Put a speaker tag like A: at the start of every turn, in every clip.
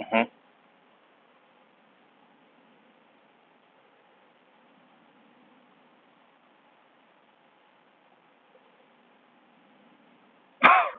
A: Mhm.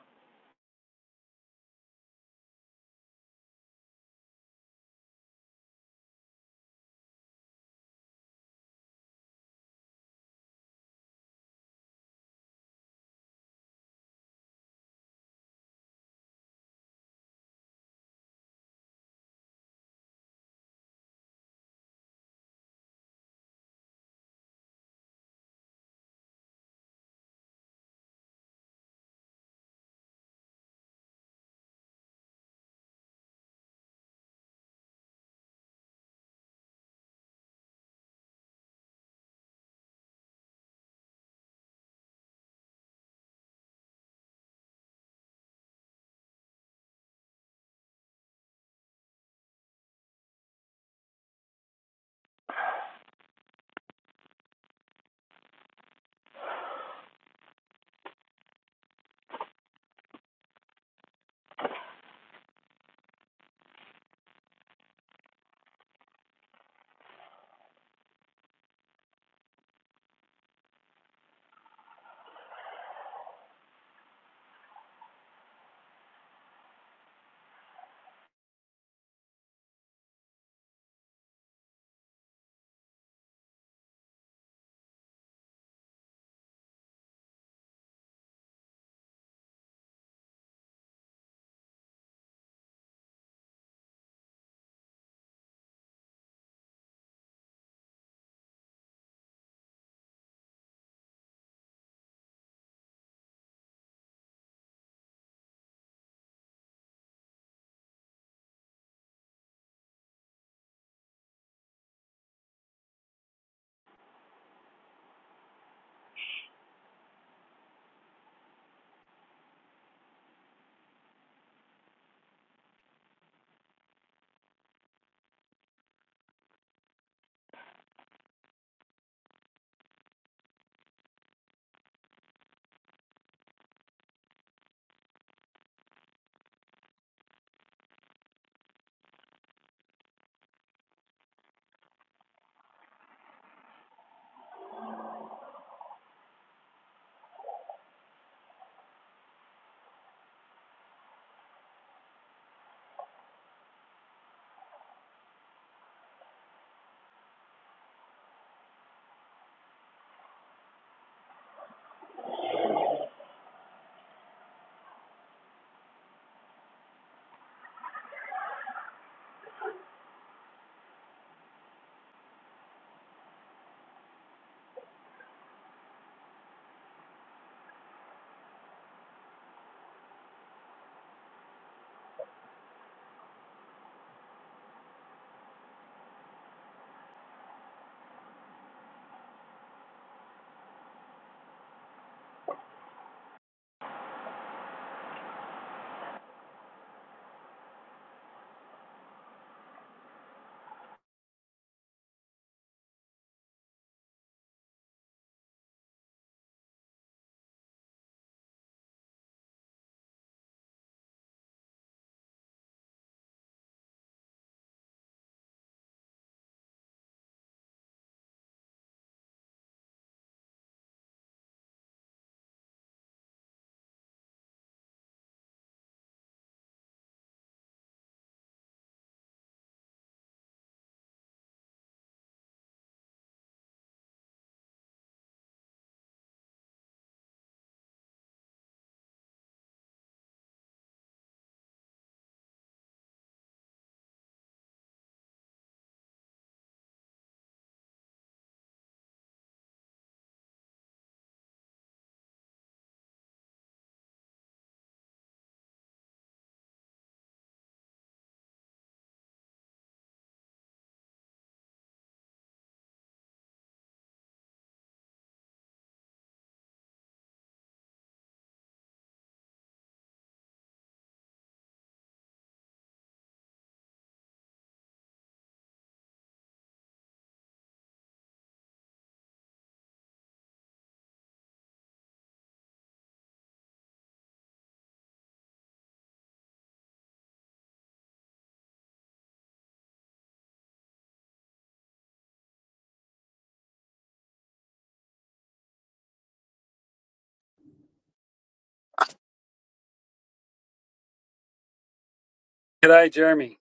B: G'day, Jeremy.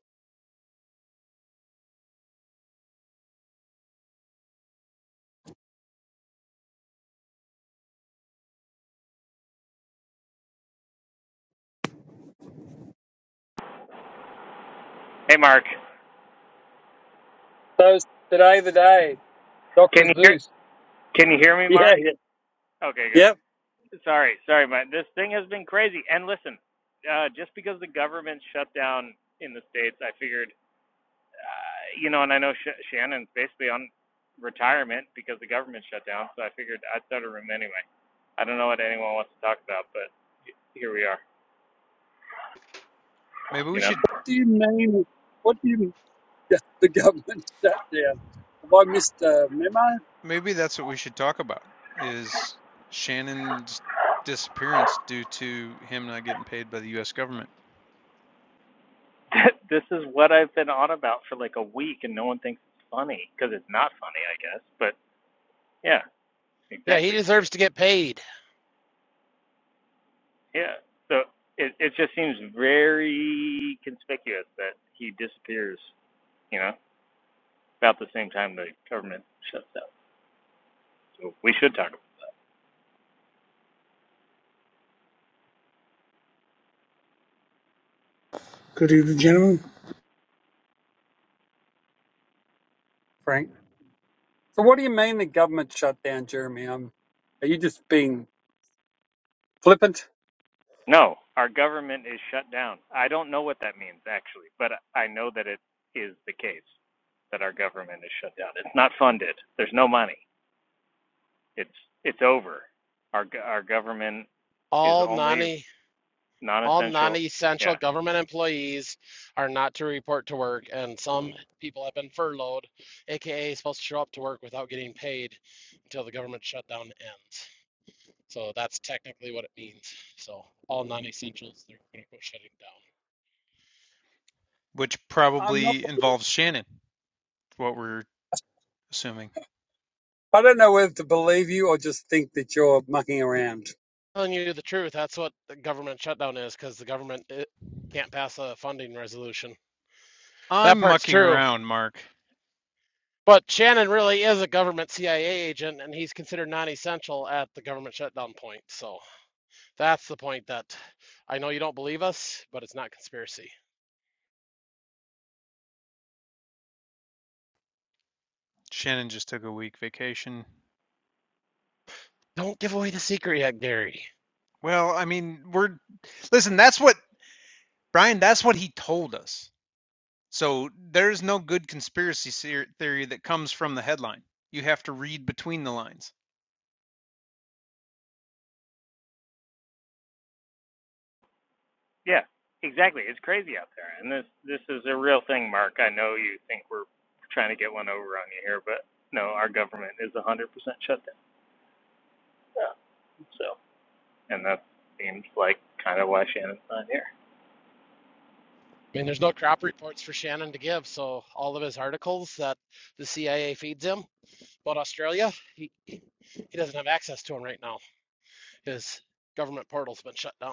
A: Hey, Mark.
B: So today the day, Dr.
A: Can you hear?
B: Zeus.
A: Can you hear me,
B: Yeah,
A: Mark?
B: yeah.
A: Okay, good.
B: Yep.
A: Sorry, sorry, man. This thing has been crazy. And listen, uh, just because the government shut down in the states, I figured, uh, you know, and I know Sh- Shannon's basically on retirement because the government shut down. So I figured I'd start a room anyway. I don't know what anyone wants to talk about, but here we are.
C: Maybe
A: You
C: we
A: know,
C: should,
B: What do you mean? What do you the government shutdown? Have I missed a memo,
C: maybe that's what we should talk about is Shannon's disappearance due to him not getting paid by the US government,
A: this is what I've been on about for like a week, and no one thinks it's funny because it's not funny, I guess. But yeah,
D: Yeah, he
A: exactly.
D: deserves to get paid.
A: Yeah. So it it just seems very conspicuous that he disappears. You know, about the same time the government shuts down. So we should talk about. It.
E: Good evening, gentlemen.
B: Frank? So what do you mean the government shutdown, Jeremy? Um, are you just being flippant?
A: No, our government is shut down. I don't know what that means actually, but I know that it is the case that our government is shut down. It's not funded. There's no money. It's it's over. Our go- our government is
D: All non
A: only
D: all
A: non-essential.
D: non-essential
A: Yeah.
D: government employees are not to report to work, and some people have been furloughed, aka supposed to show up to work without getting paid until the government shutdown ends. So that's technically what it means. So all non-essentials, they're going to go shutting down.
C: which
B: I'm not.
C: probably involves Shannon, what we're assuming.
B: I don't know whether to believe you or just think that you're mucking around.
D: Telling you the truth, that's what the government shutdown is, because the government it, can't pass a funding resolution. That
C: I'm
D: part's
C: mucking
D: true.
C: around, Mark.
D: But Shannon really is a government CIA agent, and he's considered non-essential at the government shutdown point. So that's the point that I know you don't believe us, but it's not conspiracy.
C: Shannon just took a week vacation.
D: Don't give away the secret yet, Gary.
C: Well, I mean, we're listen, that's what Brian, that's what he told us. So there's no good conspiracy theory that comes from the headline. You have to read between the lines.
A: Yeah, exactly. It's crazy out there, and this this is a real thing, Mark. I know you think we're trying to get one over on you here, but no, our government is 100% shut down. Yeah. So, and that seems like kind of why Shannon's not here.
D: I mean, there's no crop reports for Shannon to give, so all of his articles that the CIA feeds him about Australia, he he doesn't have access to them right now. His government portal's been shut down.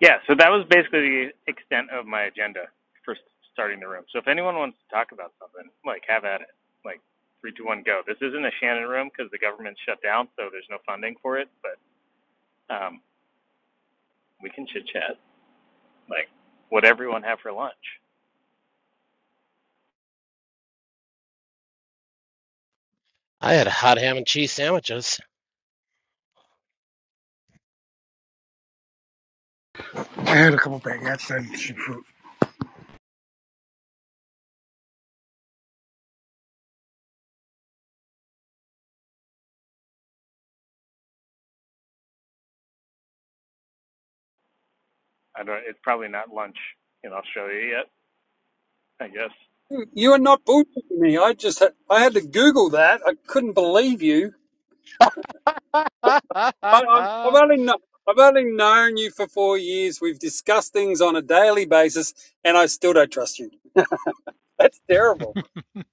A: Yeah, so that was basically the extent of my agenda for s- starting the room. So if anyone wants to talk about something, like have at it. Like three, two, one, go. This isn't a Shannon room because the government's shut down, so there's no funding for it. But um, we can chit chat. Like, what everyone have for lunch?
D: I had hot ham and cheese sandwiches.
E: I had a couple baguettes and some fruit.
A: I don't. It's probably not lunch in Australia yet. I guess.
B: You you are not bullshitting me. I just had, I had to Google that. I couldn't believe you. I, I've, I've only kno- I've only known you for four years. We've discussed things on a daily basis, and I still don't trust you. That's terrible.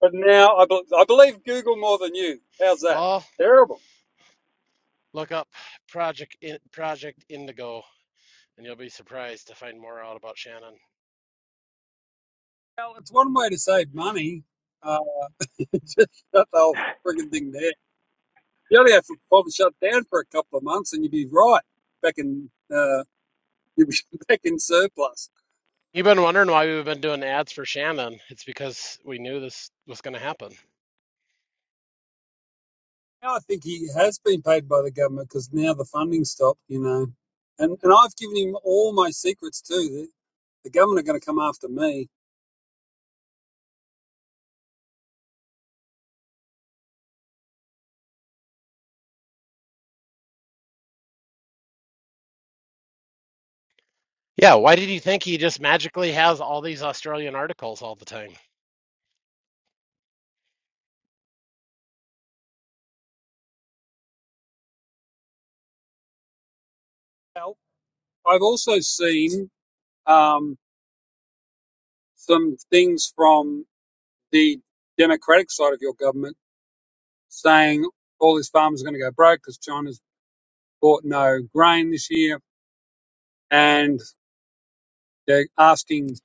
B: But now I, bel I believe Google more than you. How's that?
D: well,
B: Terrible.
D: Look up Project in, Project Indigo, and you'll be surprised to find more out about Shannon.
B: Well, it's one way to save money. Uh, just shut the whole frigging thing down. You only have to probably shut down for a couple of months, and you'd be right back in uh, you'd be back in surplus.
D: You've been wondering why we've been doing ads for Shannon. It's because we knew this was going to happen.
B: Now I think he has been paid by the government because now the funding stopped, you know. And and I've given him all my secrets too. The, the government are going to come after me.
D: Yeah, why did you think he just magically has all these Australian articles all the time?
B: Now, I've also seen um, some things from the Democratic side of your government saying all these farmers are going to go broke because China's bought no grain this year, and they're asking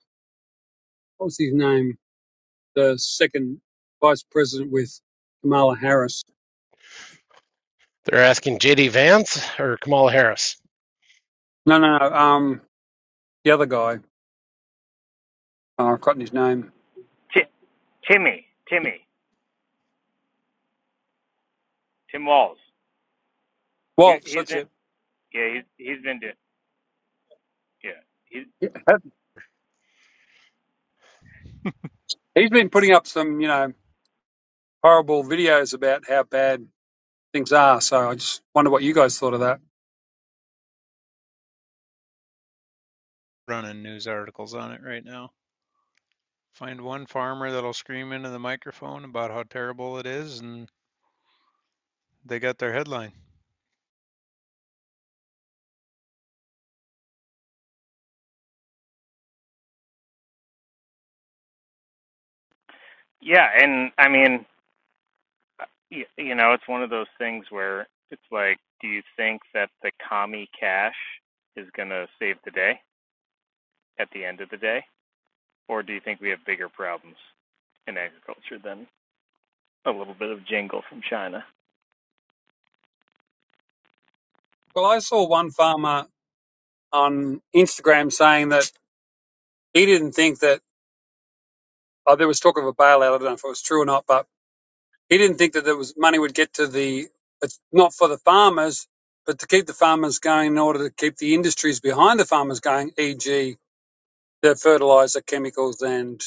B: what's his name, the second vice president with Kamala Harris.
D: They're asking JD Vance or Kamala Harris.
B: No, no, no. Um, the other guy. Oh, I've forgotten his name.
A: Ti Timmy, Timmy, Tim Walls. He
B: Waltz,
A: he's
B: that's
A: been
B: it.
A: yeah he's he's been doing yeah he
B: He's been putting up some, you know, horrible videos about how bad things are. So I just wonder what you guys thought of that.
C: running news articles on it right now. Find one farmer that'll scream into the microphone about how terrible it is, and they got their headline.
A: yeah and I mean y- you know it's one of those things where it's like do you think that the commie cash is gonna save the day at the end of the day or do you think we have bigger problems in agriculture than a little bit of jingle from China?
B: Well, I saw one farmer on Instagram saying that he didn't think that oh, there was talk of a bailout. I don't know if it was true or not, but he didn't think that there was money would get to the it's not for the farmers, but to keep the farmers going in order to keep the industries behind the farmers going, e.g., the fertilizer, chemicals, and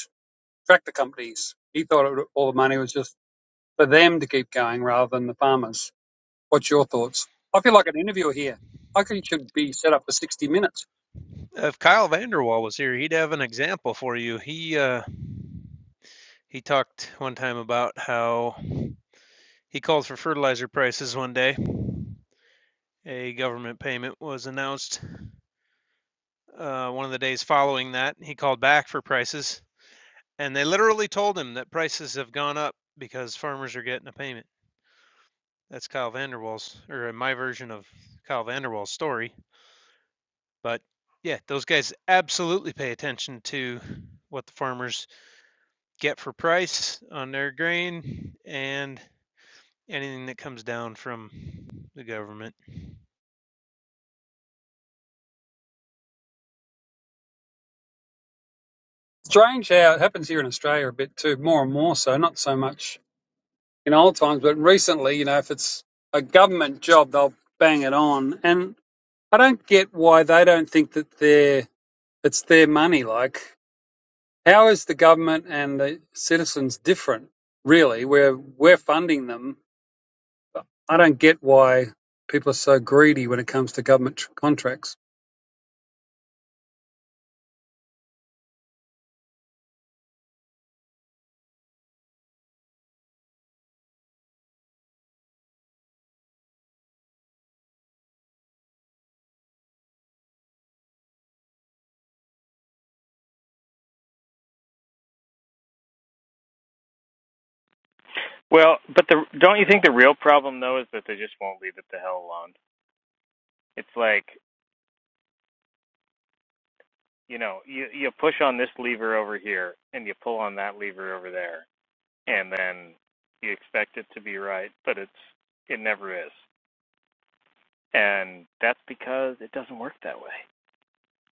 B: tractor companies. He thought it, all the money was just for them to keep going rather than the farmers. What's your thoughts? I feel like an interviewer here. I think it should be set up for 60 minutes.
C: If Kyle Vanderwall was here, he'd have an example for you. He uh, he talked one time about how he called for fertilizer prices one day. A government payment was announced. Uh, one of the days following that, he called back for prices, and they literally told him that prices have gone up because farmers are getting a payment. That's Kyle Vanderwall's, or my version of Kyle Vanderwall's story. But yeah, those guys absolutely pay attention to what the farmers get for price on their grain and anything that comes down from the government.
B: Strange how it happens here in Australia a bit too, more and more so, not so much in old times, but recently, you know, if it's a government job, they'll bang it on. And I don't get why they don't think that they're, it's their money. Like, how is the government and the citizens different, really? We're, we're funding them I don't get why people are so greedy when it comes to government tr- contracts.
A: Well, but the don't you think the real problem though is that they just won't leave it the hell alone? It's like you know you you push on this lever over here and you pull on that lever over there, and then you expect it to be right, but it's it never is, and that's because it doesn't work that way.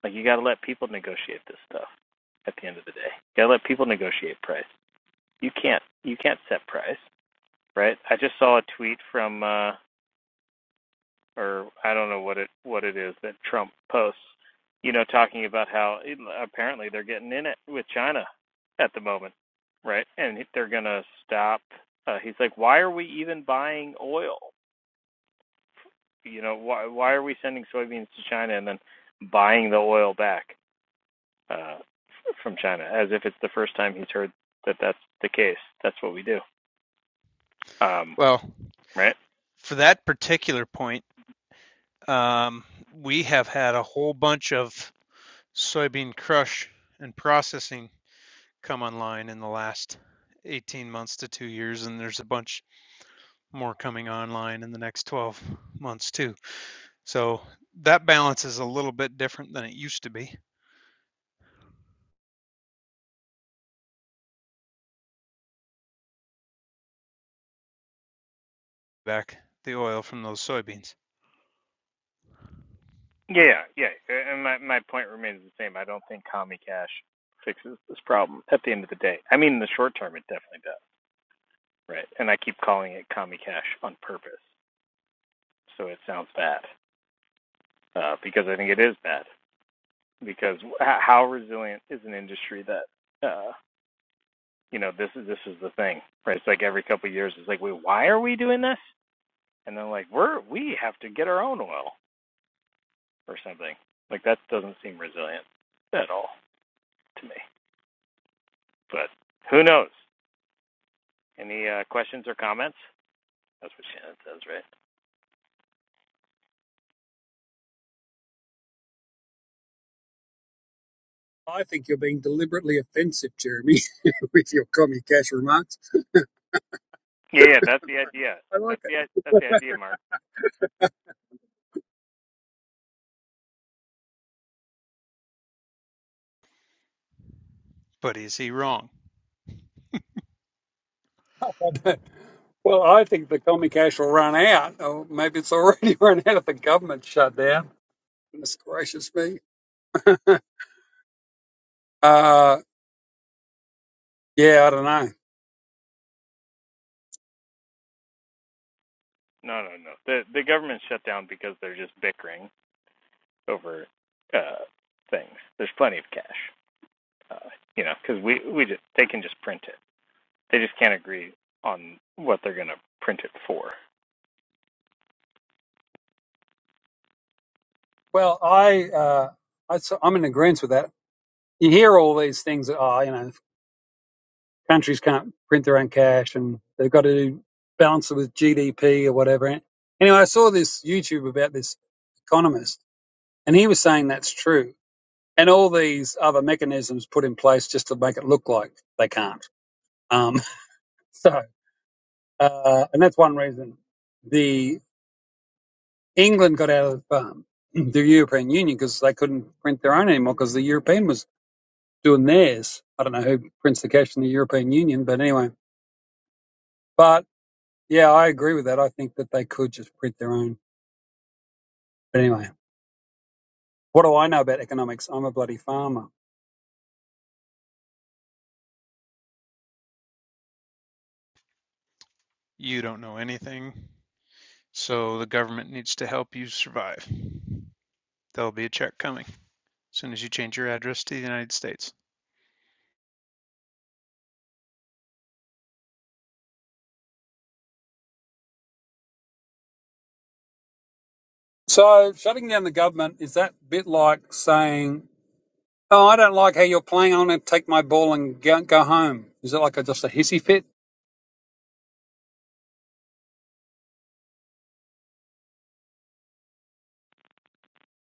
A: Like you got to let people negotiate this stuff. At the end of the day, you got to let people negotiate price. You can't you can't set price, right? I just saw a tweet from. uh or I don't know what it what it is that Trump posts, you know, talking about how it, apparently they're getting in it with China at the moment, right? And they're gonna stop. Uh, he's like, why are we even buying oil? You know, why why are we sending soybeans to China and then buying the oil back uh, from China as if it's the first time he's heard that that's the case? That's what we do, um,
C: Well,
A: right?
C: for that particular point, um, we have had a whole bunch of soybean crush and processing come online in the last 18 months to two years, and there's a bunch more coming online in the next 12 months too. So that balance is a little bit different than it used to be back the oil from those soybeans.
A: Yeah, yeah. uh, And my, my point remains the same. I don't think Commie Cash fixes this problem at the end of the day. I mean, in the short term, it definitely does. Right. And I keep calling it Commie Cash on purpose. So it sounds bad uh, because I think it is bad. Because how resilient is an industry that, uh, you know, this is this is the thing, right? It's like every couple of years, it's like, wait, why are we doing this? And then like, we're we have to get our own oil or something. Like that doesn't seem resilient at all to me. But who knows? Any uh, questions or comments? That's what Shannon says, right?
B: I think you're being deliberately offensive, Jeremy, with your commie cash remarks.
A: Yeah, yeah, that's the idea.
B: I like
A: That's the that's the idea, Mark.
C: But is he wrong?
B: it. well, I think the commie cash will run out, or maybe it's already run out if the government shut down. Goodness gracious me. Uh, yeah, I don't know.
A: No, no, no. The the government shut down because they're just bickering over uh, things. There's plenty of cash, uh, you know, because we we just they can just print it. They just can't agree on what they're gonna print it for.
B: Well, I, uh, I, so I'm in agreement with that. You hear all these things that, oh, you know, countries can't print their own cash and they've got to balance it with GDP or whatever. Anyway, I saw this YouTube about this economist and he was saying that's true. And all these other mechanisms put in place just to make it look like they can't. Um, so, uh, and that's one reason the England got out of um, the European Union because they couldn't print their own anymore because the European was doing theirs. I don't know who prints the cash in the European Union, but anyway. But Yeah, I agree with that. I think that they could just print their own. But anyway, what do I know about economics? I'm a bloody farmer.
C: You don't know anything. So the government needs to help you survive. There'll be a check coming as soon as you change your address to the United States.
B: So shutting down the government is that bit like saying, "Oh, I don't like how you're playing. I'm going to take my ball and go, go home." Is it like a, just a hissy fit?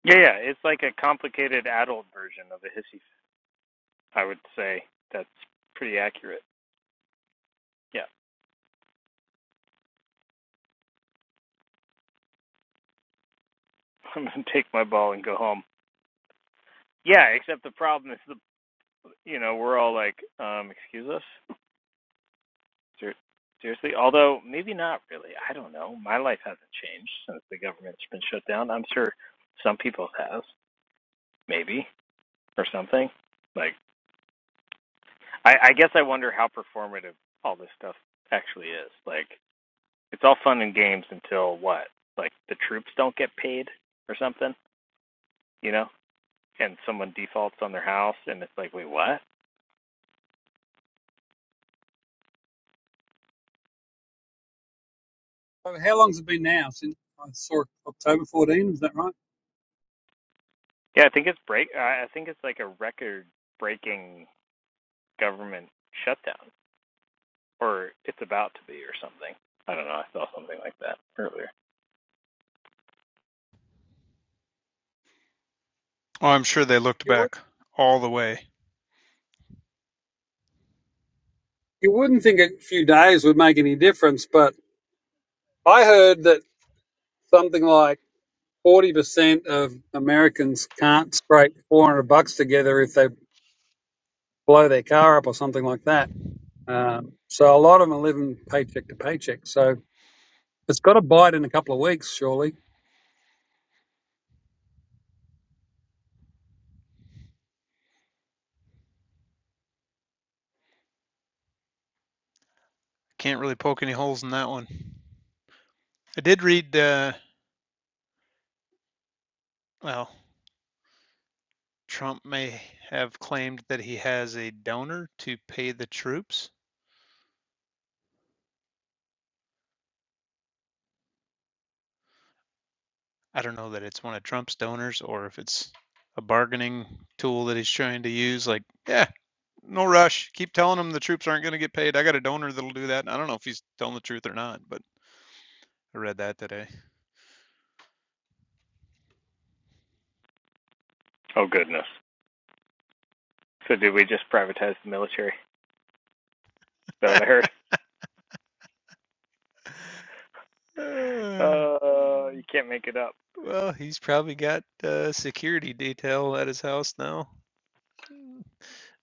A: Yeah, yeah. It's like a complicated adult version of a hissy. fit. I would say that's pretty accurate. Yeah, I'm gonna take my ball and go home. Yeah, except the problem is the you know, we're all like, um, excuse us? Ser- Seriously? Although, maybe not really. I don't know. My life hasn't changed since the government's been shut down. I'm sure some people's has, maybe, or something. Like, I, I guess I wonder how performative all this stuff actually is. Like, it's all fun and games until what? Like, the troops don't get paid or something, you know? And someone defaults on their house, and it's like, wait, what?
B: So how long's it been now since I saw it, October 14? Is that right?
A: Yeah, I think it's break. I I think it's like a record breaking government shutdown, or it's about to be, or something. I don't know. I saw something like that earlier.
C: Oh, I'm sure they looked
B: You would
C: back all the way.
B: you wouldn't think a few days would make any difference, but I heard that something like 40% of Americans can't scrape 400 bucks together if they blow their car up or something like that. Um, so a lot of them are living paycheck to paycheck. So it's got to bite in a couple of weeks, surely.
C: Can't really poke any holes in that one. I did read, uh, well, Trump may have claimed that he has a donor to pay the troops I don't know that it's one of Trump's donors or if it's a bargaining tool that he's trying to use. Like, yeah, no rush. Keep telling them the troops aren't going to get paid. I got a donor that'll do that. And I don't know if he's telling the truth or not, but I read that today.
A: Oh goodness. So did we just privatize the military? Is that what I heard?
C: Uh,
A: Uh, you can't make it up.
C: well, he's probably got a uh, security detail at his house now.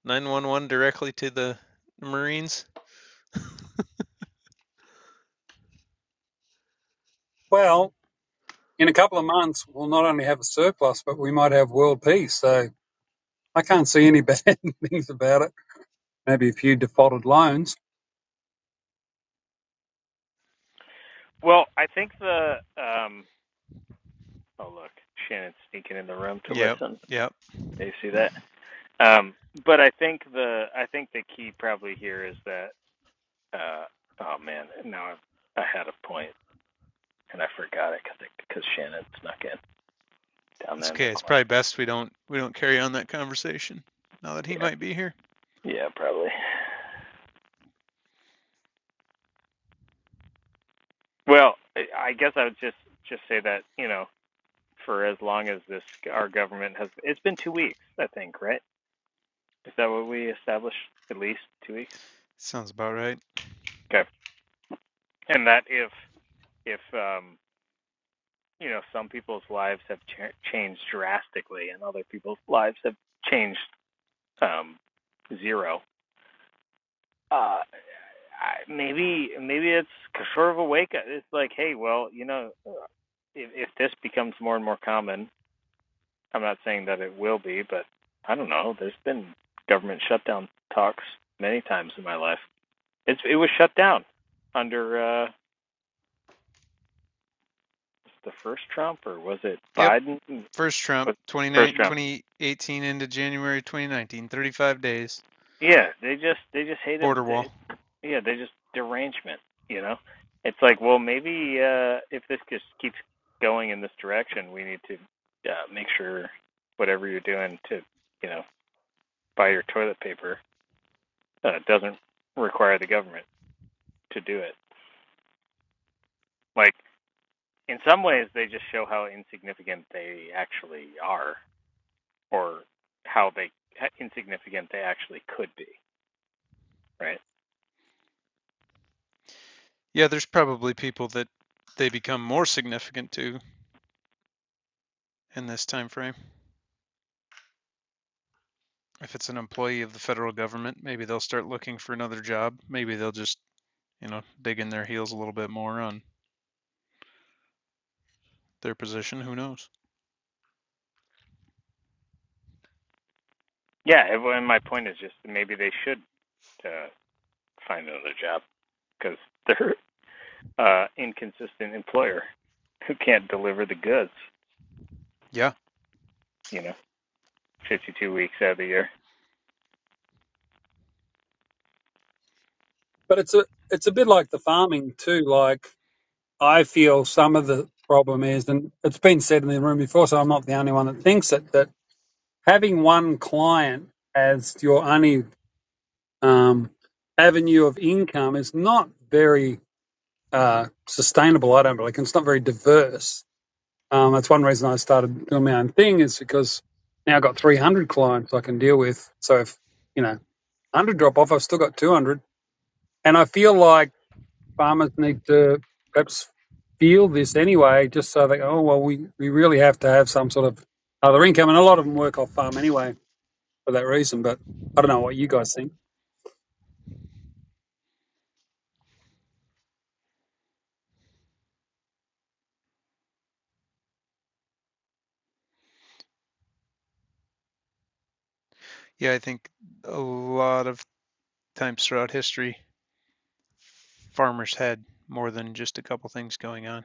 C: 911 directly to the Marines.
B: Well, in a couple of months, we'll not only have a surplus, but we might have world peace. So I can't see any bad things about it. Maybe a few defaulted loans,
A: Well, I think the um Oh look, Shannon's sneaking in the room to
C: Yep,
A: listen.
C: yep.
A: Do you see that? um but I think the I think the key probably here is that Uh, oh man, now I've, I had a point and I forgot it because Shannon snuck in down
C: That's
A: there in the
C: okay. It's
A: corner.
C: probably best we don't we don't carry on that conversation now that he
A: Yeah,
C: might be here.
A: Yeah, probably. Well, I- guess I would just just say that you know, for as long as this our government has, it's been two weeks, I think, right? Is that what we established? At least two weeks.
C: Sounds about right.
A: Okay. And that if if um you know some people's lives have cha- changed drastically and other people's lives have changed um zero. Uh, I, maybe maybe it's sort of a wake up. It's like, hey, well, you know, if, if this becomes more and more common, I'm not saying that it will be, but I don't know. There's been government shutdown talks many times in my life. It's it was shut down under uh the first Trump or was it
C: Yep,
A: Biden?
C: First Trump,
A: But first Trump.
C: 2018 into January 2019, 35 days.
A: Yeah, they just they just hate him.
C: Border wall.
A: They, yeah, they just derangement. You know, it's like well maybe uh if this just keeps going in this direction, we need to uh, make sure whatever you're doing to you know buy your toilet paper uh, doesn't require the government to do it. Like in some ways, they just show how insignificant they actually are, or how they how insignificant they actually could be. Right?
C: Yeah, there's probably people that they become more significant to in this time frame. If it's an employee of the federal government, maybe they'll start looking for another job. Maybe they'll just, you know, dig in their heels a little bit more on their position. Who knows?
A: Yeah. And my point is just maybe they should uh, find another job because they're uh, inconsistent employer who can't deliver the goods.
C: Yeah.
A: You know, fifty-two weeks out of the year.
B: but it's a it's a bit like the farming too. Like I feel some of the problem is, and it's been said in the room before, so I'm not the only one that thinks it. That having one client as your only um, avenue of income is not very uh, sustainable. I don't believe Like, it's not very diverse. Um, that's one reason I started doing my own thing is because now I've got 300 clients I can deal with. So if you know 100 drop off, I've still got 200, and I feel like farmers need to perhaps feel this anyway, just so they go, oh well, we we really have to have some sort of other income, and a lot of them work off farm anyway for that reason. But I don't know what you guys think.
C: Yeah, I think a lot of times throughout history, farmers had more than just a couple things going on.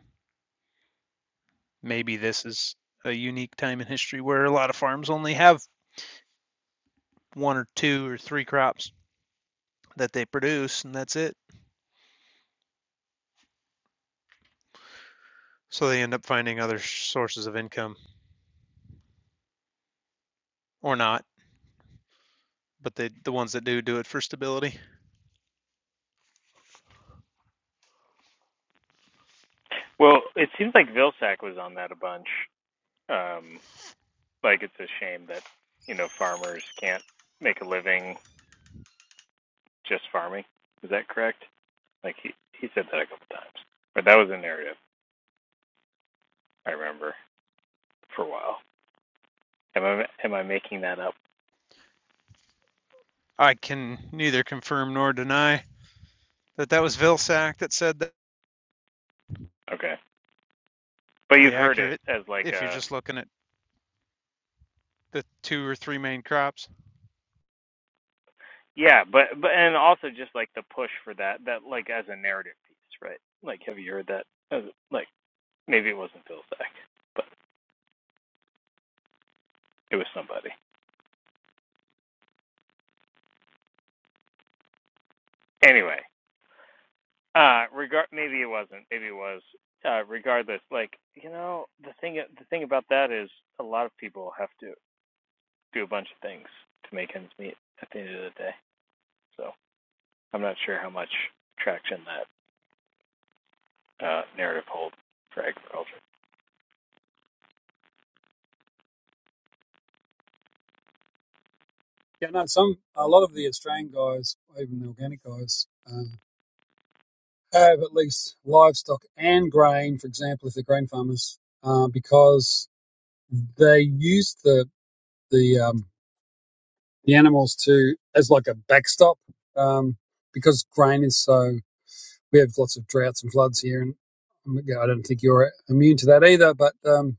C: maybe this is a unique time in history where a lot of farms only have one or two or three crops that they produce and that's it. So they end up finding other sources of income or not, but they, the ones that do do it for stability.
A: Well, it seems like Vilsack was on that a bunch. Um, like it's a shame that you know farmers can't make a living just farming. Is that correct? Like he he said that a couple times, but that was a narrative I remember for a while. Am I am I making that up?
C: I can neither confirm nor deny that that was Vilsack that said that
A: Okay, but
C: the
A: you've heard it
C: accurate
A: as like
C: if you're
A: a
C: just looking at the two or three main crops.
A: yeah, but but and also just like the push for that that like as a narrative piece, right? Like have you heard that? As, like maybe it wasn't Phil Zach, but it was somebody. Anyway, uh, regard maybe it wasn't, maybe it was. Uh, regardless, like you know, the thing the thing about that is a lot of people have to do a bunch of things to make ends meet at the end of the day. So I'm not sure how much traction that uh, narrative holds for agriculture.
B: Yeah, no, some a lot of the Australian guys, even the organic guys, uh, have at least livestock and grain. For example, if they're grain farmers, uh, because they use the the um, the animals to as like a backstop, um, because grain is so we have lots of droughts and floods here, and um, yeah, I don't think you're immune to that either. But um,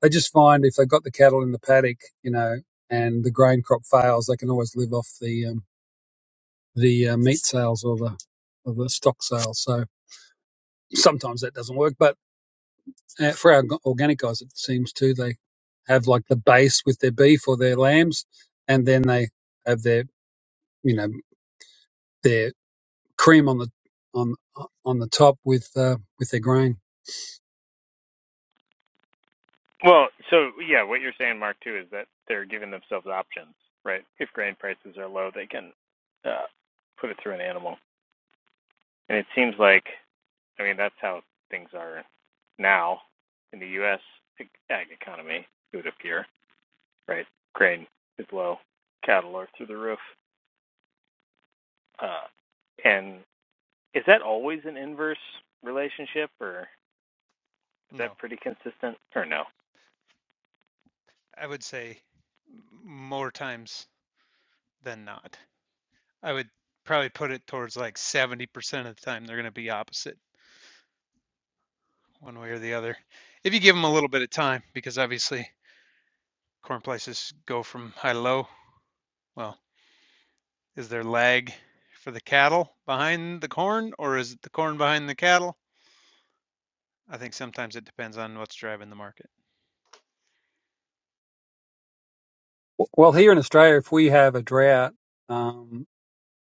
B: they just find if they've got the cattle in the paddock, you know, and the grain crop fails, they can always live off the um, the uh, meat sales or the or the stock sales. So sometimes that doesn't work, but uh, for our organic guys, it seems to they have like the base with their beef or their lambs, and then they have their you know their cream on the on on the top with uh, with their grain.
A: Well, so yeah, what you're saying, Mark, too, is that they're giving themselves options, right? If grain prices are low, they can uh, put it through an animal, and it seems like, I mean, that's how things are now in the U.S. ag economy. It would appear, right? Grain is low, cattle are through the roof, uh, and Is that always an inverse relationship, or is
C: No,
A: that pretty consistent, or no?
C: I would say more times than not. I would probably put it towards like 70% of the time they're going to be opposite one way or the other. If you give them a little bit of time, because obviously corn prices go from high to low. Well, is there lag for the cattle behind the corn, or is it the corn behind the cattle? I think sometimes it depends on what's driving the market.
B: W- Well, here in Australia, if we have a drought um,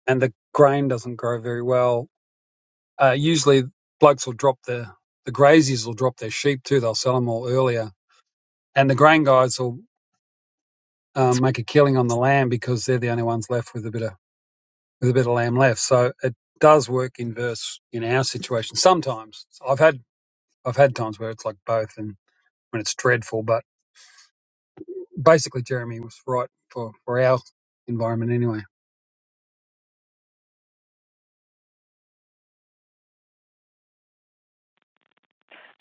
B: and the grain doesn't grow very well, uh, usually blokes will drop their the graziers will drop their sheep too. They'll sell them all earlier, and the grain guys will um, make a killing on the lamb because they're the only ones left with a bit of with a bit of lamb left. So it does work in verse in our situation sometimes. So I've had I've had times where it's like both and when it's dreadful, but basically Jeremy was right for for our environment anyway.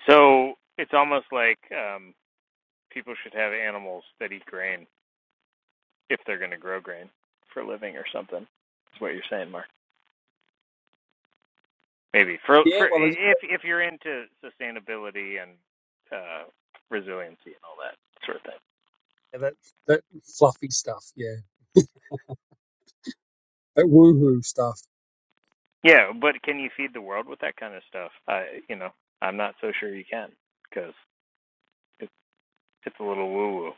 A: So it's almost like um, people should have animals that eat grain if they're going to grow grain for a living or something. That's what you're saying, Mark. Maybe for
B: Yeah,
A: for
B: well there's-
A: if if you're into sustainability and uh, resiliency and all that sort of thing.
B: yeah, that that fluffy stuff, yeah, that woohoo stuff.
A: Yeah, but can you feed the world with that kind of stuff? I you know I'm not so sure you can because it's it's a little woo woo.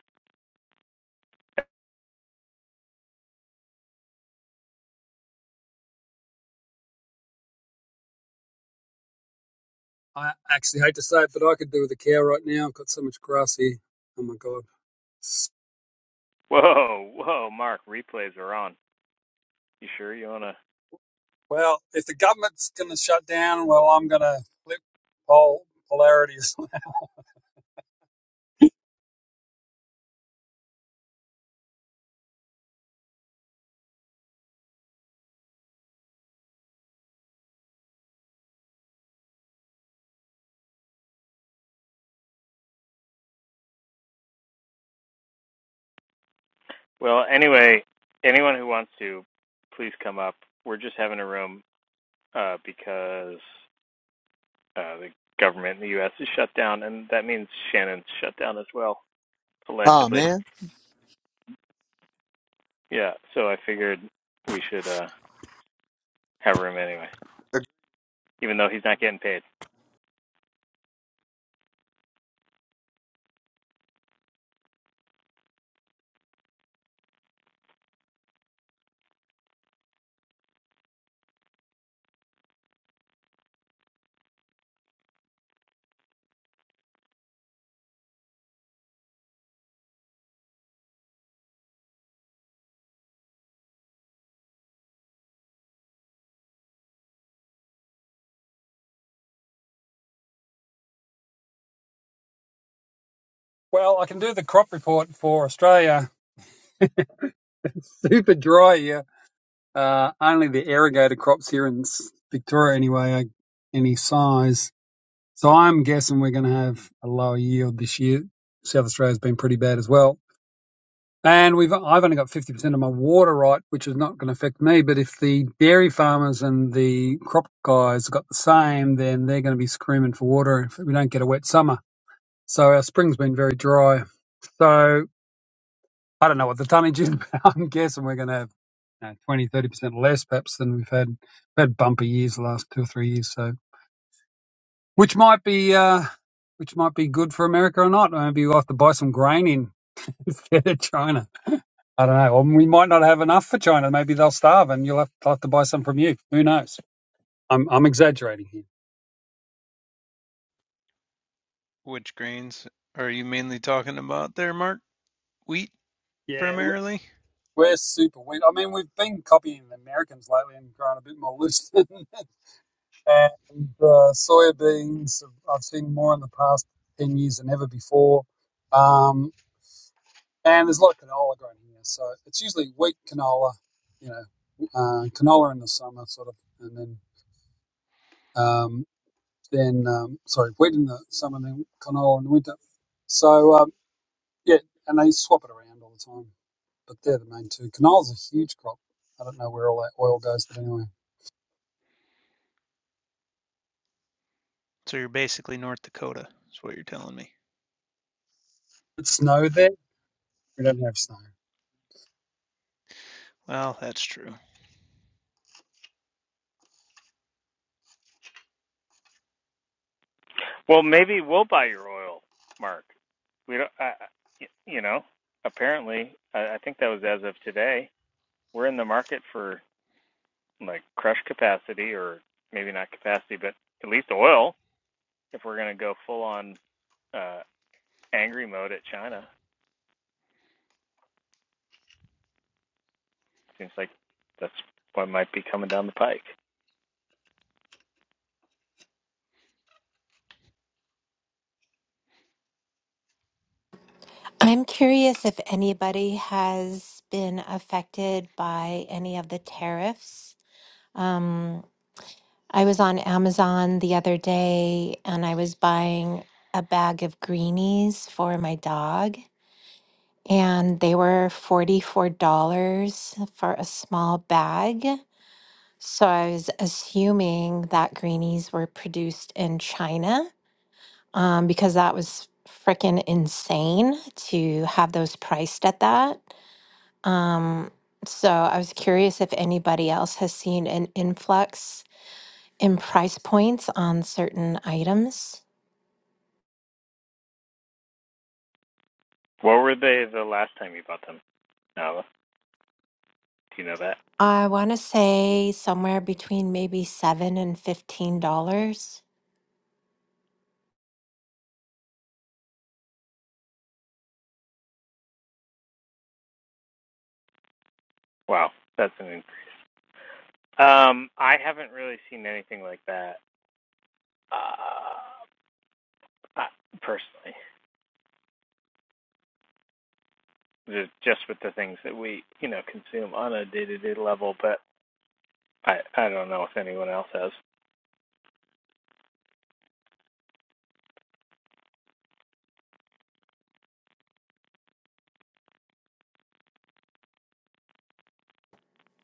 B: I actually hate to say it, but I could do with a cow right now. I've got so much grass here. Oh my god.
A: Whoa, whoa, Mark, replays are on. You sure you want to?
B: Well, if the government's going to shut down, well, I'm going to flip pol- polarities.
A: Well, anyway, anyone who wants to, please come up. We're just having a room uh, because uh, the government in the U.S. is shut down, and that means Shannon's shut down as well,
F: Ah,
A: allegedly.
F: man.
A: Yeah, so I figured we should uh, have a room anyway,
F: a
A: even though he's not getting paid.
B: well, I can do the crop report for Australia. It's Super dry here. Uh, only the irrigated crops here in Victoria, anyway, are any size. So I'm guessing we're going to have a lower yield this year. South Australia's been pretty bad as well. And we've I've only got 50% of my water right, which is not going to affect me. But if the dairy farmers and the crop guys got the same, then they're going to be screaming for water if we don't get a wet summer. So our spring's been very dry. So I don't know what the tonnage is, but I'm guessing we're going to have you know, 20, 30% less perhaps than we've had. We've had bumper years the last two or three years. So which might be, uh, which might be good for America or not. Maybe we'll have to buy some grain in instead of China. I don't know. Or we might not have enough for China. Maybe they'll starve, and you'll have, have to buy some from you. Who knows? I'm I'm exaggerating here.
C: Which grains are you mainly talking about there, Mark? Wheat
B: Yeah, we-
C: primarily?
B: we're super weird. I mean, we've been copying the Americans lately and growing a bit more loose. and uh, soya beans, I've seen more in the past ten years than ever before. Um, and there's a lot of canola grown here, so it's usually wheat canola, you know, uh, canola in the summer, sort of, and then. um, then um, sorry, wet in the summer, and then canola in the winter. So um, yeah, and they swap it around all the time. But they're the main two. Canola's a huge crop. I don't know where all that oil goes, but anyway,
C: So you're basically North Dakota, is what you're telling me.
B: it's snow there. We don't have snow.
C: Well, that's true.
A: Well, maybe we'll buy your oil, Mark. We don't, I, I- y- you know, apparently, I, I think that was as of today. We're in the market for like crush capacity or maybe not capacity, but at least oil if we're going to go full on uh, angry mode at China. Seems like that's what might be coming down the pike.
G: I'm curious if anybody has been affected by any of the tariffs. Um, I was on Amazon the other day and I was buying a bag of greenies for my dog, and they were $44 for a small bag. So I was assuming that greenies were produced in China um, because that was freaking insane to have those priced at that. Um, so I was curious if anybody else has seen an influx in price points on certain items.
A: What were they the last time you bought them, Nava? Do you know that?
G: I want to say somewhere between maybe seven and fifteen dollars.
A: Wow, that's an. Um, I haven't really seen anything like that uh, uh, personally. Just with the things that we, you know, consume on a day-to-day level, but I, I don't know if anyone else has.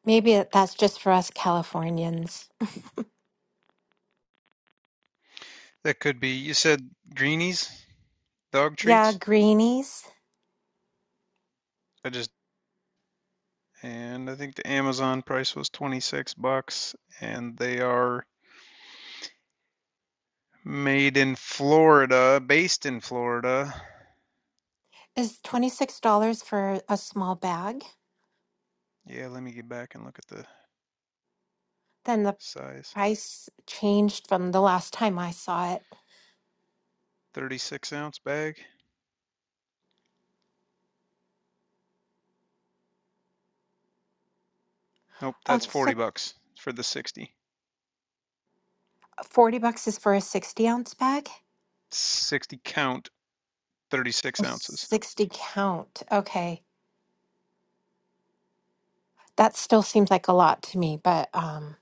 G: Maybe it- that's just for us Californians.
C: That could be. You said greenies, dog
G: Yeah,
C: treats.
G: greenies
C: I just And I think the Amazon price was 26 bucks and they are made in Florida, based in Florida.
G: is twenty six dollars for a small bag.
C: Yeah, let me get back and look at the
G: Then the
C: size.
G: price changed from the last time I saw it.
C: 36 ounce bag. Nope,
G: Oh,
C: that's 40
G: so
C: bucks for the 60.
G: forty bucks is for a sixty ounce bag.
C: 60 count, 36
G: Oh,
C: ounces.
G: 60 count. Okay. That still seems like a lot to me, but um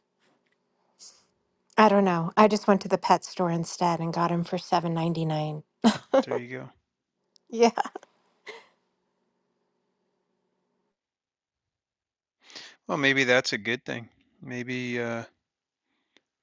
G: I don't know. I just went to the pet store instead and got him for 7.99.
C: There you go.
G: Yeah.
C: Well, maybe that's a good thing. Maybe, uh,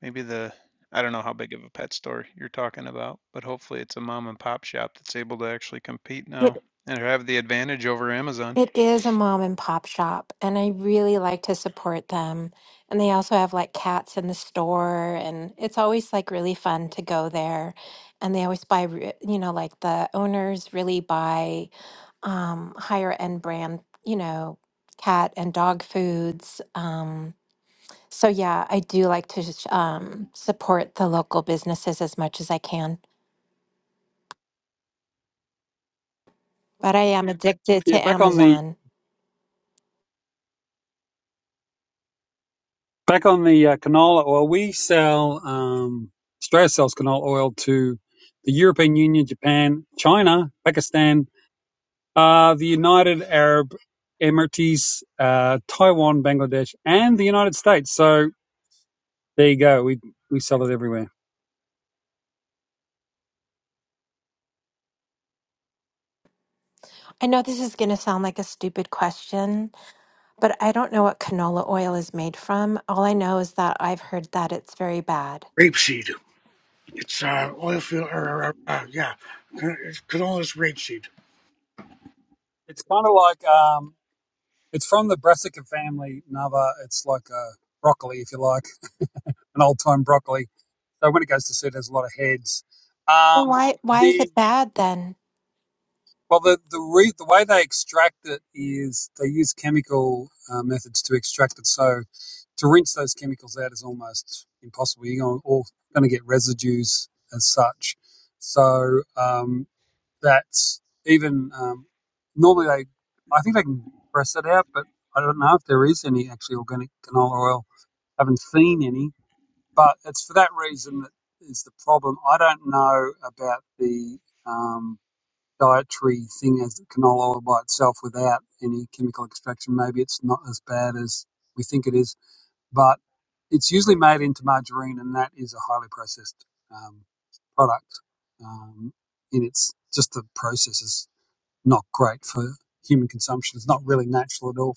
C: maybe the, I don't know how big of a pet store you're talking about, but hopefully it's a mom and pop shop that's able to actually compete
G: It
C: now and have the advantage over Amazon.
G: It is a mom and pop shop, and I really like to support them. And they also have like cats in the store, and it's always like really fun to go there. And they always buy, re- you know, like the owners really buy um, higher end brand, you know, cat and dog foods. Um, so yeah, I do like to sh- um, support the local businesses as much as I can. But I am addicted to
B: Yeah, back on the
G: Amazon.
B: back on the uh, canola oil, we sell um, Australia sells canola oil to the European Union, Japan, China, Pakistan, uh, the United Arab Emirates, uh, Taiwan, Bangladesh, and the United States. So There you go. We we sell it everywhere.
G: I know this is going to sound like a stupid question, But I don't know what canola oil is made from. All I know is that I've heard that it's very bad.
E: Rapeseed. It's uh, oil field, or, or, or, uh, yeah, canola is rapeseed.
B: It's kind of like um, it's from the brassica family. Another, it's like a broccoli, if you like, an old time broccoli. So when it goes to seed, there's a lot of heads.
G: Well,
B: Um,
G: why why is it
B: the
G: bad then?
B: well, the the re, the way they extract it is they use chemical uh, methods to extract it. So to rinse those chemicals out is almost impossible. You're going to get residues as such. So um, that even um, normally they, I think they can press it out, but I don't know if there is any actually organic canola oil. I haven't seen any, but it's for that reason that is the problem. I don't know about the um, dietary thing as canola oil by itself without any chemical extraction. Maybe it's not as bad as we think it is, but it's usually made into margarine, and that is a highly processed um, product um, in its just the processes not great for human consumption. It's not really natural at all.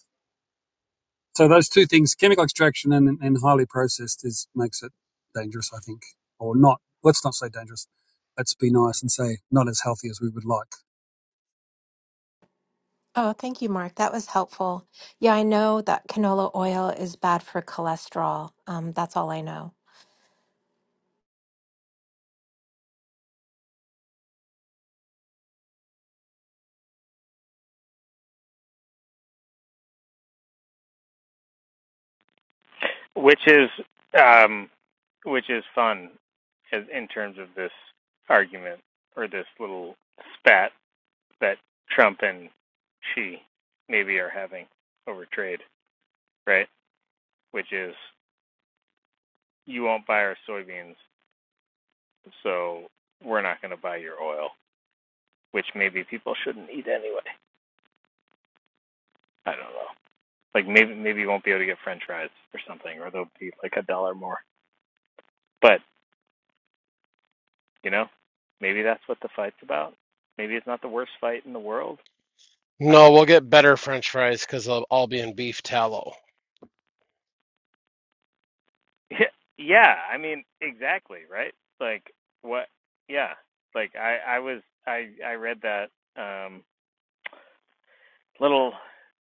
B: So those two things, chemical extraction and, and highly processed, is makes it dangerous, I think, or not. Let's not say dangerous. Let's be nice and say not as healthy as we would like.
G: Oh, thank you, Mark. That was helpful. Yeah, I know that canola oil is bad for cholesterol. Um, that's all I know.
A: which is um, which is fun as, in terms of this argument or this little spat that Trump and Xi maybe are having over trade, right? Which is you won't buy our soybeans, so we're not going to buy your oil, which maybe people shouldn't eat anyway. I don't know. Like maybe maybe you won't be able to get French fries or something, or they'll be like a dollar more. But You know, maybe that's what the fight's about. Maybe it's not the worst fight in the world. I don't
D: No,
A: know.
D: we'll get better French fries because they'll all be in beef tallow.
A: Yeah, yeah. I mean, exactly, right? Like what? Yeah. Like I, I was, I, I read that um, little.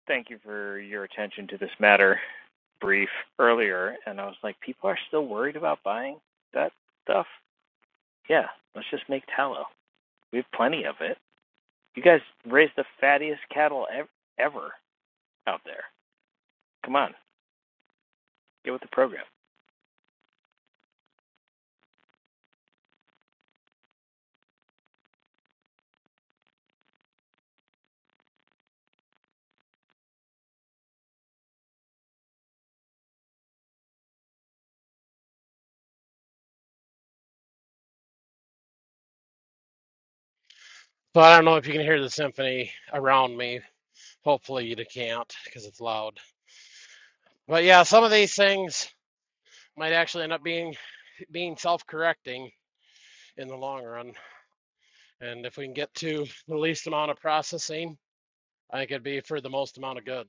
A: Thank you for your attention to this matter. Brief earlier, and I was like, people are still worried about buying that stuff. Yeah, let's just make tallow. We have plenty of it. You guys raise the fattiest cattle ev- ever out there. Come on, get with the program.
D: So I don't know if you can hear the symphony around me. Hopefully you can't because it's loud. But yeah, some of these things might actually end up being being self-correcting in the long run. And if we can get to the least amount of processing, I think it'd be for the most amount of good.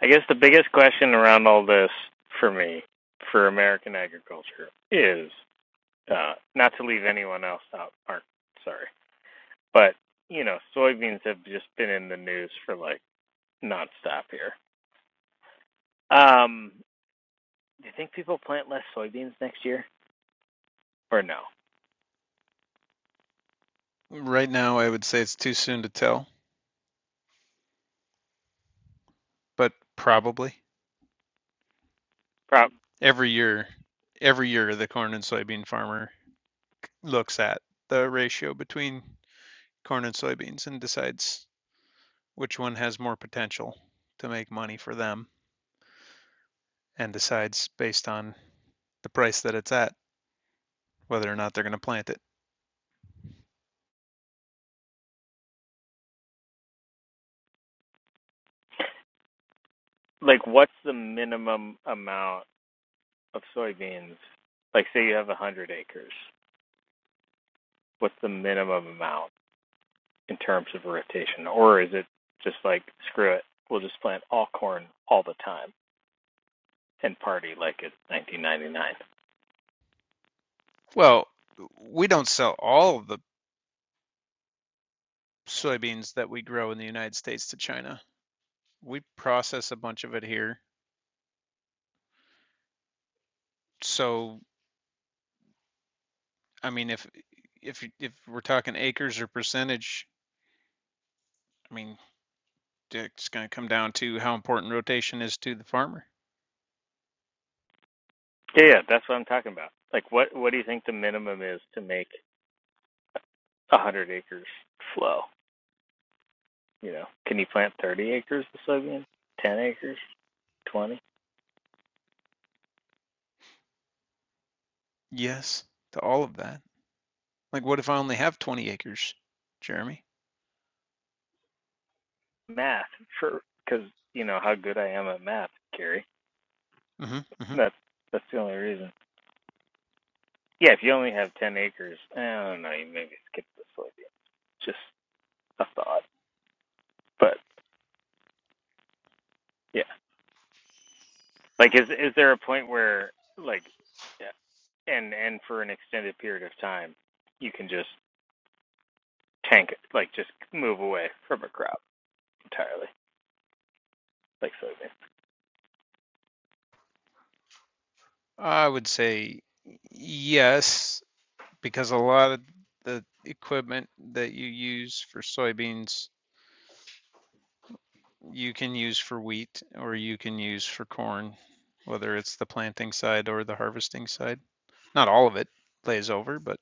A: I guess the biggest question around all this for me, for American agriculture, is uh, not to leave anyone else out, Mark, sorry, but you know, soybeans have just been in the news for like nonstop here. Um, do you think people plant less soybeans next year, or no?
C: Right now, I would say it's too soon to tell, but probably
A: Prob-
C: every year, every year the corn and soybean farmer looks at the ratio between corn and soybeans and decides which one has more potential to make money for them and decides based on the price that it's at whether or not they're going to plant it.
A: like, what's the minimum amount of soybeans? Like, say you have a hundred acres, what's the minimum amount in terms of rotation, or is it just like screw it, we'll just plant all corn all the time and party like it's 1999?
C: Well, we don't sell all of the soybeans that we grow in the United States to China. We process a bunch of it here. So, I mean, if if you- if we're talking acres or percentage, I mean, it's going to come down to how important rotation is to the farmer.
A: Yeah, yeah, that's what I'm talking about. Like, what what do you think the minimum is to make a hundred acres flow? You know, can you plant 30 acres of soybean, 10 acres, 20?
C: Yes, to all of that. Like, what if I only have 20 acres, Jeremy?
A: Math for because you know how good I am at math, Gary.
C: hmm hmm
A: That's that's the only reason. Yeah, if you only have 10 acres, I don't know, you maybe skip the soybean. Just a thought, but yeah. Like, is is there a point where like, yeah, and and for an extended period of time, you can just tank it, like just move away from a crop entirely, like soybean?
C: I would say yes, because a lot of the equipment that you use for soybeans you can use for wheat or you can use for corn, whether it's the planting side or the harvesting side. Not all of it lays over, but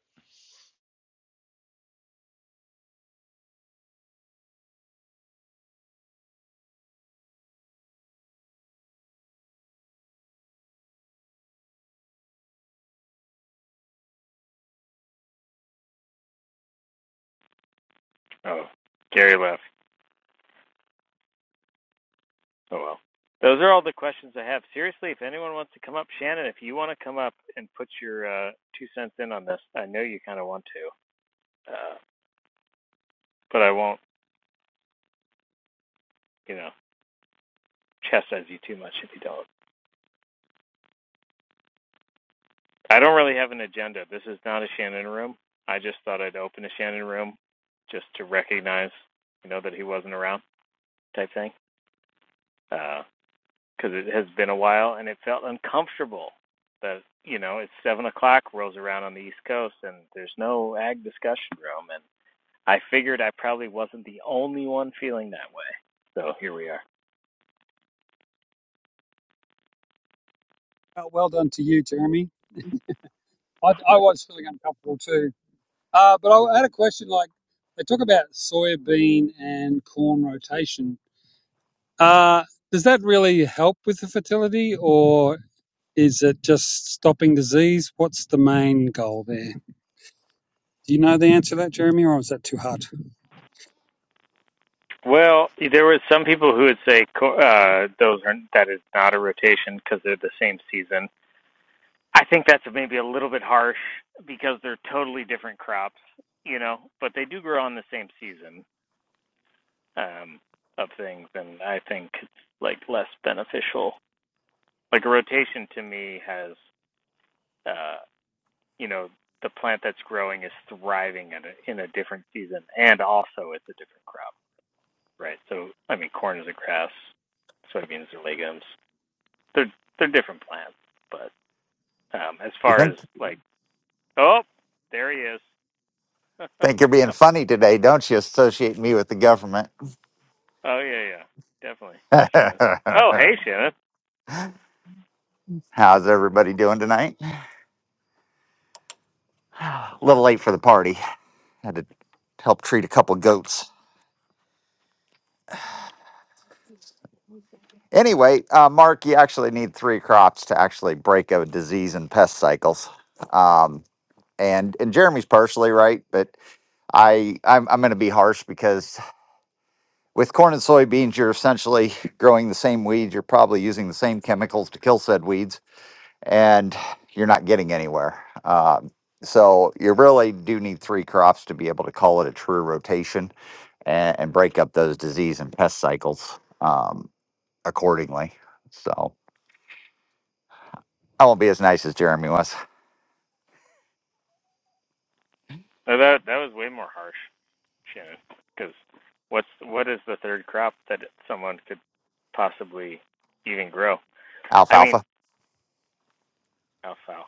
A: Oh, Gary left. Oh well. Those are all the questions I have. Seriously, if anyone wants to come up, Shannon, if you want to come up and put your uh, two cents in on this, I know you kind of want to, uh, but I won't, you know, chastise you too much if you don't. I don't really have an agenda. This is not a Shannon room. I just thought I'd open a Shannon room just to recognize, you know, that he wasn't around type thing. Because uh, it has been a while and it felt uncomfortable that, you know, it's 7 o'clock, rolls around on the East Coast, and there's no ag discussion room. And I figured I probably wasn't the only one feeling that way. So here we are.
B: Uh, well done to you, Jeremy. I, I was feeling uncomfortable too, uh, but I had a question. Like they talk about soybean and corn rotation. Uh, does that really help with the fertility, or is it just stopping disease? What's the main goal there? Do you know the answer to that, Jeremy, or is that too hard?
A: Well, there were some people who would say uh, those are that is not a rotation because they're the same season I think that's maybe a little bit harsh because they're totally different crops, you know, but they do grow on the same season um, of things, and I think it's like less beneficial. Like a rotation to me has, uh, you know, the plant that's growing is thriving at a, in a different season, and also it's a different crop, right? So I mean, corn is a grass, soybeans are legumes. They're they're different plants, but um, as
H: You
A: far as
H: think
A: like, oh, there he
H: think you're
A: is.
H: being funny today, don't you? Associate me with the government.
A: Oh yeah, yeah, definitely, Shannon. Oh hey, Shannon.
H: How's everybody doing tonight? A little late for the party. Had to help treat a couple goats. Anyway, uh, Mark, you actually need three crops to actually break a disease and pest cycles. Um, and and Jeremy's partially right, but I I'm, I'm going to be harsh because with corn and soybeans, you're essentially growing the same weeds. You're probably using the same chemicals to kill said weeds and you're not getting anywhere. Um, so you really do need three crops to be able to call it a true rotation and, and break up those disease and pest cycles um, accordingly. So I won't be as nice as Jeremy was.
A: Oh, that that was way more harsh, Shannon. Because what's what is the third crop that someone could possibly even grow? I
H: Alfalfa.
A: mean, alfalfa.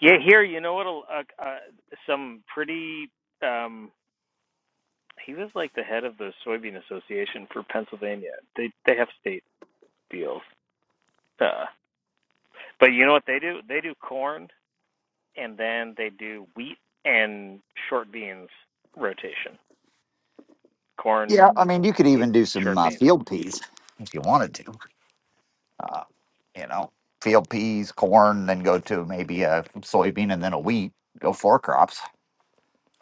A: Yeah, here you know what? Uh, uh, some pretty. Um, he was like the head of the soybean association for Pennsylvania. They they have state deals. Uh, but you know what they do? They do corn and then they do wheat and short beans rotation. Corn,
H: Yeah, I mean you could
A: wheat,
H: even do some
A: short
H: uh,
A: beans.
H: field peas if you wanted to. Uh, you know, field peas, corn, then go to maybe a soybean and then a wheat. Go four crops.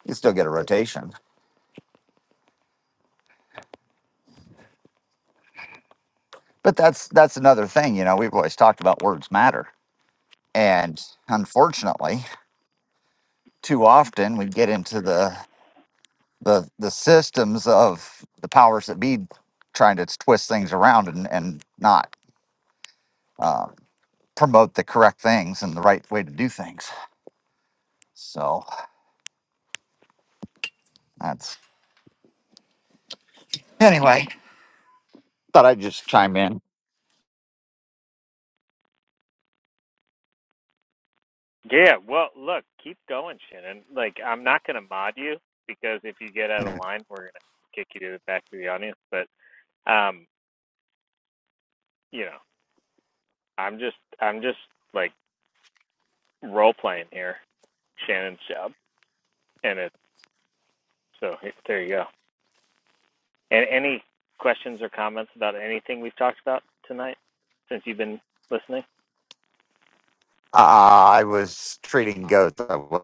H: You still get a rotation. But that's that's another thing. You know, we've always talked about words matter And unfortunately, too often we get into the the the systems of the powers that be trying to twist things around and and not uh, promote the correct things and the right way to do things. So that's anyway. Thought I'd just chime in.
A: Yeah, well, look, keep going, Shannon. Like, I'm not going to mod you because if you get out of line, we're going to kick you to the back of the audience. But, um, you know, I'm just, I'm just like role playing here, Shannon's job, and it's so there you go. And any questions or comments about anything we've talked about tonight since you've been listening?
H: Uh, I was treating goats. I was-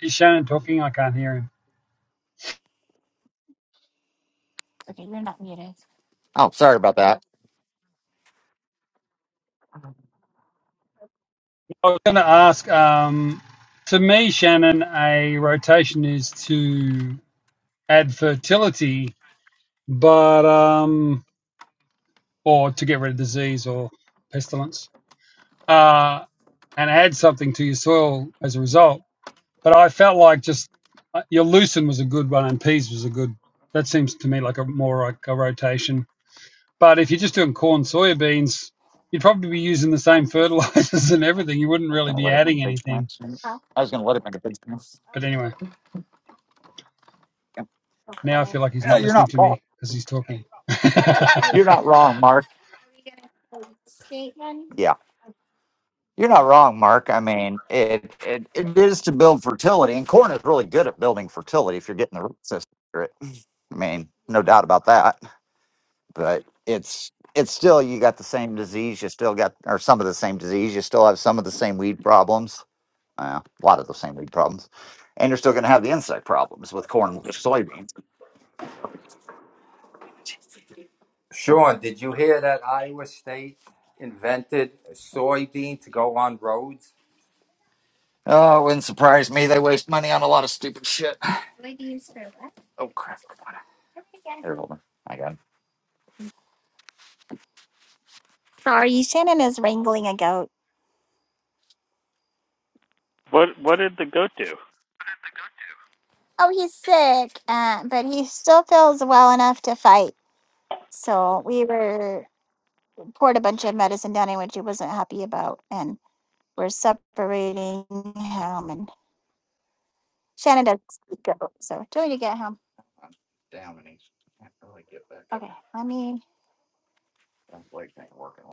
B: Is Shannon talking? I can't hear him.
H: Oh, sorry about that.
B: I was going to ask. Um, to me, Shannon, a rotation is to add fertility, but um, or to get rid of disease or pestilence, uh, and add something to your soil as a result. But I felt like just uh, your lucerne was a good one, and peas was a good. That seems to me like a more like a rotation. But if you're just doing corn, soybeans, you'd probably be using the
H: I
B: same
H: was
B: fertilizers and everything. You wouldn't really
H: gonna
B: be
H: let him in the
B: adding
H: big
B: anything.
H: plants. I was gonna let him in the big plants.
B: But anyway, now I feel like he's
H: Yeah,
B: not
H: you're
B: listening to
H: not.
B: me because he's talking.
H: You're not wrong, Mark. Yeah. You're not wrong, Mark. I mean, it, it it is to build fertility, and corn is really good at building fertility if you're getting the root system accurate. I mean, no doubt about that. But it's it's still you got the same disease. You still got or some of the same disease. You still have some of the same weed problems. Uh, a lot of the same weed problems, and you're still going to have the insect problems with corn and soybeans.
I: Sean, did you hear that Iowa State invented a soybean to go on roads?
H: Oh, it wouldn't surprise me. They waste money on a lot of stupid shit. Oh crap! Come on. There, hold on. I got it. Sorry, Shannon is wrangling a goat.
A: What What did the goat do?
H: Oh, he's sick, uh, but he still feels well enough to fight. So we were poured a bunch of medicine down him, which he wasn't happy about, and we're separating him. And Shannon does eat goat, so do we need to get him? I'm down, and he can't really get back. up. Okay, let me. Sounds like ain't working.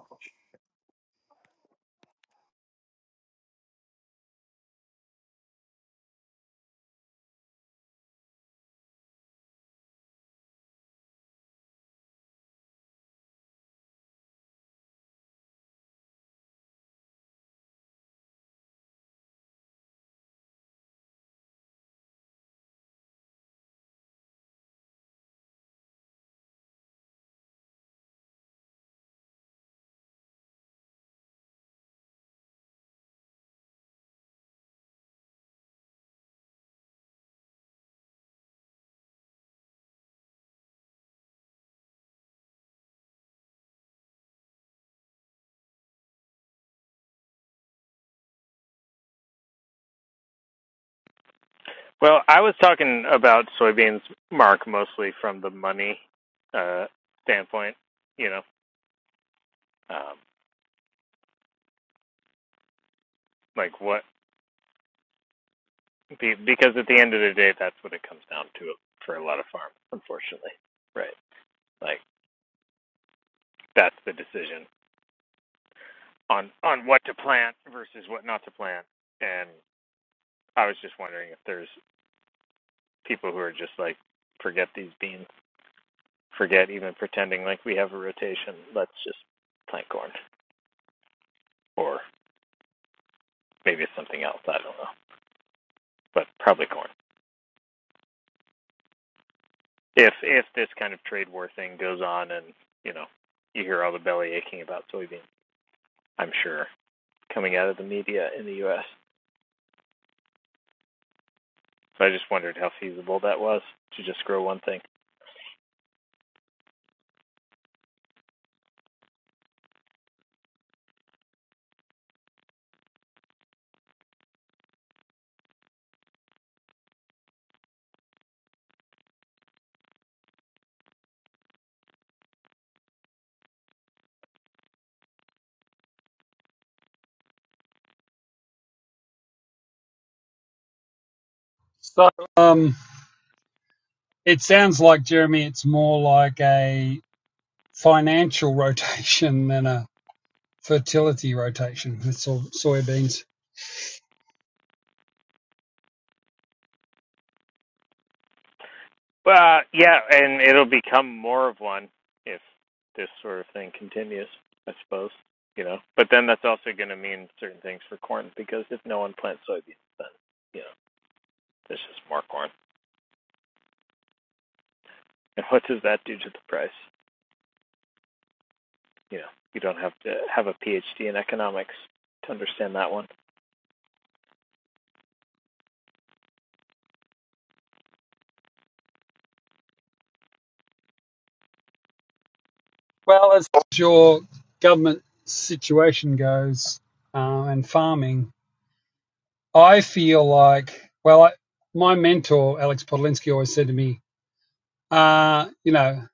A: Well, I was talking about soybeans, Mark, mostly from the money uh, standpoint. You know, um, like what because at the end of the day, that's what it comes down to for a lot of farms, unfortunately. Right? Like that's the decision on on what to plant versus what not to plant. And I was just wondering if there's people who are just like, forget these beans, forget even pretending like we have a rotation. Let's just plant corn, or maybe it's something else. I don't know. but probably corn. If if this kind of trade war thing goes on, and you know, you hear all the belly aching about soybeans, I'm sure coming out of the media in the U.S. So I just wondered how feasible that was to just grow one thing.
B: so um, it sounds like, Jeremy, it's more like a financial rotation than a fertility rotation with so- soybeans.
A: Well, yeah, and it'll become more of one if this sort of thing continues, I suppose. You know, but then that's also going to mean certain things for corn because if no one plants soybeans, then you know there's just more corn. And what does that do to the price? you know you don't have to have a PhD in economics to understand that one.
B: Well, as your government situation goes uh, and farming, I feel like, well, I, my mentor, Alex Podolinsky, always said to me, uh, you know,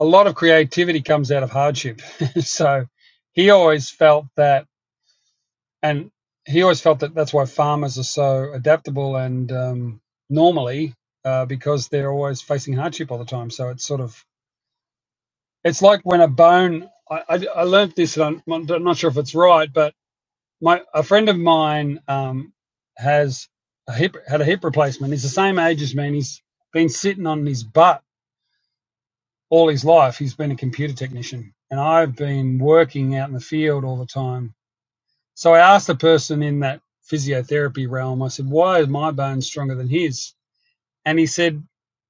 B: a lot of creativity comes out of hardship. so he always felt that, and he always felt that that's why farmers are so adaptable and um, normally uh, because they're always facing hardship all the time. So it's sort of, it's like when a bone, I, I, I learned this, and I'm not I'm not sure if it's right, but. my a friend of mine um, has a hip had a hip replacement. He's the same age as me, and he's been sitting on his butt all his life. He's been a computer technician, and I've been working out in the field all the time. So I asked the person in that physiotherapy realm. I said, "Why is my bone stronger than his?" And he said,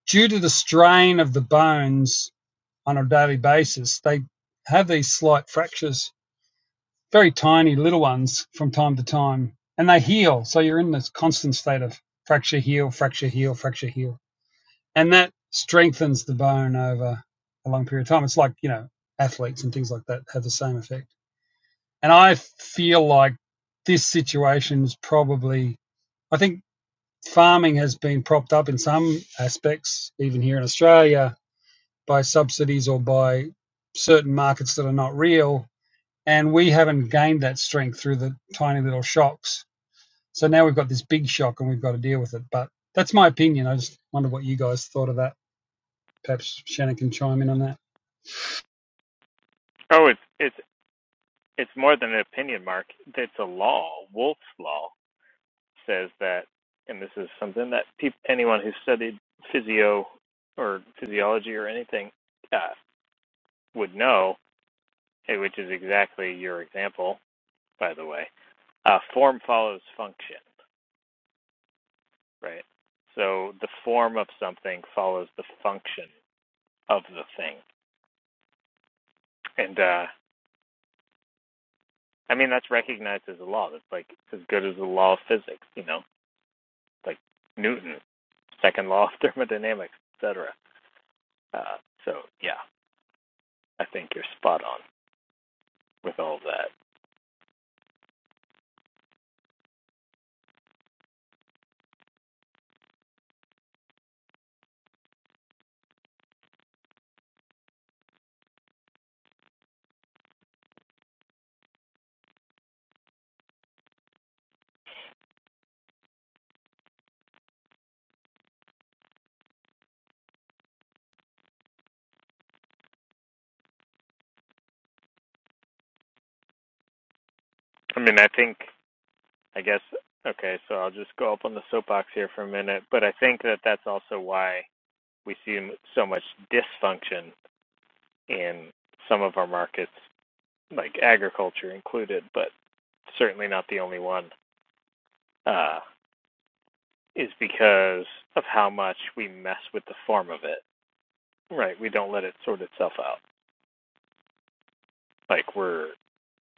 B: "Due to the strain of the bones on a daily basis, they have these slight fractures." very tiny little ones from time to time and they heal so you're in this constant state of fracture heal fracture heal fracture heal and that strengthens the bone over a long period of time it's like you know athletes and things like that have the same effect and i feel like this situation is probably i think farming has been propped up in some aspects even here in australia by subsidies or by certain markets that are not real and we haven't gained that strength through the tiny little shocks. So now we've got this big shock and we've got to deal with it. But that's my opinion. I just wonder what you guys thought of that. Perhaps Shannon can chime in on that.
A: Oh, it's it's it's more than an opinion, Mark. It's a law. Wolff's law says that, and this is something that peop anyone who studied physio or physiology or anything uh, would know, eh, which is exactly your example, by the way. Uh, form follows function, right? So the form of something follows the function of the thing, and uh, I mean, that's recognized as a law. That's like as good as the law of physics, you know, like Newton's second law of thermodynamics, etc. Uh, so yeah, I think you're spot on with all of that. I mean, I think I guess okay. So I'll just go up on the soapbox here for a minute, but I think that that's also why we see so much dysfunction in some of our markets, like agriculture included, but certainly not the only one. Uh, is because of how much we mess with the form of it. Right, we don't let it sort itself out. Like we're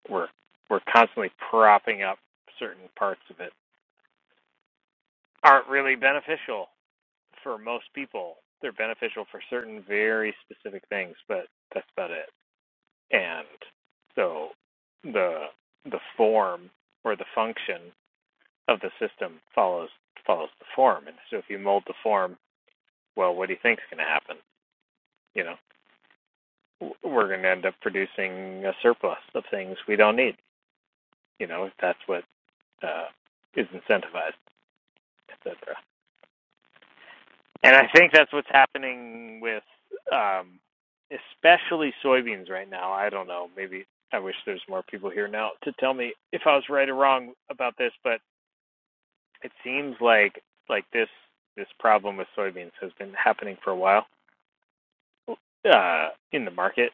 A: we're we're constantly propping up certain parts of it aren't really beneficial for most people. They're beneficial for certain very specific things, but that's about it. And so the the form or the function of the system follows follows the form. And so if you mold the form, well, what do you think is going to happen? You know. we're going to end up producing a surplus of things we don't need. You know, if that's what uh, is incentivized, etc. And I think that's what's happening with, um, especially soybeans right now. I don't know. Maybe I wish there's more people here now to tell me if I was right or wrong about this, but it seems like like this this problem with soybeans has been happening for a while uh, in the market,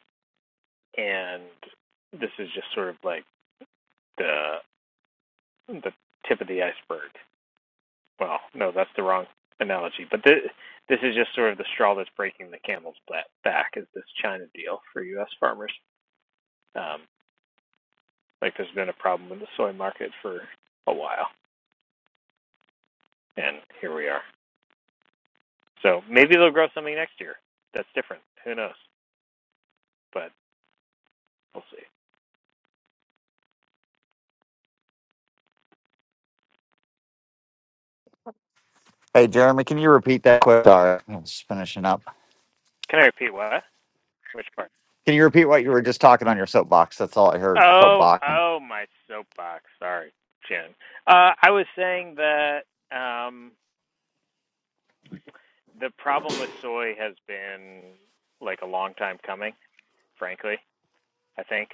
A: and this is just sort of like the the tip of the iceberg. Well, no, that's the wrong analogy. But th- this is just sort of the straw that's breaking the camel's back is this China deal for U.S. farmers. Um, like there's been a problem with the soy market for a while, and here we are. So maybe they'll grow something next year that's different. Who knows? But we'll see.
H: Hey, Jeremy, can you repeat that question? Sorry, I was finishing up.
A: Can I repeat what? Which part?
H: Can you repeat what you were just talking on your soapbox? That's all I heard.
A: Oh,
H: Soapbox
A: oh, my soapbox. Sorry, Jen. Uh, I was saying that. Um, the problem with soy has been like a long time coming, frankly, I think,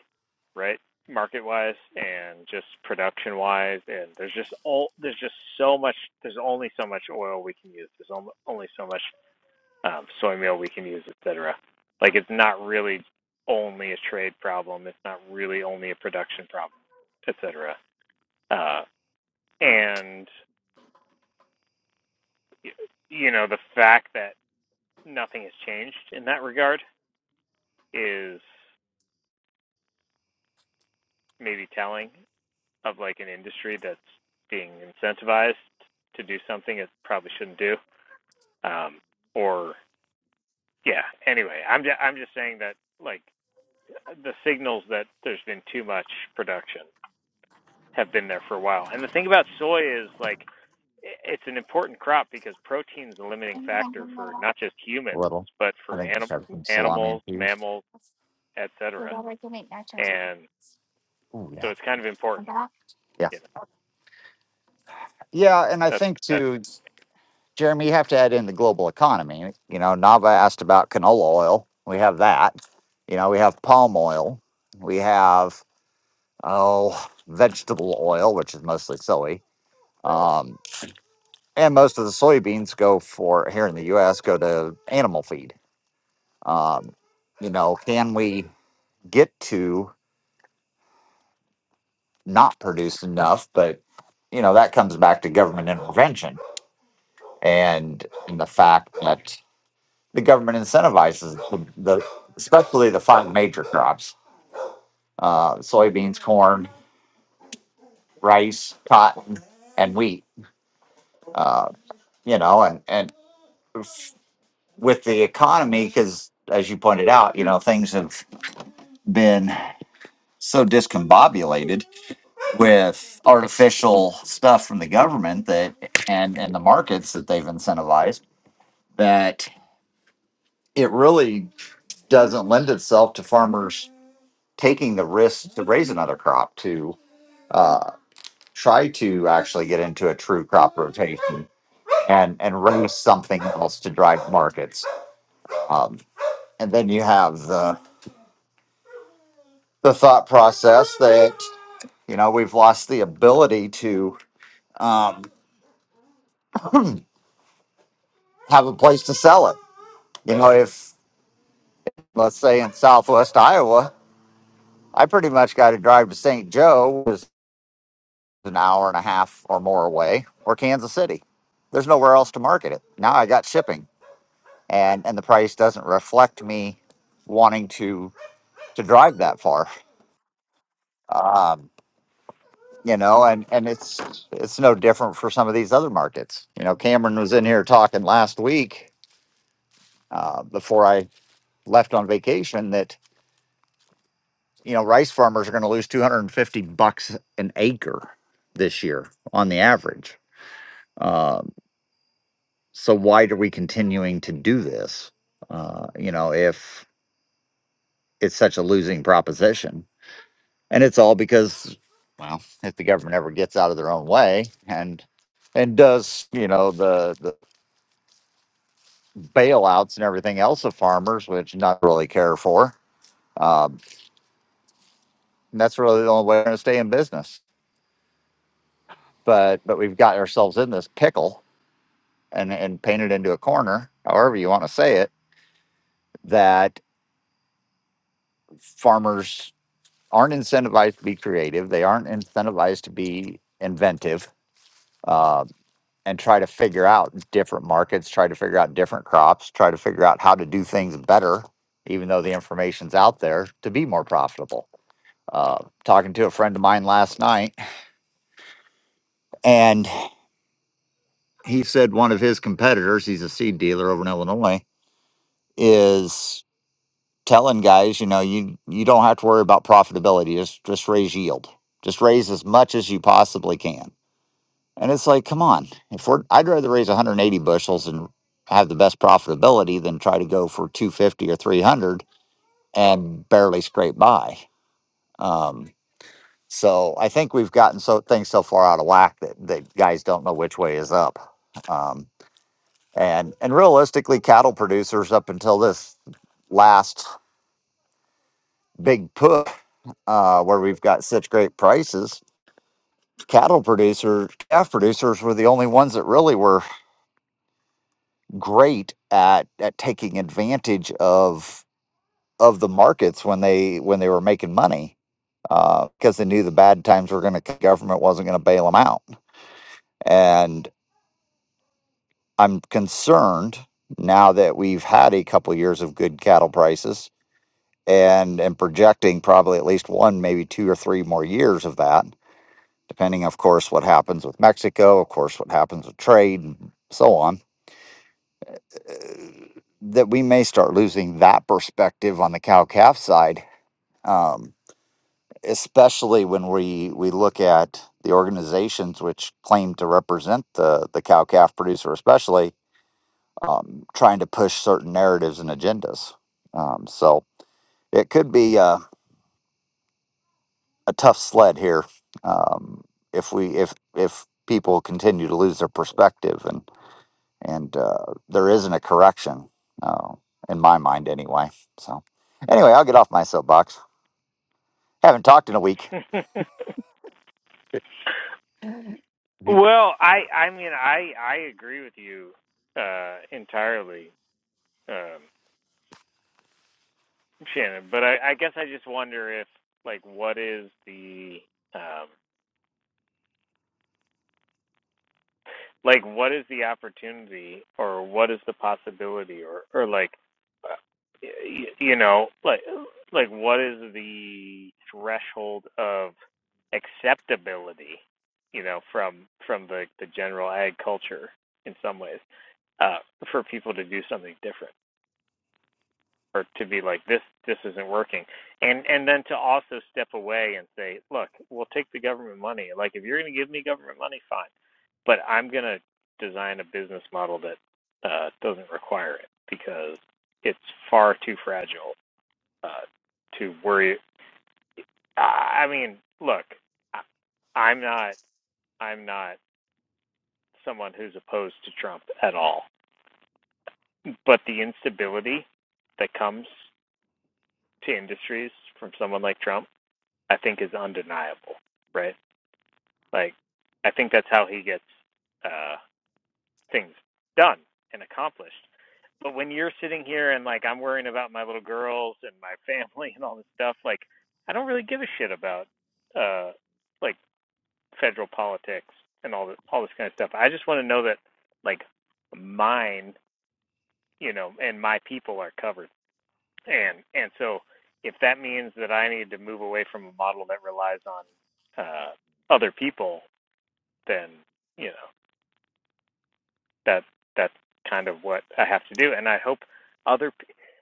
A: right? Market wise and just production wise and there's just all there's just so much there's only so much oil we can use. There's only so much um soy meal we can use, etc. Like it's not really only a trade problem, it's not really only a production problem, etc. Uh and you know, the fact that nothing has changed in that regard is maybe telling of like an industry that's being incentivized to do something it probably shouldn't do. Um, or yeah. Anyway, I'm just, I'm just saying that like the signals that there's been too much production have been there for a while. And the thing about soy is like it's an important crop because protein is the limiting
H: and
A: factor for not just
H: a
A: humans
H: little.
A: but
H: I
A: for
H: think we
A: anim-
H: have some salami and
A: animals,
H: cheese.
A: mammals,
H: Oh
A: etc. And so
H: yeah.
A: it's kind of important.
H: Yeah.
A: You
H: Yeah. And I
A: know,
H: think
A: that's
H: too, Jeremy, you have to add in the global economy. You know, Nava asked about canola oil. We have that. You know, we have palm oil. We have, oh, vegetable oil, which is mostly soy. Um, and most of the soybeans go for here in the U.S. go to animal feed. Um, you know, can we get to not produce enough? But you know that comes back to government intervention and, and the fact that the government incentivizes the, the especially the five major crops: uh, soybeans, corn, rice, cotton, and wheat. Uh, you know, and and with the economy, because as you pointed out, you know things have been. so discombobulated with artificial stuff from the government that and and the markets that they've incentivized that it really doesn't lend itself to farmers taking the risk to raise another crop to uh, try to actually get into a true crop rotation and and raise something else to drive markets um, and then you have the the thought process that you know we've lost the ability to um, have a place to sell it You know, if let's say in Southwest Iowa, I pretty much got to drive to St. Joe, which is an hour and a half or more away, or Kansas City. There's nowhere else to market it. Now I got shipping, and and the price doesn't reflect me wanting to to drive that far. Um, you know, and and it's it's no different for some of these other markets. You know, Cameron was in here talking last week uh, before I left on vacation that you know, rice farmers are going to lose 250 bucks an acre this year on the average. Um, so why are we continuing to do this? Uh, you know, if it's such a losing proposition, and it's all because, well, if the government ever gets out of their own way and and does you know the the bailouts and everything else of farmers, which not really care for, um, and that's really the only way we're going to stay in business. But but we've got ourselves in this pickle and and paint it into a corner, however you want to say it, that farmers aren't incentivized to be creative. They aren't incentivized to be inventive uh, and try to figure out different markets, try to figure out different crops, try to figure out how to do things better, even though the information's out there to be more profitable. Uh, talking to a friend of mine last night, and he said one of his competitors, he's a seed dealer over in Illinois, is telling guys, you know, you you don't have to worry about profitability. Just just raise yield. Just raise as much as you possibly can. And it's like, come on. If we're I'd rather raise 180 bushels and have the best profitability than try to go for 250 or 300 and barely scrape by. Um so I think we've gotten so things so far out of whack that, that guys don't know which way is up. Um, and and realistically, cattle producers up until this last big push uh, where we've got such great prices. Cattle producers, calf producers were the only ones that really were great at at taking advantage of of the markets when they when they were making money because they knew the bad times were going to government wasn't going to bail them out. And I'm concerned now that we've had a couple years of good cattle prices and and projecting probably at least one maybe two or three more years of that depending, of course, what happens with Mexico, of course, what happens with trade, and so on, uh, that we may start losing that perspective on the cow calf side, um, especially when we, we look at the organizations which claim to represent the, the cow calf producer, especially um, trying to push certain narratives and agendas. Um, so it could be a, a tough sled here um, if we if if people continue to lose their perspective and. and uh, there isn't a correction uh, in my mind anyway so anyway i'll get off my soapbox haven't talked in a week
A: that's
H: Mhm.
A: Well, I I mean I I agree with you uh entirely, um, Shannon. But I, I guess I just wonder if like what is the um like what is the opportunity or what is the possibility or or like uh, y- you know like like what is the threshold of acceptability you know from from the the general ag culture in some ways uh for people to do something different or to be like this this isn't working and and then to also step away and say look we'll take the government money like if you're going to give me government money fine but i'm going to design a business model that uh, doesn't require it because it's far too fragile uh, to worry i mean look i'm not i'm not someone who's opposed to trump at all but the instability that comes to industries from someone like trump I think is undeniable, right? Like, I think that's how he gets uh, things done and accomplished. But when you're sitting here and like I'm worrying about my little girls and my family and all this stuff, like I don't really give a shit about uh, like federal politics and all this all this kind of stuff. I just want to know that like mine, you know, and my people are covered. and and so if that means that I need to move away from a model that relies on uh, other people, then you know that that's kind of what I have to do. And I hope other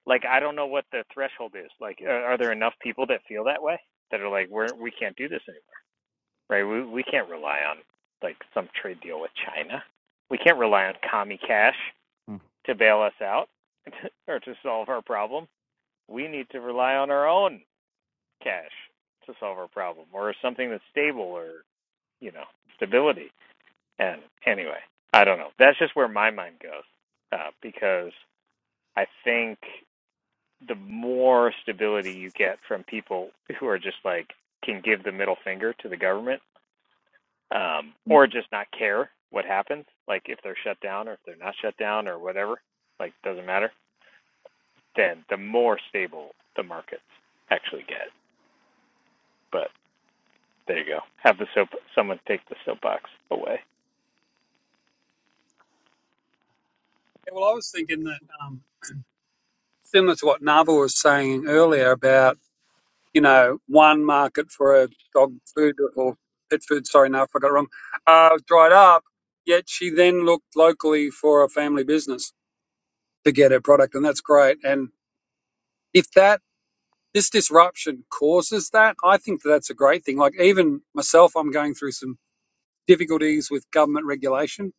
A: like I don't know what the threshold is. Like, are, are there enough people that feel that way that are like, we're we can't do this anymore, right? We we can't rely on like some trade deal with China. We can't rely on commie cash to bail us out or to solve our problem. We need to rely on our own cash to solve our problem or something that's stable or, you know, stability. And anyway, I don't know. That's just where my mind goes uh, because I think the more stability you get from people who are just like can give the middle finger to the government um, or just not care what happens, like if they're shut down or if they're not shut down or whatever, like doesn't matter. Then the more stable the markets actually get. but. There you go. Have the soap. Someone take the soapbox away.
B: Yeah, well, I was thinking that um, similar to what Nava was saying earlier about, you know, one market for a dog food or pet food, sorry, no, if I got it wrong, uh, dried up. Yet she then looked locally for a family business to get her product. And that's great. And if that this disruption causes that, I think that that's a great thing. Like even myself, I'm going through some difficulties with government regulation,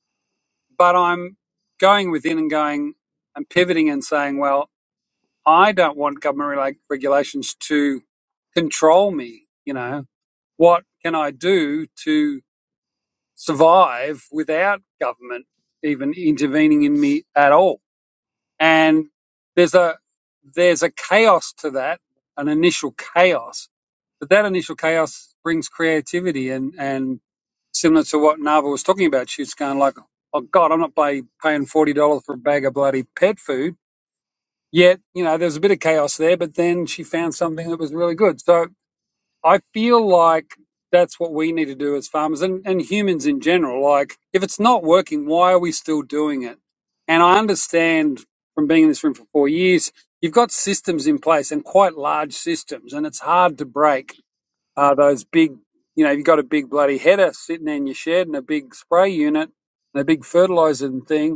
B: but I'm going within and going and pivoting and saying, well, I don't want government rela- regulations to control me. You know, what can I do to survive without government even intervening in me at all? and there's a there's a chaos to that, an initial chaos, but that initial chaos brings creativity and and similar to what Nava was talking about, she's going like, oh God, I'm not pay, paying forty dollars for a bag of bloody pet food. Yet you know there's a bit of chaos there, but then she found something that was really good. So I feel like that's what we need to do as farmers and, and humans in general. Like, if it's not working, why are we still doing it? And I understand from being in this room for four years, you've got systems in place and quite large systems, and it's hard to break uh, those big, you know, you've got a big bloody header sitting there in your shed and a big spray unit and a big fertilizer and thing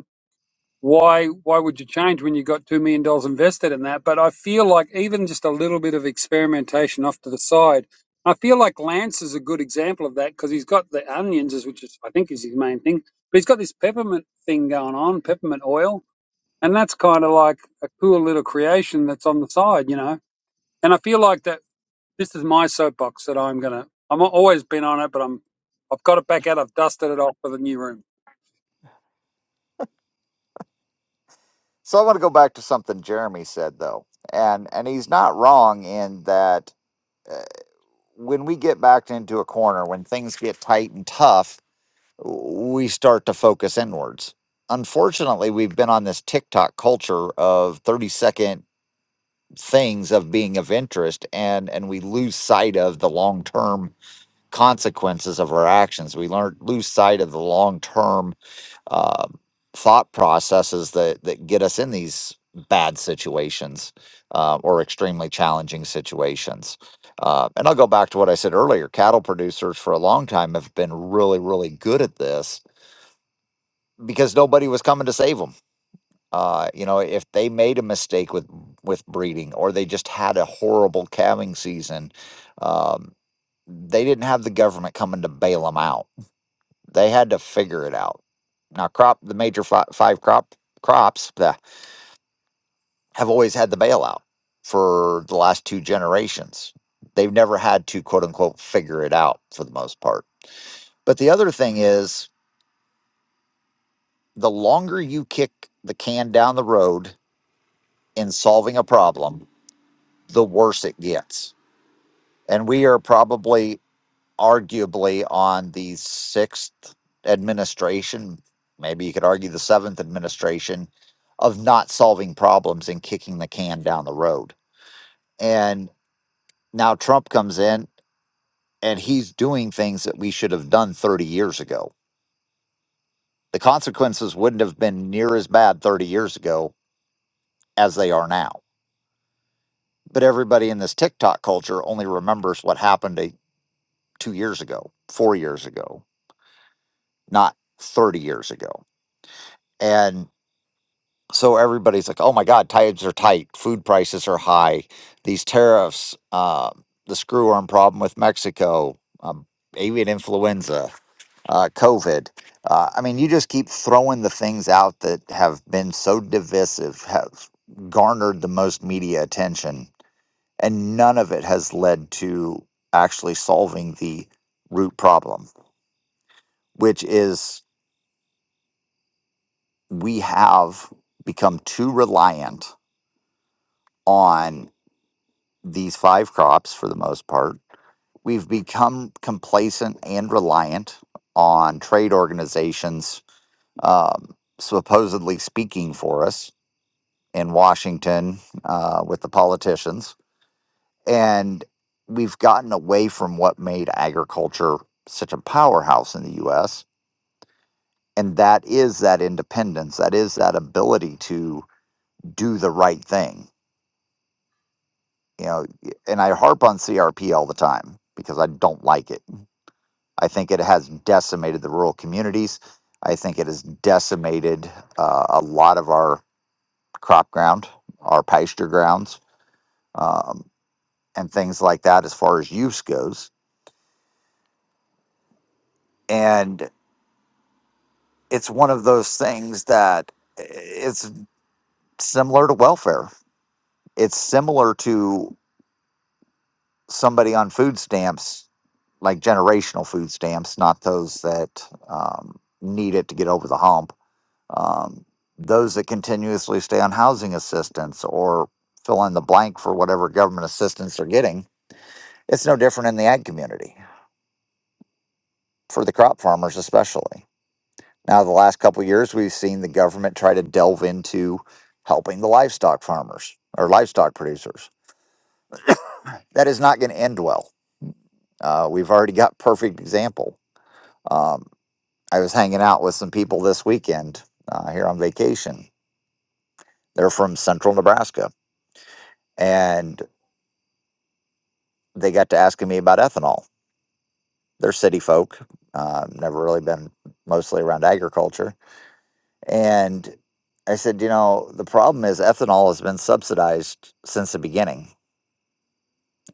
B: why why would you change when you got two million dollars invested in that? But I feel like even just a little bit of experimentation off to the side. I feel like Lance is a good example of that because he's got the onions, is- which is I think is his main thing, but he's got this peppermint thing going on, peppermint oil, and that's kind of like a cool little creation that's on the side, you know. And I feel like that this is my soapbox that I'm gonna. I'm always been on it, but I'm I've got it back out. I've dusted it off for the new room.
H: so i want to go back to something jeremy said though and and he's not wrong in that uh, when we get backed into a corner when things get tight and tough we start to focus inwards unfortunately we've been on this tiktok culture of 30 second things of being of interest and and we lose sight of the long term consequences of our actions. We learn lose sight of the long term uh, thought processes that that get us in these bad situations uh, or extremely challenging situations. Uh, and I'll go back to what I said earlier. Cattle producers for a long time have been really, really good at this because nobody was coming to save them. Uh, you know, if they made a mistake with with breeding or they just had a horrible calving season, um, they didn't have the government coming to bail them out they had to figure it out. Now, crop the major fi- five crop crops bleh, have always had the bailout for the last two generations. They've never had to quote unquote figure it out for the most part. But the other thing is, the longer you kick the can down the road in solving a problem, the worse it gets. And we are probably arguably on the sixth administration, maybe you could argue the seventh administration, of not solving problems and kicking the can down the road. And now Trump comes in and he's doing things that we should have done 30 years ago. The consequences wouldn't have been near as bad 30 years ago as they are now. But everybody in this TikTok culture only remembers what happened a, two years ago, four years ago, not 30 years ago. and. so everybody's like, "Oh my God, times are tight. Food prices are high. These tariffs, uh, the screw arm problem with Mexico, um, avian influenza, uh, COVID." Uh, I mean, you just keep throwing the things out that have been so divisive, have garnered the most media attention, and none of it has led to actually solving the root problem, which is we have become too reliant on." these five crops for the most part. We've become complacent and reliant on trade organizations um, supposedly speaking for us in Washington uh, with the politicians. And we've gotten away from what made agriculture such a powerhouse in the US. And that is that independence, that is that ability to do the right thing. You know, and I harp on CRP all the time because I don't like it I think it has decimated the rural communities. I think it has decimated uh, a lot of our crop ground, our pasture grounds, um, and things like that as far as use goes. And it's one of those things that eh, it's similar to welfare. It's similar to somebody on food stamps, like generational food stamps, not those that um, need it to get over the hump um, those that continuously stay on housing assistance or fill in the blank for whatever government assistance they're getting. It's no different in the ag community for the crop farmers, especially. Now, the last couple of years, we've seen the government try to delve into helping the livestock farmers or livestock producers. That is not going to end well. Uh, we've already got perfect example. Um, I was hanging out with some people this weekend uh, here on vacation. They're from central Nebraska, and. they got to asking me about ethanol. They're city folk, uh, never really been mostly around agriculture. And I said, you know, the problem is ethanol has been subsidized since the beginning.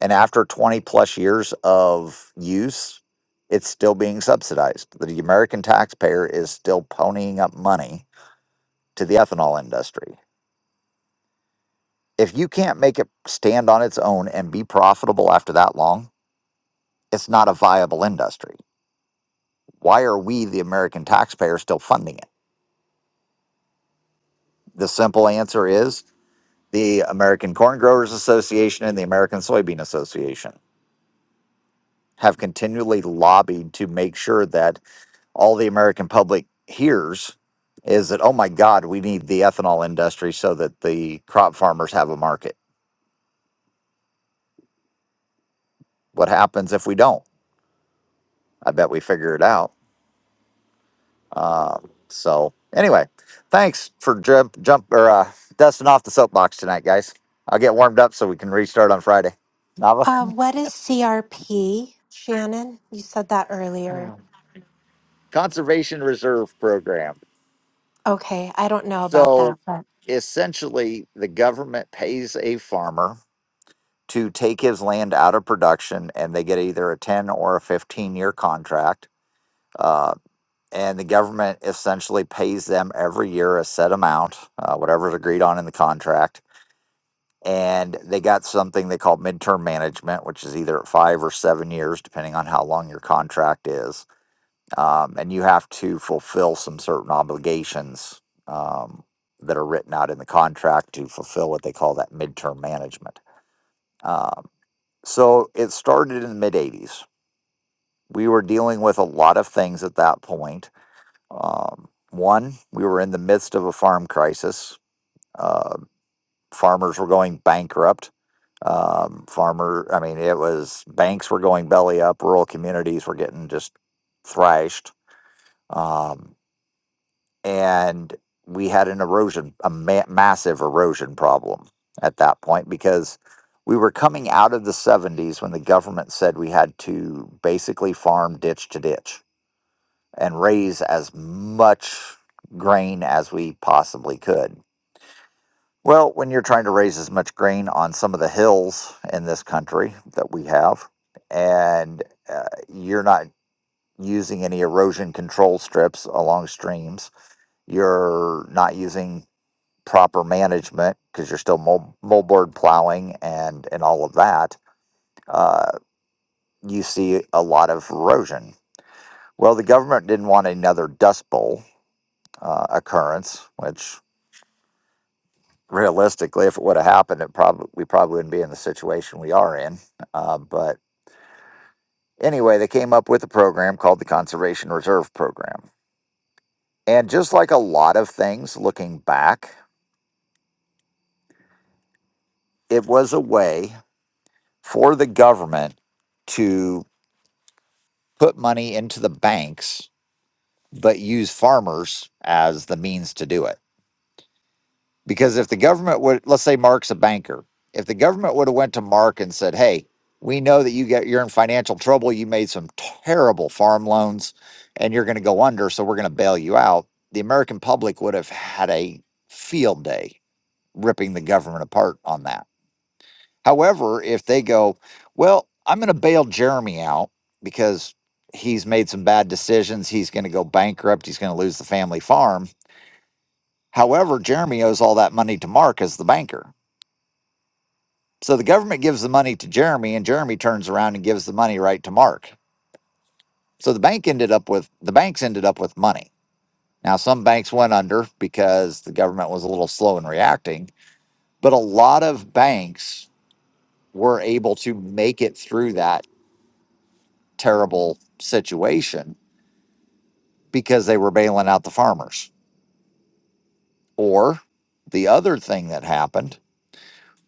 H: And after 20 plus years of use, it's still being subsidized. The American taxpayer is still ponying up money to the ethanol industry. If you can't make it stand on its own and be profitable after that long, it's not a viable industry Why are we, the American taxpayer, still funding it? The simple answer is the American Corn Growers Association and the American Soybean Association have continually lobbied to make sure that all the American public hears is that, oh my God, we need the ethanol industry so that the crop farmers have a market. What happens if we don't? I bet we figure it out Um, so anyway, thanks for jump jump or uh, dusting off the soapbox tonight, guys. I'll get warmed up so we can restart on Friday. Nava
G: Uh, what is CRP, Shannon? You said that earlier.
H: Conservation Reserve Program.
G: Okay, I don't know about
H: So
G: that, but
H: essentially, the government pays a farmer to take his land out of production, and they get either a ten or a fifteen year contract. Uh, and the government essentially pays them every year a set amount, uh, whatever's agreed on in the contract and they got something they call midterm management, which is either at five or seven years, depending on how long your contract is. Um, and you have to fulfill some certain obligations um, that are written out in the contract to fulfill what they call that midterm management. Um, so it started in the mid 80s. We were dealing with a lot of things at that point. Um, one, we were in the midst of a farm crisis. Uh, farmers were going bankrupt Um, farmer, I mean, it was banks were going belly up, rural communities were getting just thrashed. Um, and we had an erosion, a ma- massive erosion problem at that point because we were coming out of the 70s when the government said we had to basically farm ditch to ditch and raise as much grain as we possibly could Well, when you're trying to raise as much grain on some of the hills in this country that we have, and uh, you're not using any erosion control strips along streams, you're not using proper management because you're still mul- moldboard plowing and and all of that. Uh, you see a lot of erosion. Well, the government didn't want another dust bowl uh, occurrence, which realistically, if it would have happened, it probably we probably wouldn't be in the situation we are in. Uh, but anyway, they came up with a program called the Conservation Reserve Program, and just like a lot of things, looking back, it was a way for the government to put money into the banks, but use farmers as the means to do it. because if the government would let's say mark's a banker if the government would have went to mark and said hey we know that you get you're in financial trouble you made some terrible farm loans and you're going to go under so we're going to bail you out the american public would have had a field day ripping the government apart on that however if they go well i'm going to bail jeremy out because he's made some bad decisions he's going to go bankrupt he's going to lose the family farm however jeremy owes all that money to mark as the banker So the government gives the money to Jeremy, and Jeremy turns around and gives the money right to Mark. So the bank ended up with the banks ended up with money. Now some banks went under because the government was a little slow in reacting, but a lot of banks were able to make it through that terrible situation because they were bailing out the farmers. Or the other thing that happened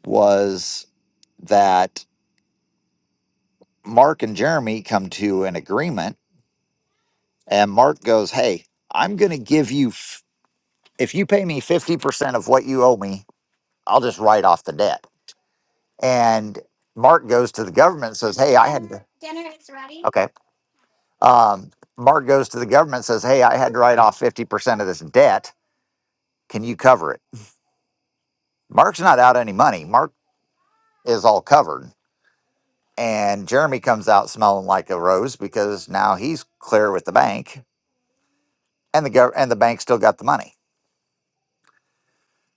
H: was that Mark and Jeremy come to an agreement and Mark goes, "Hey, I'm going to give you if you pay me 50% of what you owe me, I'll just write off the debt. And Mark goes to the government and says, Hey, I had to. Okay. Um, Mark goes to the government and says, Hey, I had to write off 50% of this debt. Can you cover it? Mark's not out any money. Mark is all covered. And Jeremy comes out smelling like a rose because now he's clear with the bank and the gov- and the bank still got the money.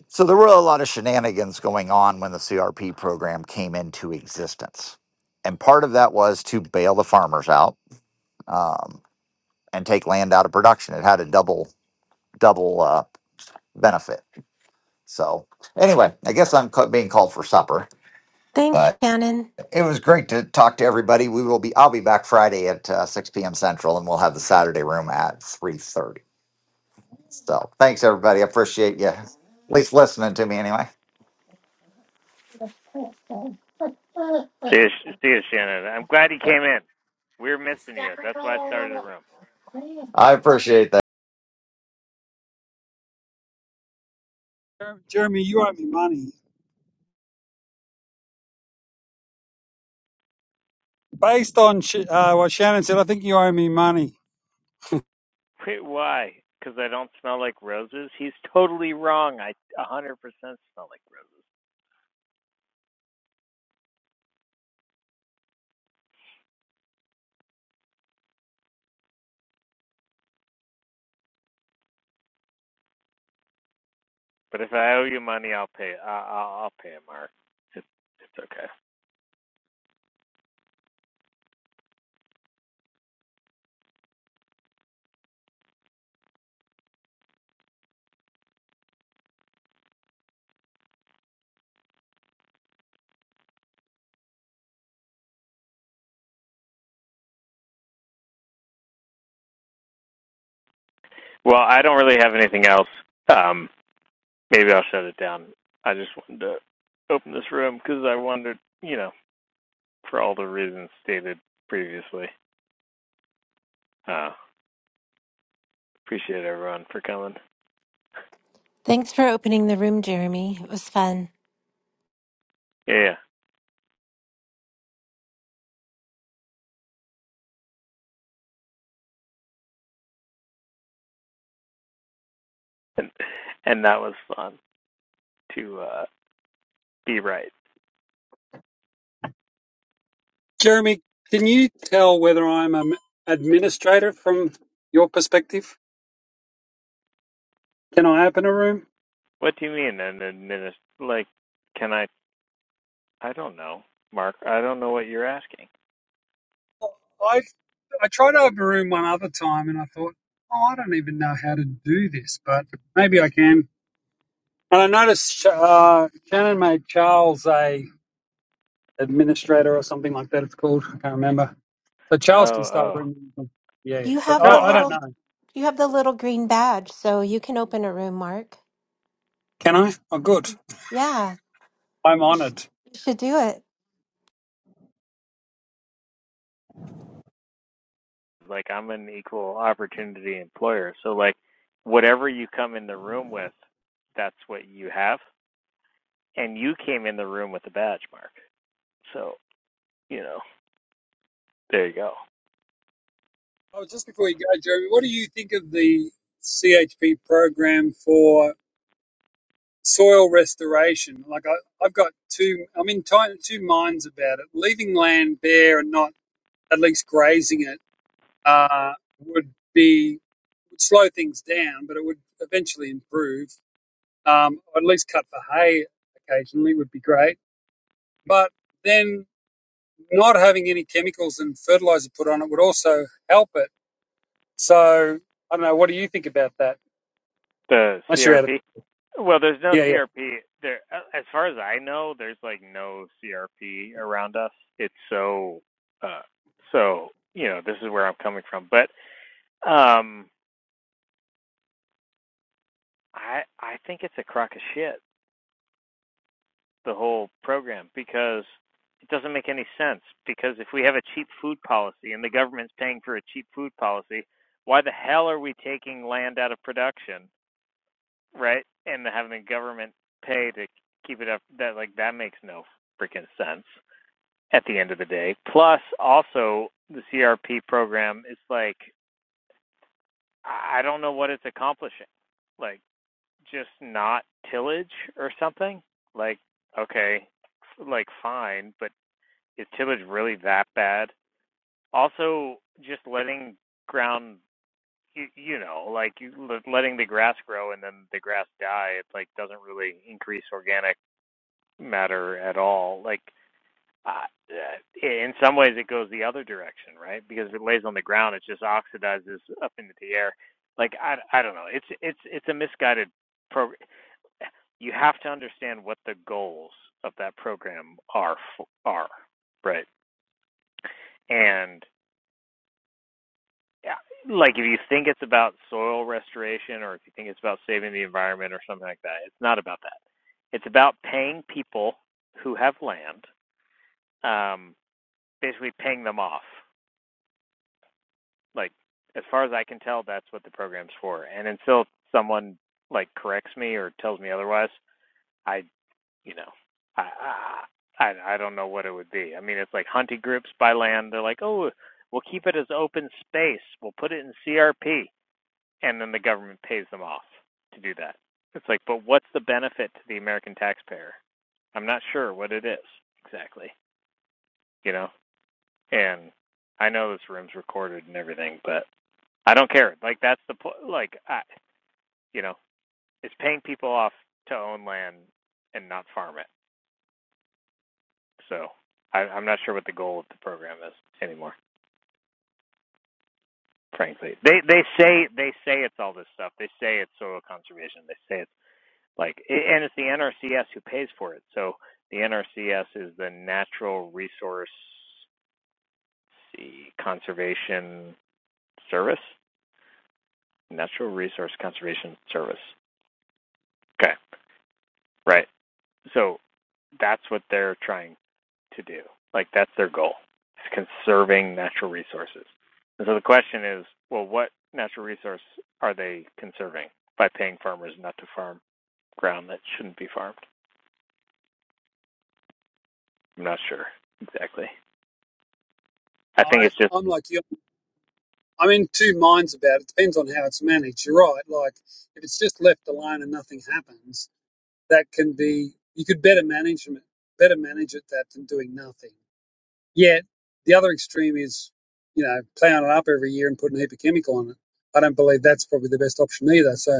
H: So there were a lot of shenanigans going on when the CRP program came into existence. And part of that was to bail the farmers out um, and take land out of production. It had a double double uh, benefit. So anyway, I guess I'm ca- being called for supper,
G: thanks,
H: but
G: Shannon.
H: it was great to talk to everybody. We will be I'll be back Friday at uh, 6 p.m. Central, and we'll have the Saturday room at 3:30. So thanks everybody. I appreciate you at least listening to me anyway.
A: See you, see you, Shannon. I'm glad you came in. We were missing you. That's why I started the room.
H: I appreciate that.
B: Jeremy, you owe me money. Based on Sh- uh, what Shannon said, I think you owe me money.
A: Wait, why? Because I don't smell like roses. He's totally wrong. I 100% smell like roses. But if I owe you money, I'll pay. I- I'll, I'll pay it, Mark. It's, it's okay. Well, I don't really have anything else. Um, maybe I'll shut it down. I just wanted to open this room because I wondered, you know, for all the reasons stated previously. Uh, Appreciate everyone for coming.
G: Thanks for opening the room, Jeremy. It was fun.
A: Yeah, yeah. and and that was fun to uh, be right.
B: Jeremy, can you tell whether I'm an administrator from your perspective? Can I open a room?
A: What do you mean an administ? Like, can I? I don't know, Mark. I don't know what you're asking.
B: I I tried to open a room one other time, and I thought, oh, I don't even know how to do this, but maybe I can. And I noticed uh, Shannon made Charles a administrator or something like that. It's called. I can't remember. So
A: Oh,
B: Charles can start a
A: oh,
B: room. Yeah, yeah.
G: You
B: but
G: have
A: no.
G: the
B: I, I
A: I
B: don't
G: little
B: know.
G: you have the little green badge, so you can open a room, Mark.
B: Can I? Oh, good.
G: Yeah,
B: I'm
G: you
B: honoured.
G: should do it.
A: like I'm an equal opportunity employer, so like whatever you come in the room with, that's what you have. And you came in the room with a badge, Mark. So you know, there you go.
B: Oh, just before you go, Jeremy, what do you think of the CHP program for soil restoration? Like, I, I've got two, I'm in ti- two minds about it. Leaving land bare and not at least grazing it uh, would be would slow things down, but it would eventually improve. Um, or at least cut for hay occasionally would be great. But then not having any chemicals and fertilizer put on it would also help it. So I don't know. What do you think about that?
A: The
B: Unless you're out of
A: CRP? Well, there's no
B: Yeah, yeah.
A: CRP there. a- As far as I know, there's like no CRP around us. It's so, uh, so you know, this is where I'm coming from. But um, I I think it's a crock of shit the whole program because it doesn't make any sense. Because if we have a cheap food policy and the government's paying for a cheap food policy, why the hell are we taking land out of production right? And having the government pay to keep it up that like that makes no freaking sense at the end of the day. Plus also the CRP program is like I don't know what it's accomplishing. Like just not tillage or something? Like okay, like fine, but is tillage really that bad? Also just letting ground you, you know, like you, letting the grass grow and then the grass die, it like doesn't really increase organic matter at all. Like, uh, uh, in some ways, it goes the other direction, right? Because if it lays on the ground, it just oxidizes up into the air. Like, I, I don't know. It's it's it's a misguided program. You have to understand what the goals of that program are are, right? And yeah, like if you think it's about soil restoration or if you think it's about saving the environment or something like that, it's not about that. It's about paying people who have land. Um, basically paying them off. Like as far as I can tell, that's what the program's for. And until someone like corrects me or tells me otherwise, I you know I I I don't know what it would be. I mean, it's like hunting groups by land. They're like, oh, we'll keep it as open space. We'll put it in CRP, and then the government pays them off to do that. It's like, but what's the benefit to the American taxpayer? I'm not sure what it is exactly. You know, and I know this room's recorded and everything, but I don't care. Like that's the po- like I, you know, it's paying people off to own land and not farm it. So I, I'm not sure what the goal of the program is anymore. Frankly, they they say they say it's all this stuff. They say it's soil conservation. They say it's like and it's the NRCS who pays for it. So the NRCS is the Natural Resource Conservation Service. Natural Resource Conservation Service. Okay, right. So that's what they're trying to do. Like that's their goal. It's conserving natural resources. And so the question is, well, what natural resource are they conserving by paying farmers not to farm ground that shouldn't be farmed? I'm not sure exactly.
B: No,
A: I think
B: I,
A: it's just
B: I'm like you. I'm in two minds about it. Depends on how it's managed. You're right. Like if it's just left alone and nothing happens, that can be you could better manage it, better manage it that than doing nothing. Yet the other extreme is, you know, plowing it up every year and putting a heap of chemical on it. I don't believe that's probably the best option either. So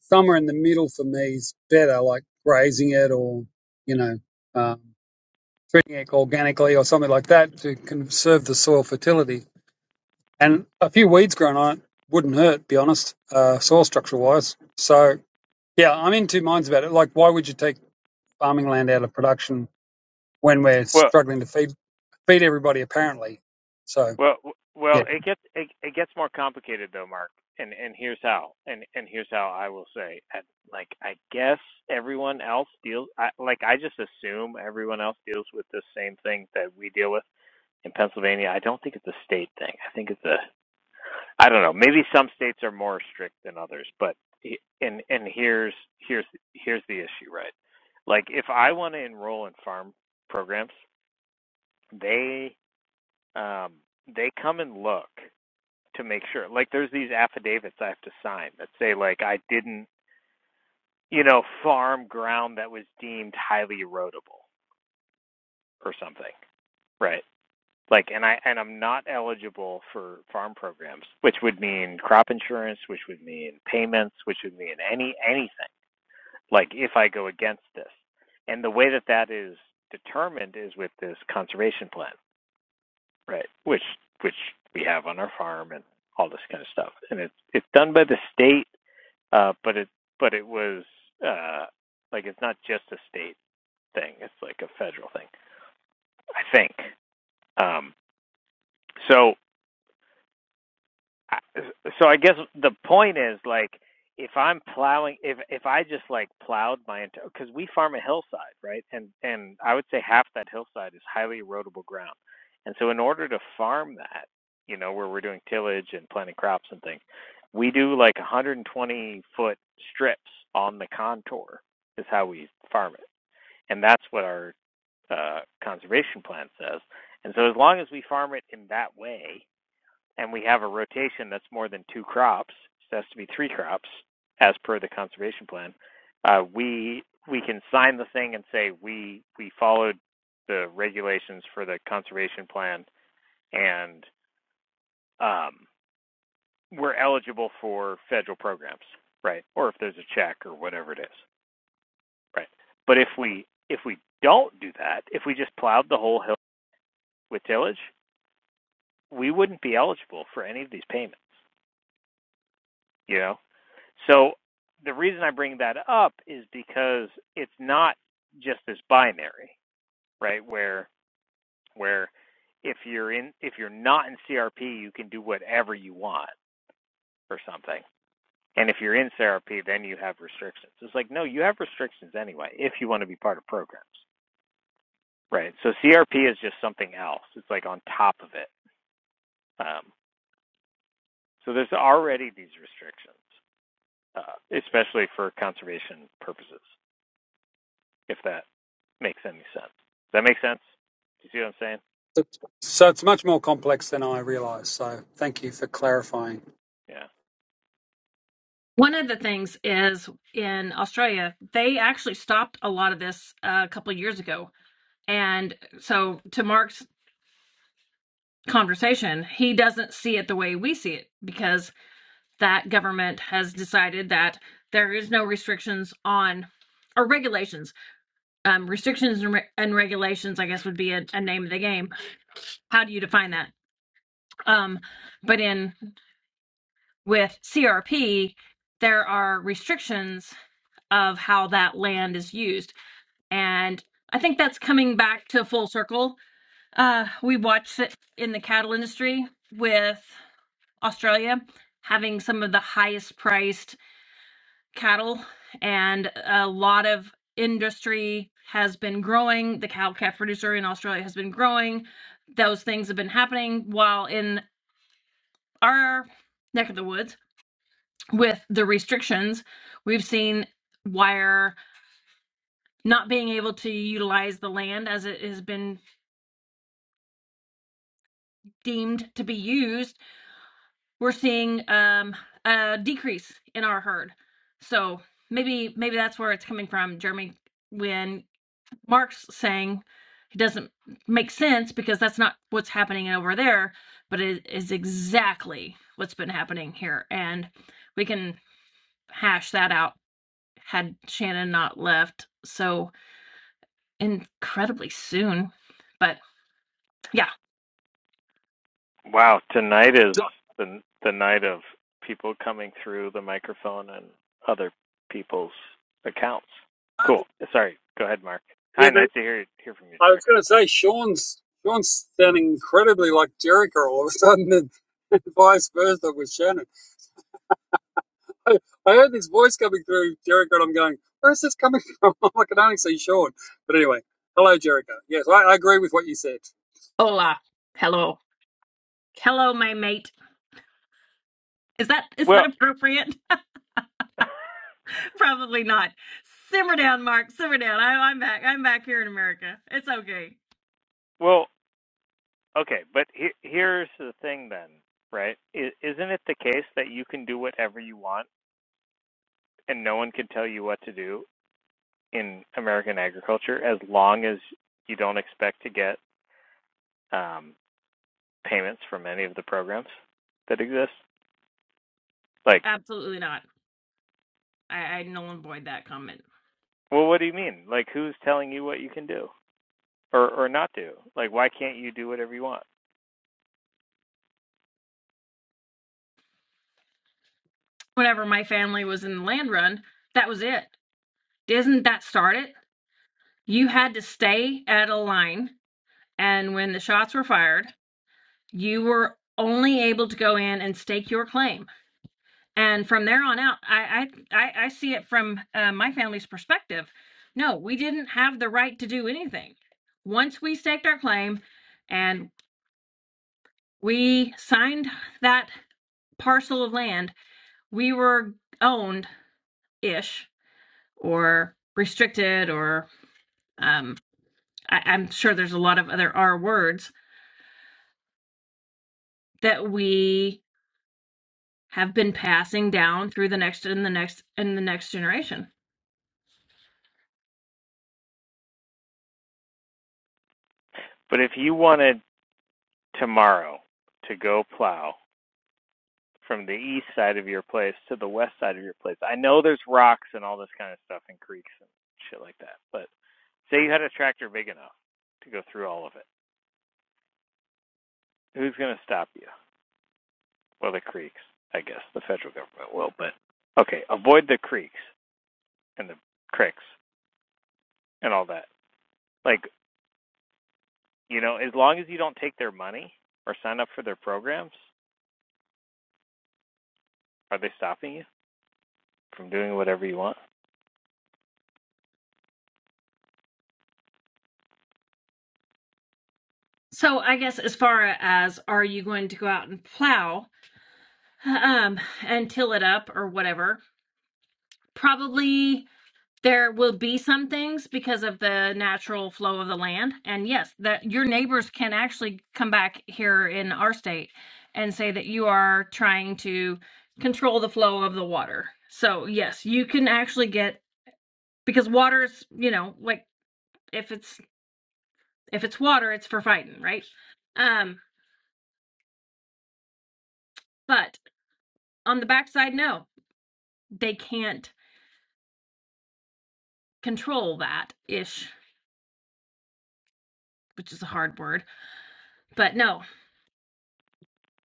B: somewhere in the middle for me is better, like grazing it or you know, um, treating it organically or something like that to conserve the soil fertility and a few weeds grown on it wouldn't hurt, to be honest, uh, soil structure wise. So yeah, I'm in two minds about it. Like, why would you take farming land out of production when we're
A: well,
B: struggling to feed feed everybody? Apparently, so
A: well,
B: yeah,
A: well. It gets it, it gets more complicated though, Mark. And and here's how. And and here's how I will say. I, like I guess everyone else deals. I, like I just assume everyone else deals with the same thing that we deal with in Pennsylvania, I don't think it's a state thing. I think it's a I don't know. Maybe some states are more strict than others, but and and here's here's here's the issue, right? Like if I want to enroll in farm programs, they um they come and look to make sure. Like there's these affidavits I have to sign that say like I didn't, you know, farm ground that was deemed highly erodible or something, right? like and i and i'm not eligible for farm programs which would mean crop insurance which would mean payments which would mean any anything like if i go against this and the way that that is determined is with this conservation plan right which which we have on our farm and all this kind of stuff and it's it's done by the state uh but it but it was uh like it's not just a state thing it's like a federal thing i think um so I- so I guess the point is like if I'm plowing if if I just like plowed my entire because we farm a hillside right and and I would say half that hillside is highly erodible ground and so in order to farm that you know where we're doing tillage and planting crops and things we do like 120 foot strips on the contour is how we farm it and that's what our uh, conservation plan says and so as long as we farm it in that way and we have a rotation that's more than two crops, so it has to be three crops as per the conservation plan, uh, we we can sign the thing and say we we followed the regulations for the conservation plan and um, we're eligible for federal programs, right? Or if there's a check or whatever it is, right? But if we if we don't do that, if we just plowed the whole hill with tillage, we wouldn't be eligible for any of these payments. You know, So the reason I bring that up is because it's not just this binary, right? Where where if you're in if you're not in CRP, you can do whatever you want or something. And if you're in CRP, then you have restrictions. It's like no, you have restrictions anyway if you want to be part of programs, right? So CRP is just something else. It's like on top of it. Um, so there's already these restrictions, uh, especially for conservation purposes. if that makes any sense. Does that make sense? Do you see what I'm saying?
B: so so it's much more complex than I realised. So thank you for clarifying.
A: Yeah.
J: One of the things is in Australia, they actually stopped a lot of this uh, a couple of years ago. And so, to Mark's conversation, he doesn't see it the way we see it because that government has decided that there is no restrictions on or regulations. Um, restrictions and, re- and regulations, I guess, would be a, a name of the game. How do you define that? Um, but in with CRP, there are restrictions of how that land is used and I think that's coming back to full circle. Uh, we watched it in the cattle industry with Australia having some of the highest priced cattle, and a lot of industry has been growing. The cow calf producer in Australia has been growing. Those things have been happening while in our neck of the woods with the restrictions, we've seen wire not being able to utilize the land as it has been deemed to be used, we're seeing um, a decrease in our herd. So maybe maybe that's where it's coming from, Jeremy. When Mark's saying it doesn't make sense because that's not what's happening over there, but it is exactly what's been happening here, and we can hash that out had Shannon not left so incredibly soon. But yeah,
A: Wow, tonight is
B: So-
A: the the night of people coming through the microphone and other people's accounts. Cool. Sorry. Go ahead, Mark. Hi,
B: Yeah, but
A: nice to hear hear from you,
B: I was
A: Jerry.
B: going to say Sean's Sean's sounding incredibly like Jericho all of a sudden, and vice versa with Shannon. I, I heard this voice coming through Jericho, and I'm going, where is this coming from? I can only see Sean. But anyway, hello, Jericho. Yes, I, I agree with what you said.
J: hola, hello, hello, my mate. Is that is that
A: Well,
J: appropriate? Probably not. Simmer down, Mark. Simmer down. I, I'm back. I'm back here in America. It's okay.
A: well, okay, but he, here's the thing then, right? I, isn't it the case that you can do whatever you want and no one can tell you what to do in American agriculture as long as you don't expect to get um, payments from any of the programs that exist? Like,
J: Absolutely not. I, I null and void that comment.
A: well, what do you mean? Like, who's telling you what you can do or or not do? Like, why can't you do whatever you want?
J: Whenever my family was in the land run, that was it. Didn't that start it? You had to stay at a line, and when the shots were fired, you were only able to go in and stake your claim and from there on out i i i see it from uh, my family's perspective no we didn't have the right to do anything once we staked our claim and we signed that parcel of land we were owned ish or restricted or um I, i'm sure there's a lot of other r words that we have been passing down through the next and the next and the next generation
A: But if you wanted tomorrow to go plow from the east side of your place to the west side of your place, I know there's rocks and all this kind of stuff and creeks and shit like that. But say you had a tractor big enough to go through all of it, who's going to stop you? Well, the creeks, I guess. The federal government will, but okay, avoid the creeks. and the cricks and all that. Like, you know, as long as you don't take their money or sign up for their programs, are they stopping you from doing whatever you want?
J: So I guess as far as are you going to go out and plow um and till it up or whatever, probably there will be some things because of the natural flow of the land. And yes, that your neighbors can actually come back here in our state and say that you are trying to control the flow of the water. So yes, you can actually get because water's, you know, like if it's if it's water, it's for fighting, right? Um, but on the backside, no. they can't control that ish, which is a hard word, but no,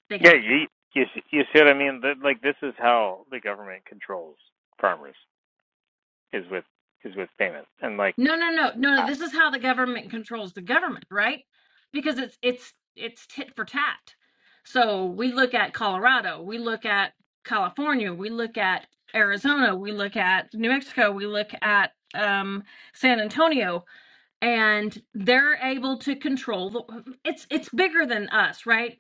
J: they
A: Yeah,
J: can't.
A: you you see- you see what I mean? That like this is how the government controls farmers is with is with payments and like
J: No, no, no, no, no.
A: I,
J: This is how the government controls the government, right? Because it's it's it's tit for tat. So we look at Colorado, we look at California, we look at Arizona, we look at New Mexico, we look at um, San Antonio, and they're able to control the. It's it's bigger than us, right?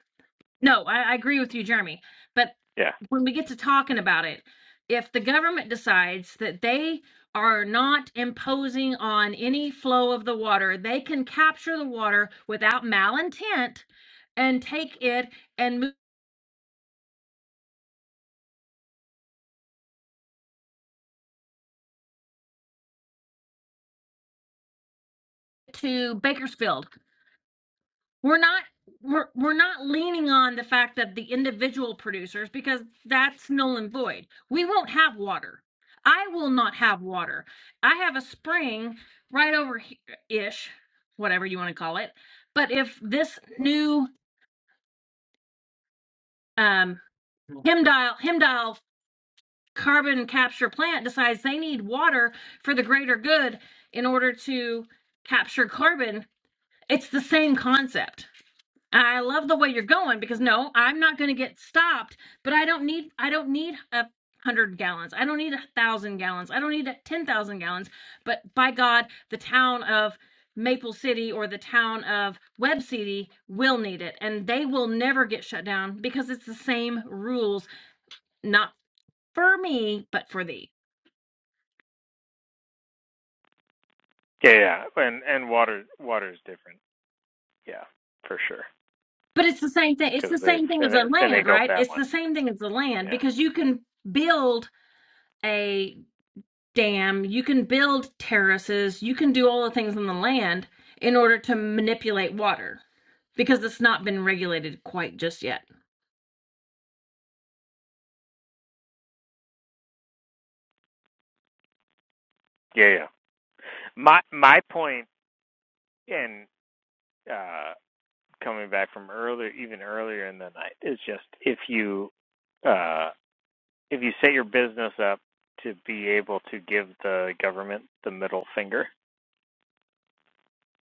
J: No, I, I agree with you, Jeremy but.
A: yeah
J: when we get to talking about it, if the government decides that they are not imposing on any flow of the water, they can capture the water without malintent and take it and move to Bakersfield we're not we're we're not leaning on the fact that the individual producers because that's null and void. We won't have water. I will not have water. I have a spring right over he- ish, whatever you want to call it. But if this new um Hemdial Hemdial carbon capture plant decides they need water for the greater good in order to capture carbon, it's the same concept I love the way you're going because no, I'm not going to get stopped, but I don't need I don't need a 100 gallons. I don't need a 1000 gallons. I don't need 10,000 gallons. But by God, the town of Maple City or the town of Web City will need it and they will never get shut down because it's the same rules not for me, but for thee.
A: yeah yeah and and water water is different yeah for sure
J: But it's the same thing. It's the
A: because they've
J: same thing as the
A: fin-
J: land,
A: finagled
J: right?
A: that
J: It's
A: one
J: the same thing as the land
A: yeah
J: because you can build a dam, you can build terraces, you can do all the things on the land in order to manipulate water because it's not been regulated quite just yet.
A: yeah yeah my my point and uh coming back from earlier, even earlier in the night, is just if you uh, if you set your business up to be able to give the government the middle finger,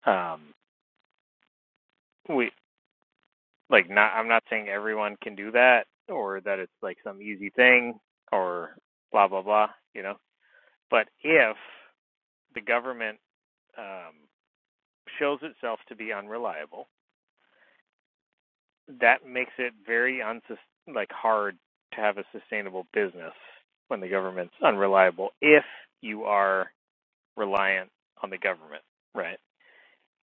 A: um, we like not. I'm not saying everyone can do that or that it's like some easy thing or blah blah blah. You know, but if the government um, shows itself to be unreliable that makes it very unsus like hard to have a sustainable business when the government's unreliable if you are reliant on the government, right?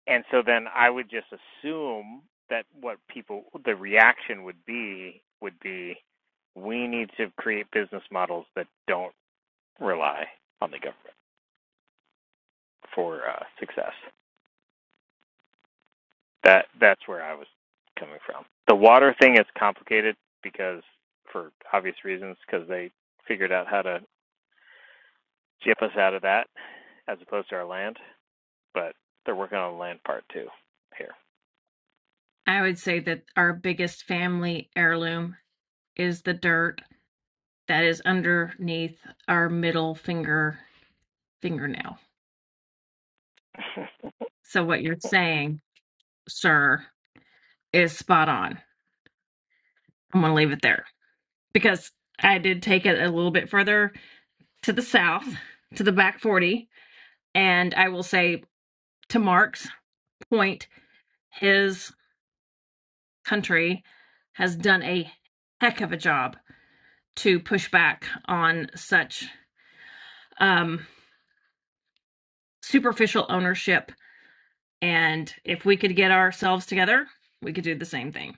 A: And so then I would just assume that what people the reaction would be would be we need to create business models that don't rely on the government for uh, success. That that's where I was coming from. The water thing is complicated because for obvious reasons because they figured out how to jip us out of that as opposed to our land, but they're working on the land part too here.
J: I would say that our biggest family heirloom is the dirt that is underneath our middle finger fingernail. So what you're saying, sir, is spot on. I'm going to leave it there because I did take it a little bit further to the south, to the back 40, and I will say to Mark's point, his country has done a heck of a job to push back on such um, superficial ownership. And if we could get ourselves together, we could do the same thing.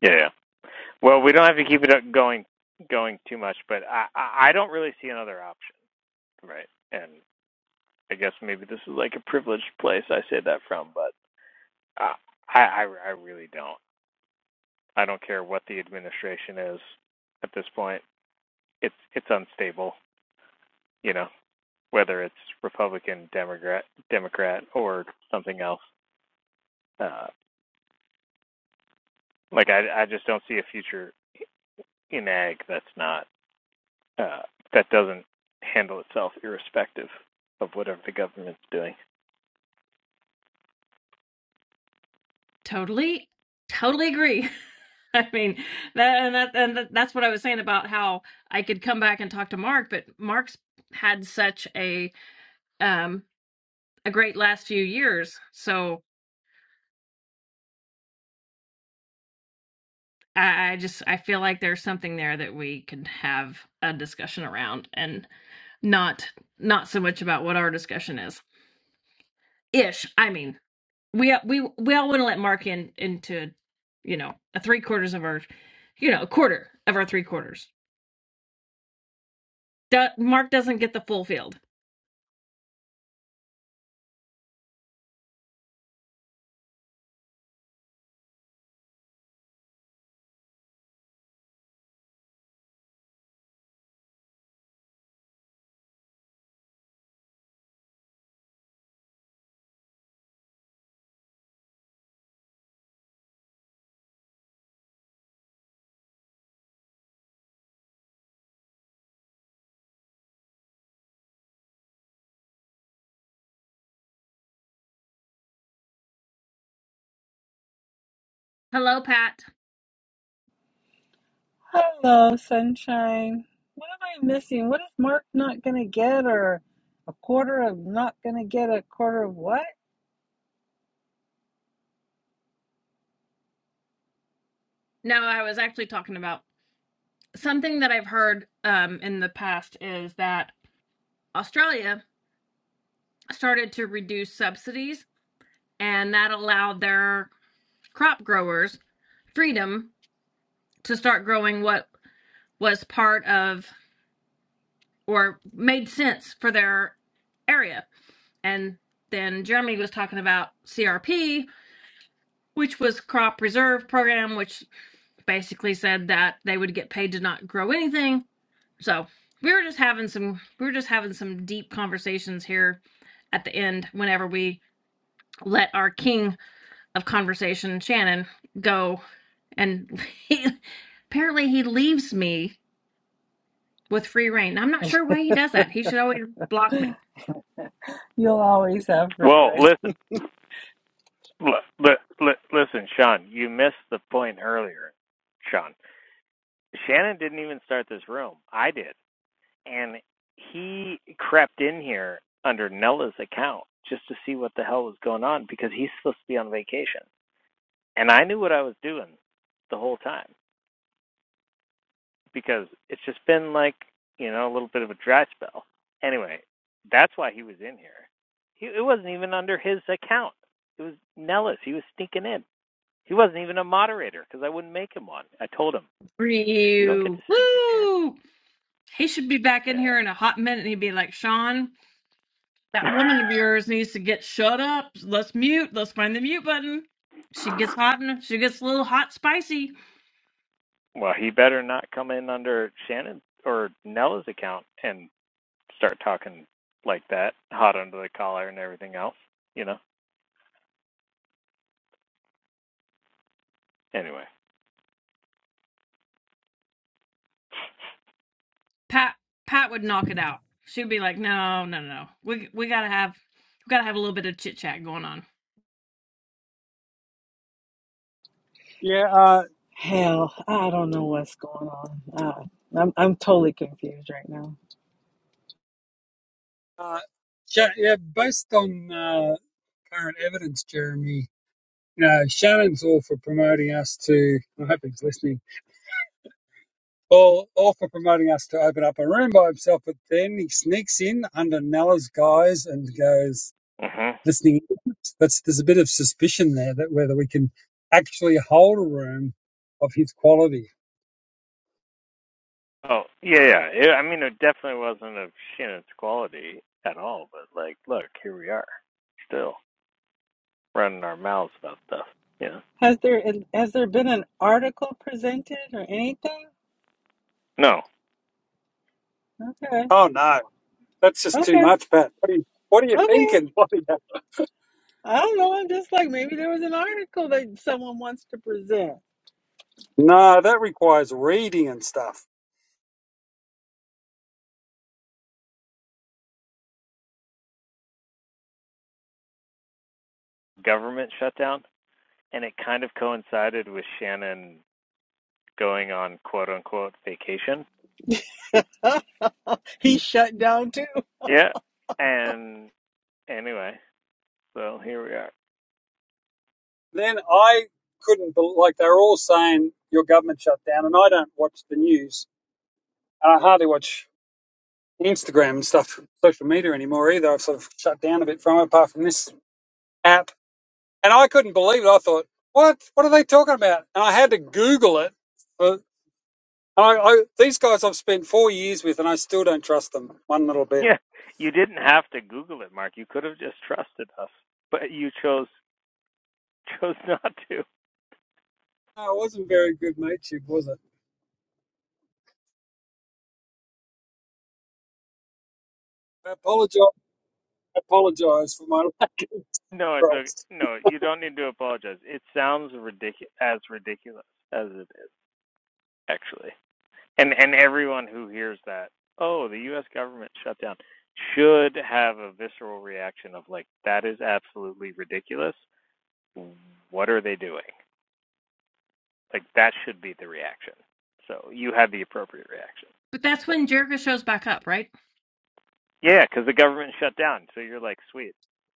A: Yeah, yeah. Well, we don't have to keep it up going going too much, but I I I don't really see another option, right? And I guess maybe this is like a privileged place I say that from, but uh, I, I I really don't. I don't care what the administration is at this point. it's it's unstable, you know, whether it's Republican, Democrat, Democrat, or something else. Uh, like I I just don't see a future in ag that's not uh, that doesn't handle itself irrespective of whatever the government's doing.
J: Totally, totally agree. I mean, that and that and that- that's what I was saying about how I could come back and talk to Mark, but Mark's had such a um a great last few years. So I, I just I feel like there's something there that we could have a discussion around and not not so much about what our discussion is. ish. I mean, we we we all want to let Mark in into, you know, a three quarters of our, you know, a quarter of our three quarters. Do, Mark doesn't get the full field. Hello, Pat.
K: Hello, sunshine. What am I missing? What is Mark not gonna get? Or a quarter of not gonna get a quarter of what?
J: No, I was actually talking about something that I've heard um, in the past is that Australia started to reduce subsidies, and that allowed their crop growers freedom to start growing what was part of or made sense for their area And then Jeremy was talking about CRP, which was crop reserve program, which basically said that they would get paid to not grow anything. So we were just having some we were just having some deep conversations here at the end whenever we let our king of conversation, Shannon, go and he, apparently he leaves me with free reign. I'm not sure why he does that. He should always block me.
K: You'll always have free
A: Well,
K: reign.
A: listen, li- li- listen, Sean, you missed the point earlier, Sean. Shannon didn't even start this room. I did. and he crept in here under Nella's account just to see what the hell was going on because he's supposed to be on vacation. And I knew what I was doing the whole time because it's just been like, you know, a little bit of a dry spell. Anyway, that's why he was in here. He, it wasn't even under his account. It was Nella's. He was sneaking in. He wasn't even a moderator because I wouldn't make him one. I told him,
J: Free
A: you don't get to sneak in here.
J: Woo! He should be back in here in a hot minute and he'd be like, Sean, that
A: Yeah.
J: woman of yours needs to get shut up. Let's mute. Let's find the mute button. She gets hot and she gets a little hot spicy.
A: Well, he better not come in under Shannon or Nella's account and start talking like that, hot under the collar and everything else. You know. Anyway.
J: Pat Pat would knock it out. She'd be like, No, no, no. We we gotta have we gotta have a little bit of chit chat going on.
B: Yeah, uh,
K: Hell, I don't know what's going on. Uh, I'm I'm totally confused right now.
B: uh, Sha- yeah. Based on uh, current evidence, Jeremy, you know, Shannon's all for promoting us to. I hope he's listening. All, all for promoting us to open up a room by himself. But then he sneaks in under Nella's guise and goes,
A: Mhm.
B: listening. That's there's a bit of suspicion there that whether we can actually hold a room of his quality.
A: Oh yeah, yeah. It, I mean, it definitely wasn't of Shannon's quality at all. But like, look, here we are, still running our mouths about stuff. You know.
K: Has there has there been an article presented or anything?
A: No
K: Okay,
B: Oh no, that's just too
K: okay,
B: much, Pat. What are you What are you
K: okay.
B: thinking? What are you-
K: I don't know. I'm just like maybe there was an article that someone wants to present.
B: no, that requires reading and stuff.
A: government shutdown, and it kind of coincided with Shannon going on quote unquote vacation.
K: He's shut down too.
A: Yeah. And anyway, so here we are.
B: Then I couldn't bel like they were all saying your government shut down, and I don't watch the news, and I hardly watch Instagram and stuff, social media anymore either. I've sort of shut down a bit from it, apart from this app And I couldn't believe it. I thought, what? What are they talking about? And I had to Google it. But I, I, these guys I've spent four years with, and I still don't trust them one little bit.
A: Yeah, you didn't have to Google it, Mark. You could have just trusted us, but you chose chose not to.
B: No, it wasn't very good mateship, was it? I apologize. I Apologize for my lack of
A: No, it's okay.
B: trust.
A: no. You don't need to apologize. It sounds ridiculous as ridiculous as it is actually, and and everyone who hears that, oh, the U.S. government shut down, should have a visceral reaction of like that is absolutely ridiculous. What are they doing? Like that should be the reaction. So you had the appropriate reaction.
J: But that's
A: So.
J: when Jericho shows back up, right?
A: Yeah, because the government shut down. So you're like, sweet,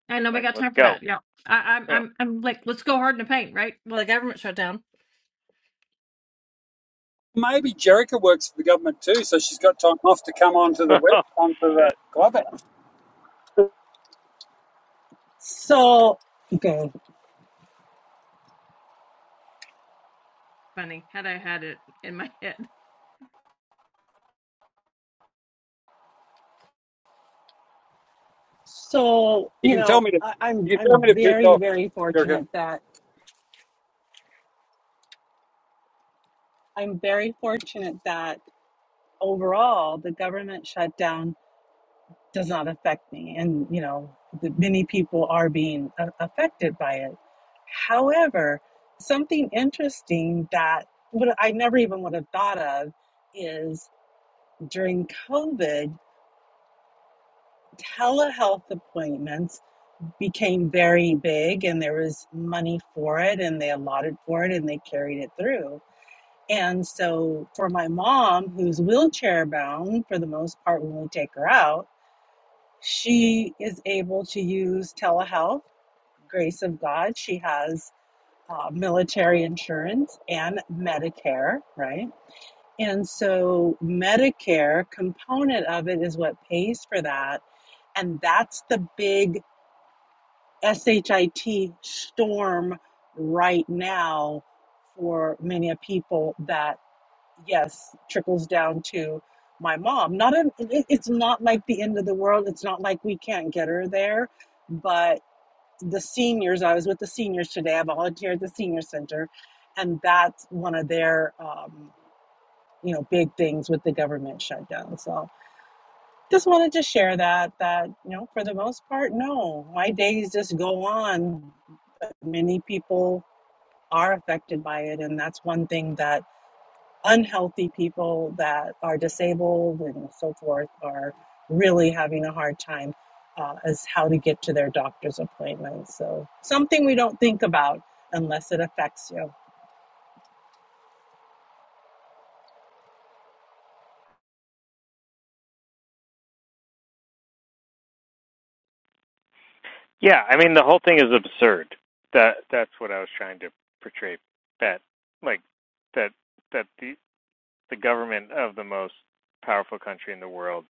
J: I nobody
A: like
J: got
A: let's
J: time for
A: go.
J: that. Yeah. I, I'm
A: You
J: I'm I'm like, let's go hard in the paint, right? Well the government shut down.
B: Maybe Jerica works for the government too, so she's got time off to come onto the
A: know,
B: web
A: oh,
B: onto the
A: shit.
B: clubhouse.
K: So okay.
J: Funny, had I had it in my head.
K: So,
B: You
K: you
B: can tell
K: know,
B: me to.
K: I, I'm
B: You can tell
K: I'm
B: me to piss
K: very,
B: off,
K: very
B: Jerica.
K: fortunate that I'm very fortunate that overall the government shutdown does not affect me, and you know, the, many people are being a- affected by it. However, something interesting that would I never even would have thought of is during COVID, telehealth appointments became very big and there was money for it and they allotted for it and they carried it through. And so for my mom, who's wheelchair bound for the most part when we take her out, she is able to use telehealth, grace of God. She has uh, military insurance and Medicare, right? And so Medicare component of it is what pays for that and that's the big SHIT storm right now for many people that, yes, trickles down to my mom. Not an, it- It's not like the end of the world. It's not like we can't get her there. But the seniors, I was with the seniors today. I volunteered at the senior center. And that's one of their, um, you know, big things with the government shutdown. So, just wanted to share that that you know for the most part, no, my days just go on. But many people are affected by it, and that's one thing that unhealthy people that are disabled and so forth are really having a hard time uh, as how to get to their doctor's appointments. So something we don't think about unless it affects you.
A: Yeah, I mean the whole thing is absurd. That that's what I was trying to portray. That like that that the the government of the most powerful country in the world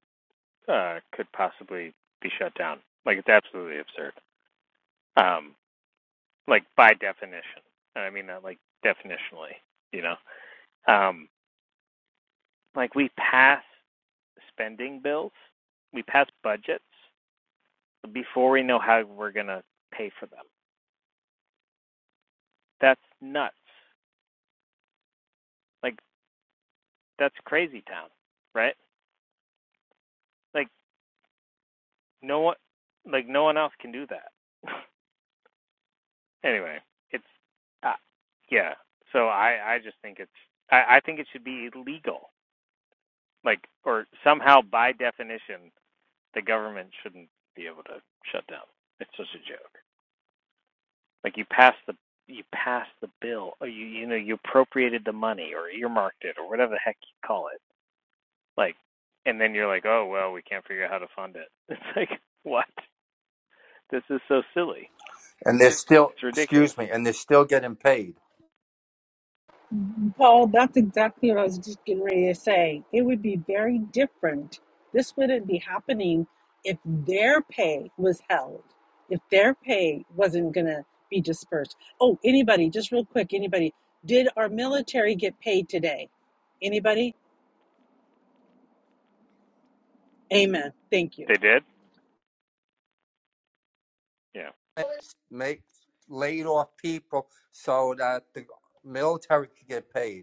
A: uh, could possibly be shut down. Like it's absolutely absurd. Um, like by definition, and I mean that like definitionally. You know, um, like we pass spending bills, we pass budgets before we know how we're going to pay for them. That's nuts. Like that's crazy town, right? Like no one like no one else can do that. anyway, it's uh, yeah. So I I just think it's I I think it should be illegal. Like or somehow by definition the government shouldn't be able to shut down. It's just a joke. Like you pass the you pass the bill or you you know you appropriated the money or earmarked it or whatever the heck you call it Like, and then you're like, oh, well, we can't figure out how to fund it. It's like, what? This is so silly.
I: And they're still,
A: It's ridiculous.
I: excuse me, and they're still getting paid.
K: Paul, that's exactly what I was just getting ready to say. It would be very different. This wouldn't be happening if their pay was held, if their pay wasn't going to be dispersed. Oh, anybody, just real quick, anybody, did our military get paid today? Anybody? Amen. Thank you.
A: They did, you know,
I: Make laid off people so that the military could get paid.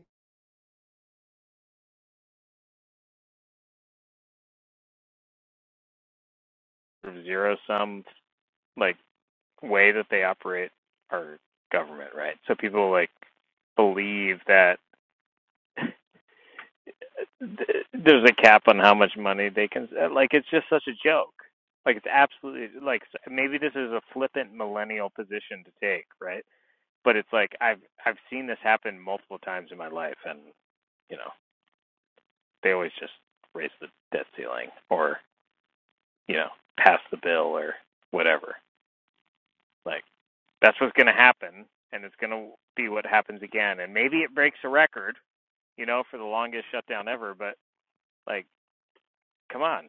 A: sort of zero sum, like, way that they operate our government, right? So people, like, believe that there's a cap on how much money they can like it's just such a joke like it's absolutely like maybe this is a flippant millennial position to take right but it's like i've i've seen this happen multiple times in my life and you know they always just raise the debt ceiling or you know pass the bill or whatever. Like that's what's going to happen, and it's going to be what happens again. And maybe it breaks a record, you know, for the longest shutdown ever. But like, come on,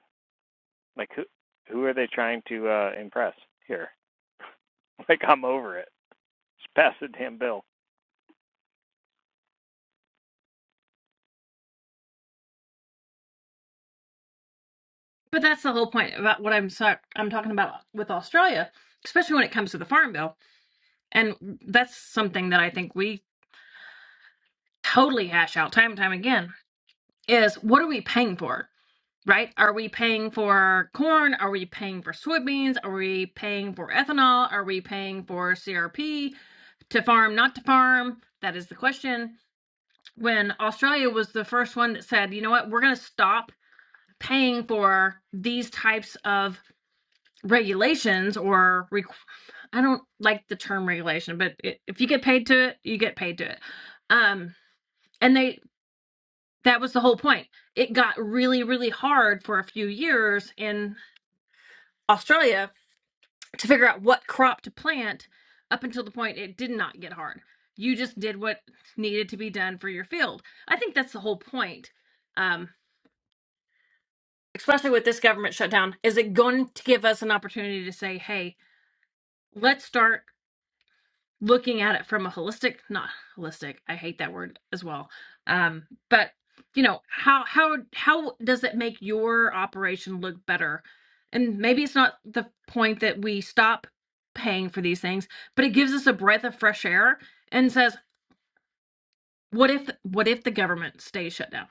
A: like who who are they trying to uh, impress here? Like I'm over it. Just pass the damn bill.
J: But that's the whole point about what I'm so, I'm talking about with Australia, especially when it comes to the farm bill. And that's something that I think we totally hash out time and time again is what are we paying for? Right? Are we paying for corn? Are we paying for soybeans? Are we paying for ethanol? Are we paying for CRP? To farm, not to farm? That is the question when Australia was the first one that said, you know what, we're going to stop paying for these types of regulations or requ- I don't like the term regulation, but it, if you get paid to it, you get paid to it. Um, and they that was the whole point. It got really, really hard for a few years in Australia to figure out what crop to plant up until the point it did not get hard. You just did what needed to be done for your field. I think that's the whole point. Um, especially with this government shutdown, is it going to give us an opportunity to say, hey, let's start looking at it from a holistic, not holistic, I hate that word as well. Um, but you know, how how how does it make your operation look better? And maybe it's not the point that we stop paying for these things, but it gives us a breath of fresh air and says, what if what if the government stays shut down?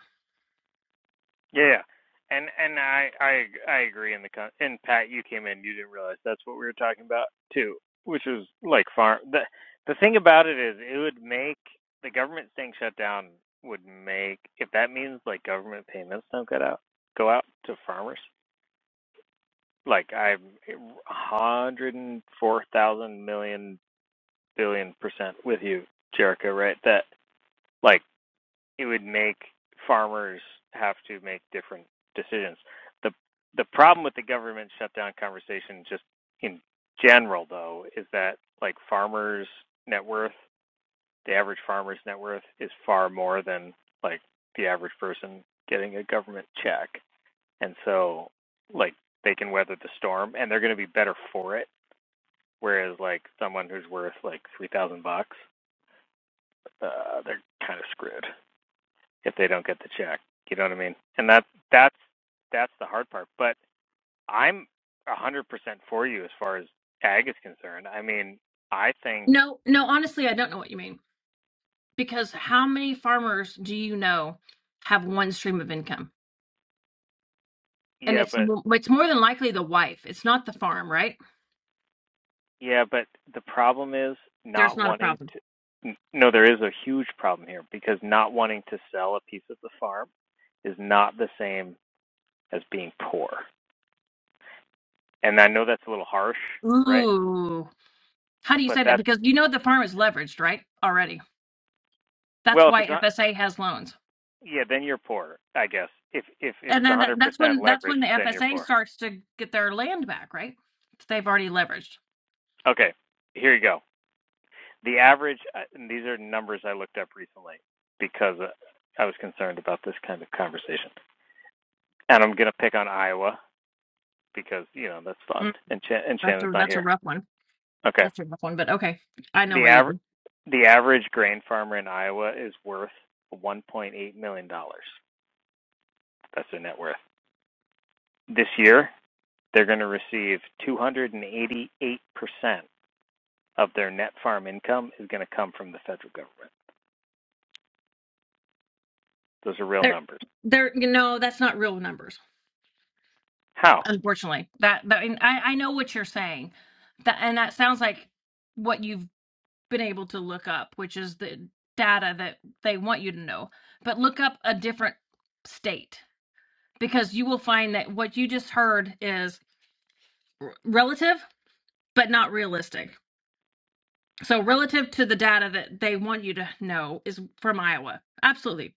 A: Yeah, yeah. and and I I I agree. In the con- and Pat, you came in, you didn't realize that's what we were talking about too, which is like farm. The the thing about it is, it would make the government staying shut down would make if that means like government payments don't get out go out to farmers. Like I'm hundred and four thousand million billion percent with you, Jerica. Right? That like it would make farmers have to make different decisions. The the problem with the government shutdown conversation just in general though is that like farmers net worth, the average farmer's net worth is far more than like the average person getting a government check. And so like they can weather the storm and they're going to be better for it whereas like someone who's worth like 3000 bucks, uh they're kind of screwed. if they don't get the check. You know what I mean? And that that's that's the hard part. But I'm a hundred percent for you as far as ag is concerned. I mean, I think
J: No, no, honestly, I don't know what you mean because how many farmers do you know have one stream of income and
A: yeah,
J: it's
A: but
J: mo- it's more than likely the wife it's not the farm right
A: yeah, but the problem is not
J: there's not a
A: wanting
J: problem
A: to. No, there is a huge problem here because not wanting to sell a piece of the farm is not the same as being poor. And I know that's a little harsh, right?
J: ooh how do you
A: But
J: say that
A: that's
J: because you know the farm is leveraged right already that's
A: well, if
J: why
A: it's not,
J: fsa has loans
A: yeah, then you're poor, I guess. If if if
J: and
A: it's a
J: then that,
A: hundred
J: that's when
A: percent
J: that's
A: leverage,
J: when the
A: then you're
J: fsa
A: poor.
J: starts to get their land back right they've already leveraged
A: Okay, here you go. The average, uh, and these are numbers I looked up recently because uh, I was concerned about this kind of conversation. And I'm going to pick on Iowa because, you know, that's fun.
J: Mm,
A: And, Ch- and
J: that's
A: Shannon's
J: a
A: not
J: that's a
A: here.
J: rough one
A: Okay.
J: that's a rough one but okay i know
A: The,
J: why you
A: aver-
J: did
A: the average grain farmer in Iowa is worth $1.8 million. dollars. That's their net worth. This year, they're going to receive 288% of their net farm income is going to come from the federal government. Those are real
J: there
A: numbers.
J: there you know that's not real numbers
A: How?
J: unfortunately that, that and I, I know what you're saying that and that sounds like what you've been able to look up which is the data that they want you to know but look up a different state because you will find that what you just heard is r- relative but not realistic so relative to the data that they want you to know is from iowa absolutely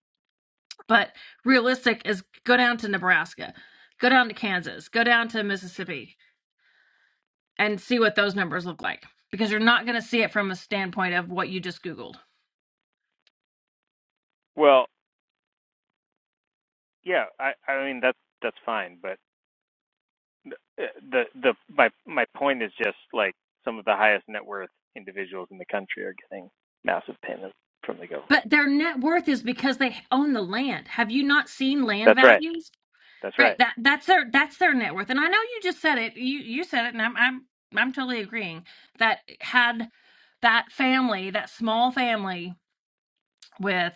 J: but realistic is go down to nebraska go down to kansas go down to mississippi and see what those numbers look like because you're not going to see it from a standpoint of what you just Googled.
A: Well, Yeah, I I mean that's that's fine, but the the, the my my point is just like some of the highest net worth individuals in the country are getting massive payments from the government.
J: But their net worth is because they own the land. Have you not seen land
A: That's right.
J: values?
A: That's
J: Right.
A: right.
J: That that's their that's their net worth. And I know you just said it. You you said it, and I'm I'm I'm totally agreeing that had that family, that small family with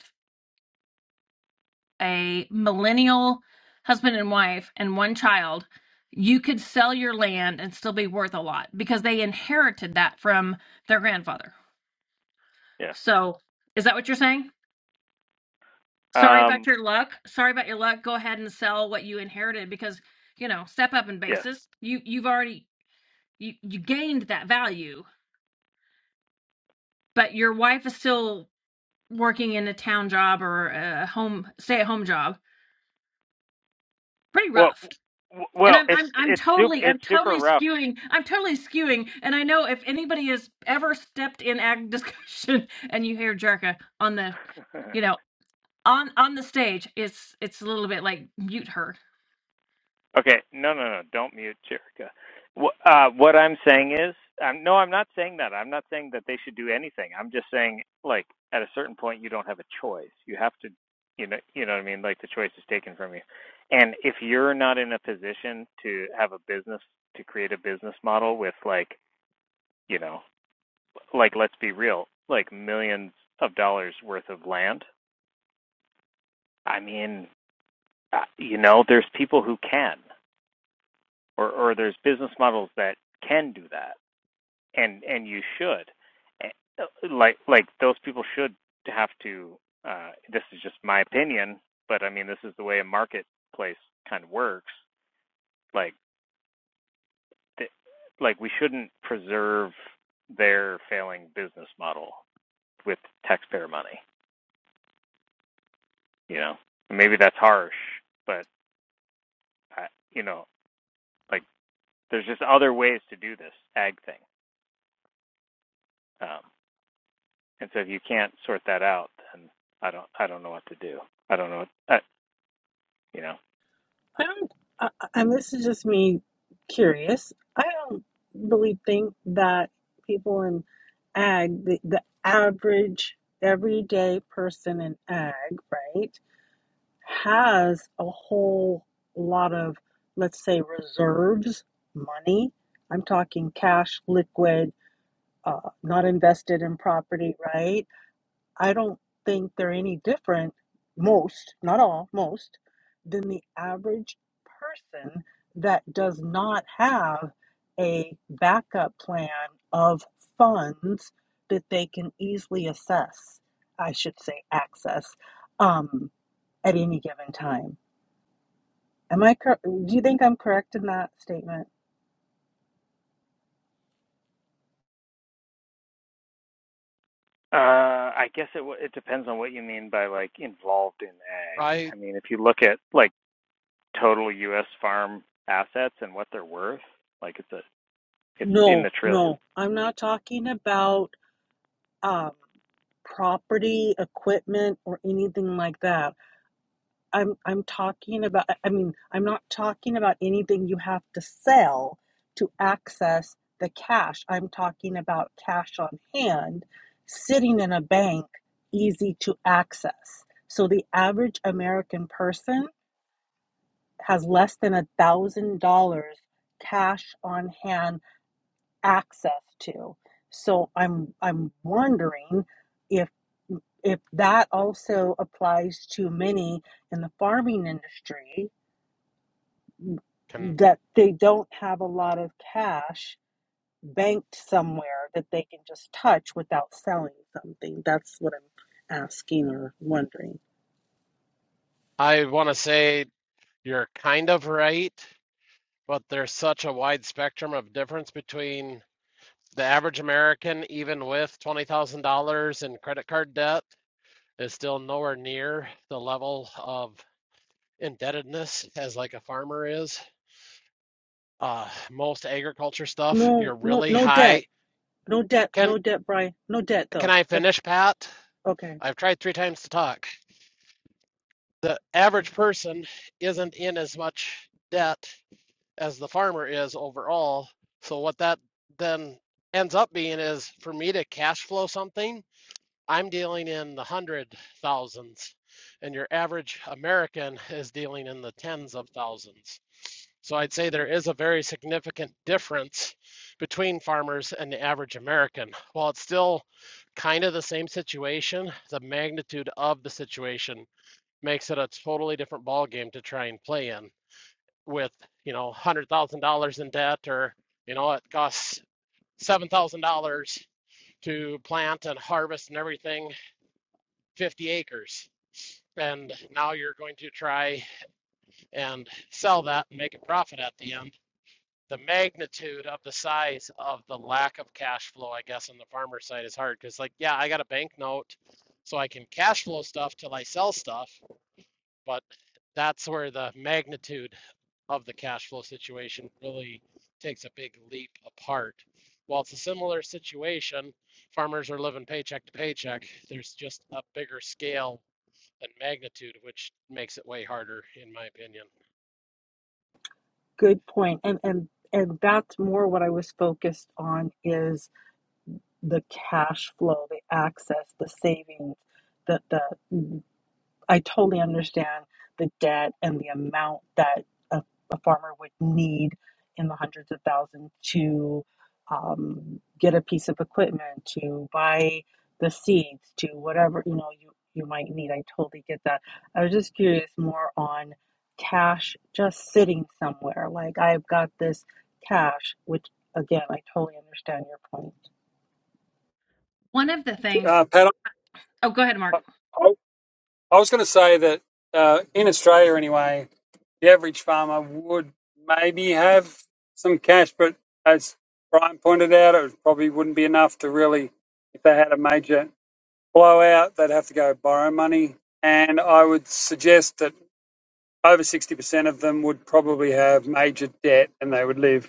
J: a millennial husband and wife and one child, you could sell your land and still be worth a lot because they inherited that from their grandfather
A: Yeah.
J: So, is that what you're saying? Sorry about
A: Um.
J: your luck. Sorry about your luck. Go ahead and sell what you inherited because, you know, step up in
A: Yes.
J: basis. You you've already you you gained that value, but your wife is still working in a town job or a home stay-at-home job. Pretty
A: Well.
J: rough.
A: w-
J: And
A: Well,
J: I'm
A: it's
J: I'm I'm
A: it's super
J: totally I'm
A: it's super
J: totally
A: rough.
J: skewing I'm totally skewing and I know if anybody has ever stepped in ag discussion and you hear Jerka on the you know on on the stage it's it's a little bit like mute her
A: Okay, no, no, no, don't mute Jerica. Wh- Uh, what I'm saying is, um, no, I'm not saying that. I'm not saying that they should do anything. I'm just saying, like, at a certain point, you don't have a choice. You have to, you know, you know what I mean. Like, the choice is taken from you. And if you're not in a position to have a business to create a business model with, like, you know, like, let's be real, like millions of dollars worth of land. I mean, uh, you know, there's people who can, or or there's business models that can do that and and you should Uh, like like those people should have to uh this is just my opinion but i mean this is the way a marketplace kind of works like th- like we shouldn't preserve their failing business model with taxpayer money you know maybe that's harsh but I, you know like there's just other ways to do this ag thing um and so if you can't sort that out then i don't i don't know what to do i don't know what, I, you know
K: I don't, uh, and this is just me curious. I don't really think that people in ag, the, the average everyday person in ag, right, has a whole lot of, let's say, reserves, money. I'm talking cash, liquid, uh, not invested in property, right? I don't think they're any different, most, not all, most, than the average person that does not have a backup plan of funds that they can easily assess, I should say, access um, at any given time. Am I cor- do you think I'm correct in that statement?
A: Uh, I guess it w- it depends on what you mean by like involved in ag.
D: I
A: I mean, if you look at like total U.S. farm assets and what they're worth, like it's a it's in the
K: No,
A: trillions.
K: no, I'm not talking about um, property, equipment, or anything like that. I'm I'm talking about I mean, I'm not talking about anything you have to sell to access the cash. I'm talking about cash on hand sitting in a bank easy to access. So the average American person has less than a thousand dollars cash on hand access to. So I'm I'm wondering if if that also applies to many in the farming industry
D: can
K: that they don't have a lot of cash banked somewhere that they can just touch without selling something. That's what I'm asking or wondering.
D: I want to say you're kind of right, but there's such a wide spectrum of difference between the average American, even with $20,000 in credit card debt, is still nowhere near the level of indebtedness as like a farmer is. Uh, most agriculture stuff,
K: No,
D: you're
K: no,
D: really
K: no debt,
D: high.
K: no debt,
D: Can
K: no debt, Brian, no debt
D: can
K: though.
D: I
K: That's
D: finish, Pat?
K: okay.
D: I've tried three times to talk. The average person isn't in as much debt as the farmer is overall. So what that then ends up being is for me to cash flow something, I'm dealing in the hundred thousands, and your average American is dealing in the tens of thousands. So I'd say there is a very significant difference between farmers and the average American. While it's still kind of the same situation, the magnitude of the situation makes it a totally different ballgame to try and play in with you know one hundred thousand dollars in debt or you know it costs seven thousand dollars to plant and harvest and everything 50 acres and now you're going to try and sell that and make a profit at the end the magnitude of the size of the lack of cash flow i guess on the farmer side is hard because like yeah i got a bank note so i can cash flow stuff till i sell stuff but that's where the magnitude of the cash flow situation really takes a big leap apart. While it's a similar situation, farmers are living paycheck to paycheck. There's just a bigger scale and magnitude, which makes it way harder, in my opinion.
K: Good point. And and and that's more what I was focused on is the cash flow, the access, the savings, the the I totally understand the debt and the amount that a, a farmer would need in the hundreds of thousands to um, get a piece of equipment, to buy the seeds, to whatever you know you you might need. I totally get that. I was just curious more on cash just sitting somewhere. Like I've got this cash, which again I totally understand your point.
J: One of the things,
B: Uh, Pat,
J: oh, go ahead,
B: I,
J: Mark,
B: I I was going to say that uh, in Australia, anyway, the average farmer would maybe have some cash, but as Brian pointed out, it probably wouldn't be enough to really, if they had a major blowout, they'd have to go borrow money. And I would suggest that over 60% of them would probably have major debt and they would live.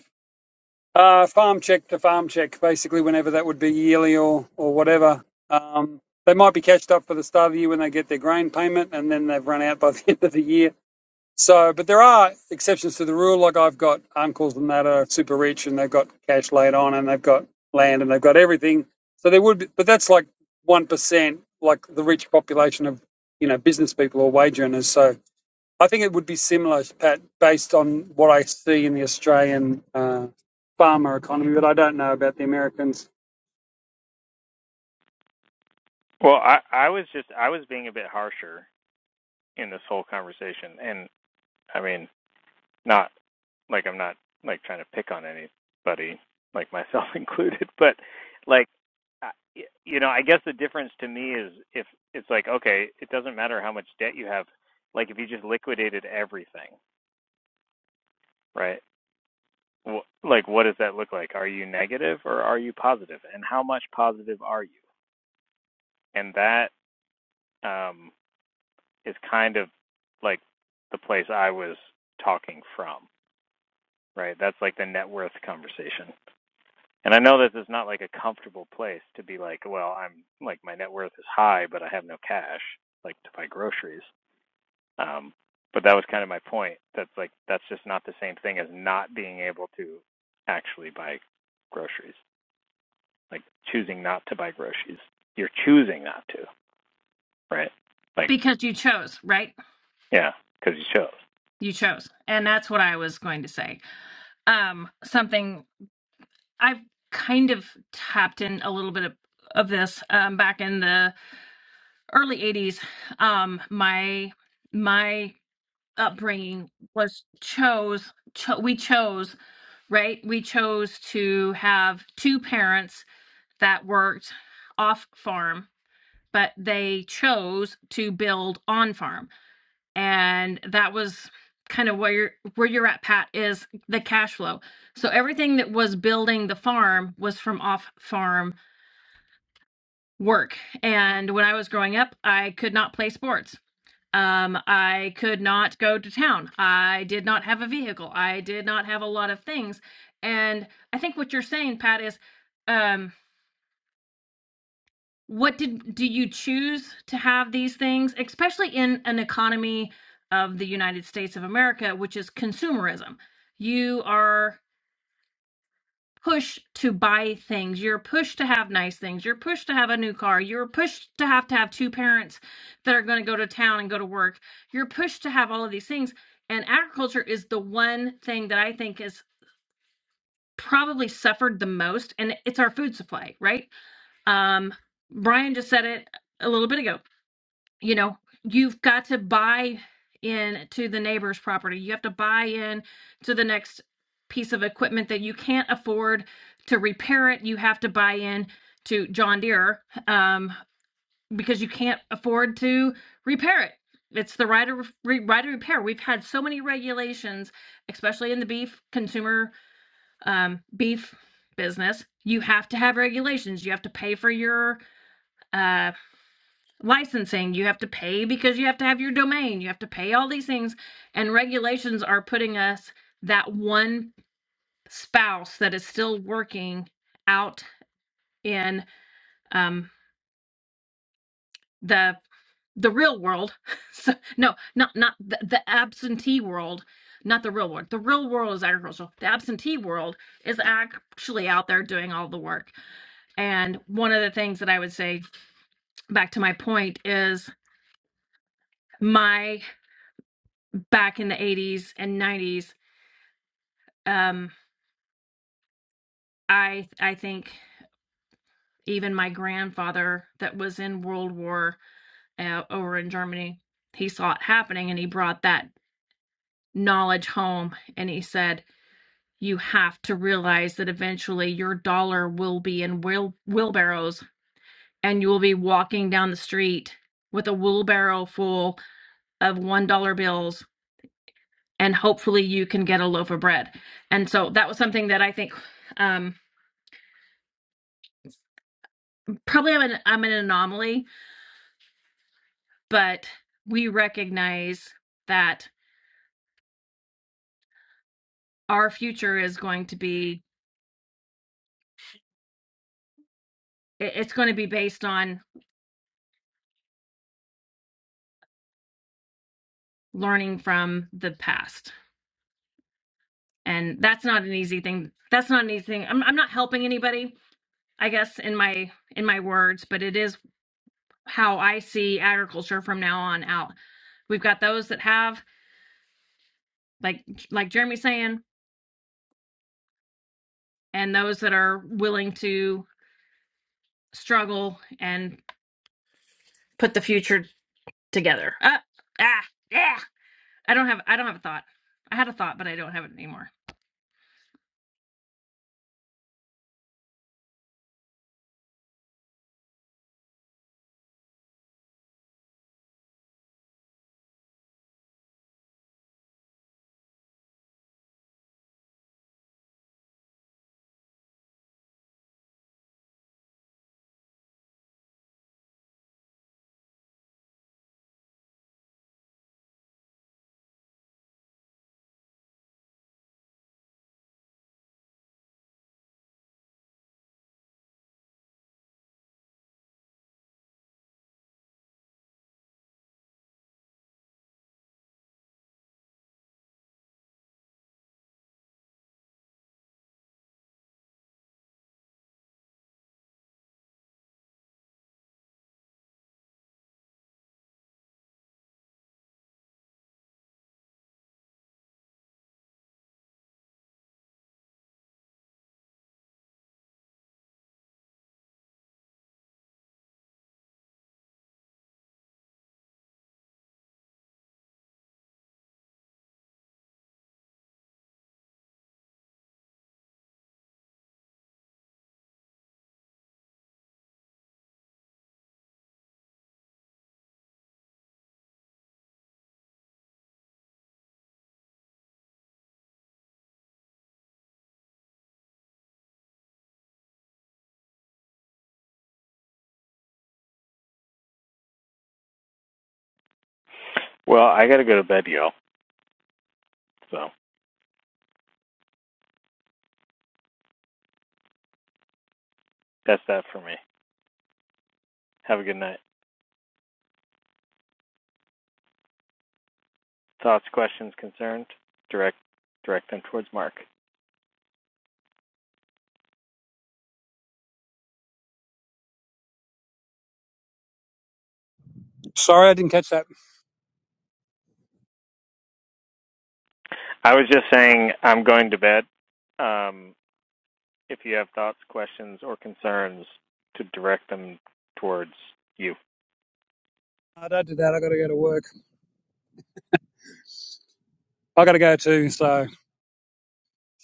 B: Uh, farm check to farm check, basically, whenever that would be yearly or, or whatever. Um, they might be cashed up for the start of the year when they get their grain payment and then they've run out by the end of the year. So, but there are exceptions to the rule. Like I've got uncles and that are super rich and they've got cash laid on and they've got land and they've got everything. So there would be, but that's like 1%, like the rich population of, you know, business people or wage earners. So I think it would be similar, Pat, based on what I see in the Australian uh, farmer economy, but I don't know about the Americans.
A: Well, I I was just I was being a bit harsher in this whole conversation, and I mean not like I'm not like trying to pick on anybody, like myself included, but like you know, I guess the difference to me is if it's like okay, it doesn't matter how much debt you have. Like if you just liquidated everything, right? Like what does that look like? Are you negative or are you positive? And how much positive are you? And that um is kind of like the place I was talking from, right? That's like the net worth conversation And I know this is not like a comfortable place to be like, well, I'm like my net worth is high, but I have no cash like to buy groceries. Um, but that was kind of my point. That's like that's just not the same thing as not being able to actually buy groceries. Like choosing not to buy groceries. You're choosing not to, right? Like
J: because you chose, right?
A: yeah, because you chose.
J: You chose. And that's what I was going to say. Um, something I've kind of tapped in a little bit of, of this um, back in the early 80s. Um, my, my, upbringing was chose cho- we chose right we chose to have two parents that worked off farm but they chose to build on farm and that was kind of where you're where you're at pat is the cash flow so everything that was building the farm was from off farm work and when i was growing up i could not play sports um, i could not go to town i did not have a vehicle i did not have a lot of things and i think what you're saying pat is um, What did do you choose to have these things, especially in an economy of the United States of America, which is consumerism? You are pushed to buy things. You're pushed to have nice things. You're pushed to have a new car. You're pushed to have to have two parents that are going to go to town and go to work. You're pushed to have all of these things. And agriculture is the one thing that I think has probably suffered the most, and it's our food supply, right? Um, Brian just said it a little bit ago you know you've got to buy in to the neighbor's property you have to buy in to the next piece of equipment that you can't afford to repair it you have to buy in to john deere um, because you can't afford to repair it it's the right of re- right of repair we've had so many regulations especially in the beef consumer um, beef business you have to have regulations you have to pay for your uh, licensing you have to pay because you have to have your domain you have to pay all these things and regulations are putting us that one spouse that is still working out in um, the the real world so, no not not the, the absentee world not the real world the real world is agricultural the absentee world is actually out there doing all the work and one of the things that i would say back to my point is my back in the 80s and 90s Um, I I think even my grandfather that was in World War uh, over in Germany, he saw it happening and he brought that knowledge home and he said you have to realize that eventually your dollar will be in wheel- wheelbarrows and you will be walking down the street with a wheelbarrow full of one dollar bills and hopefully you can get a loaf of bread and so that was something that i think um, probably I'm an, I'm an anomaly but we recognize that our future is going to be it's going to be based on learning from the past and that's not an easy thing that's not an easy thing I'm, I'm not helping anybody i guess in my in my words but it is how i see agriculture from now on out we've got those that have like like jeremy's saying and those that are willing to struggle and put the future together uh, ah, yeah. I don't have I don't have a thought. I had a thought, but I don't have it anymore.
A: Well, I gotta go to bed, y'all. So that's that for me. Have a good night. Thoughts, questions, concerns? Direct direct them towards Mark.
B: Sorry, I didn't catch that.
A: I was just saying I'm going to bed. Um, if you have thoughts, questions, or concerns, to direct them towards you.
B: I don't do that. I got to go to work. I got to go too. So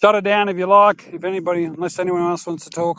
B: shut it down if you like. If anybody, unless anyone else wants to talk.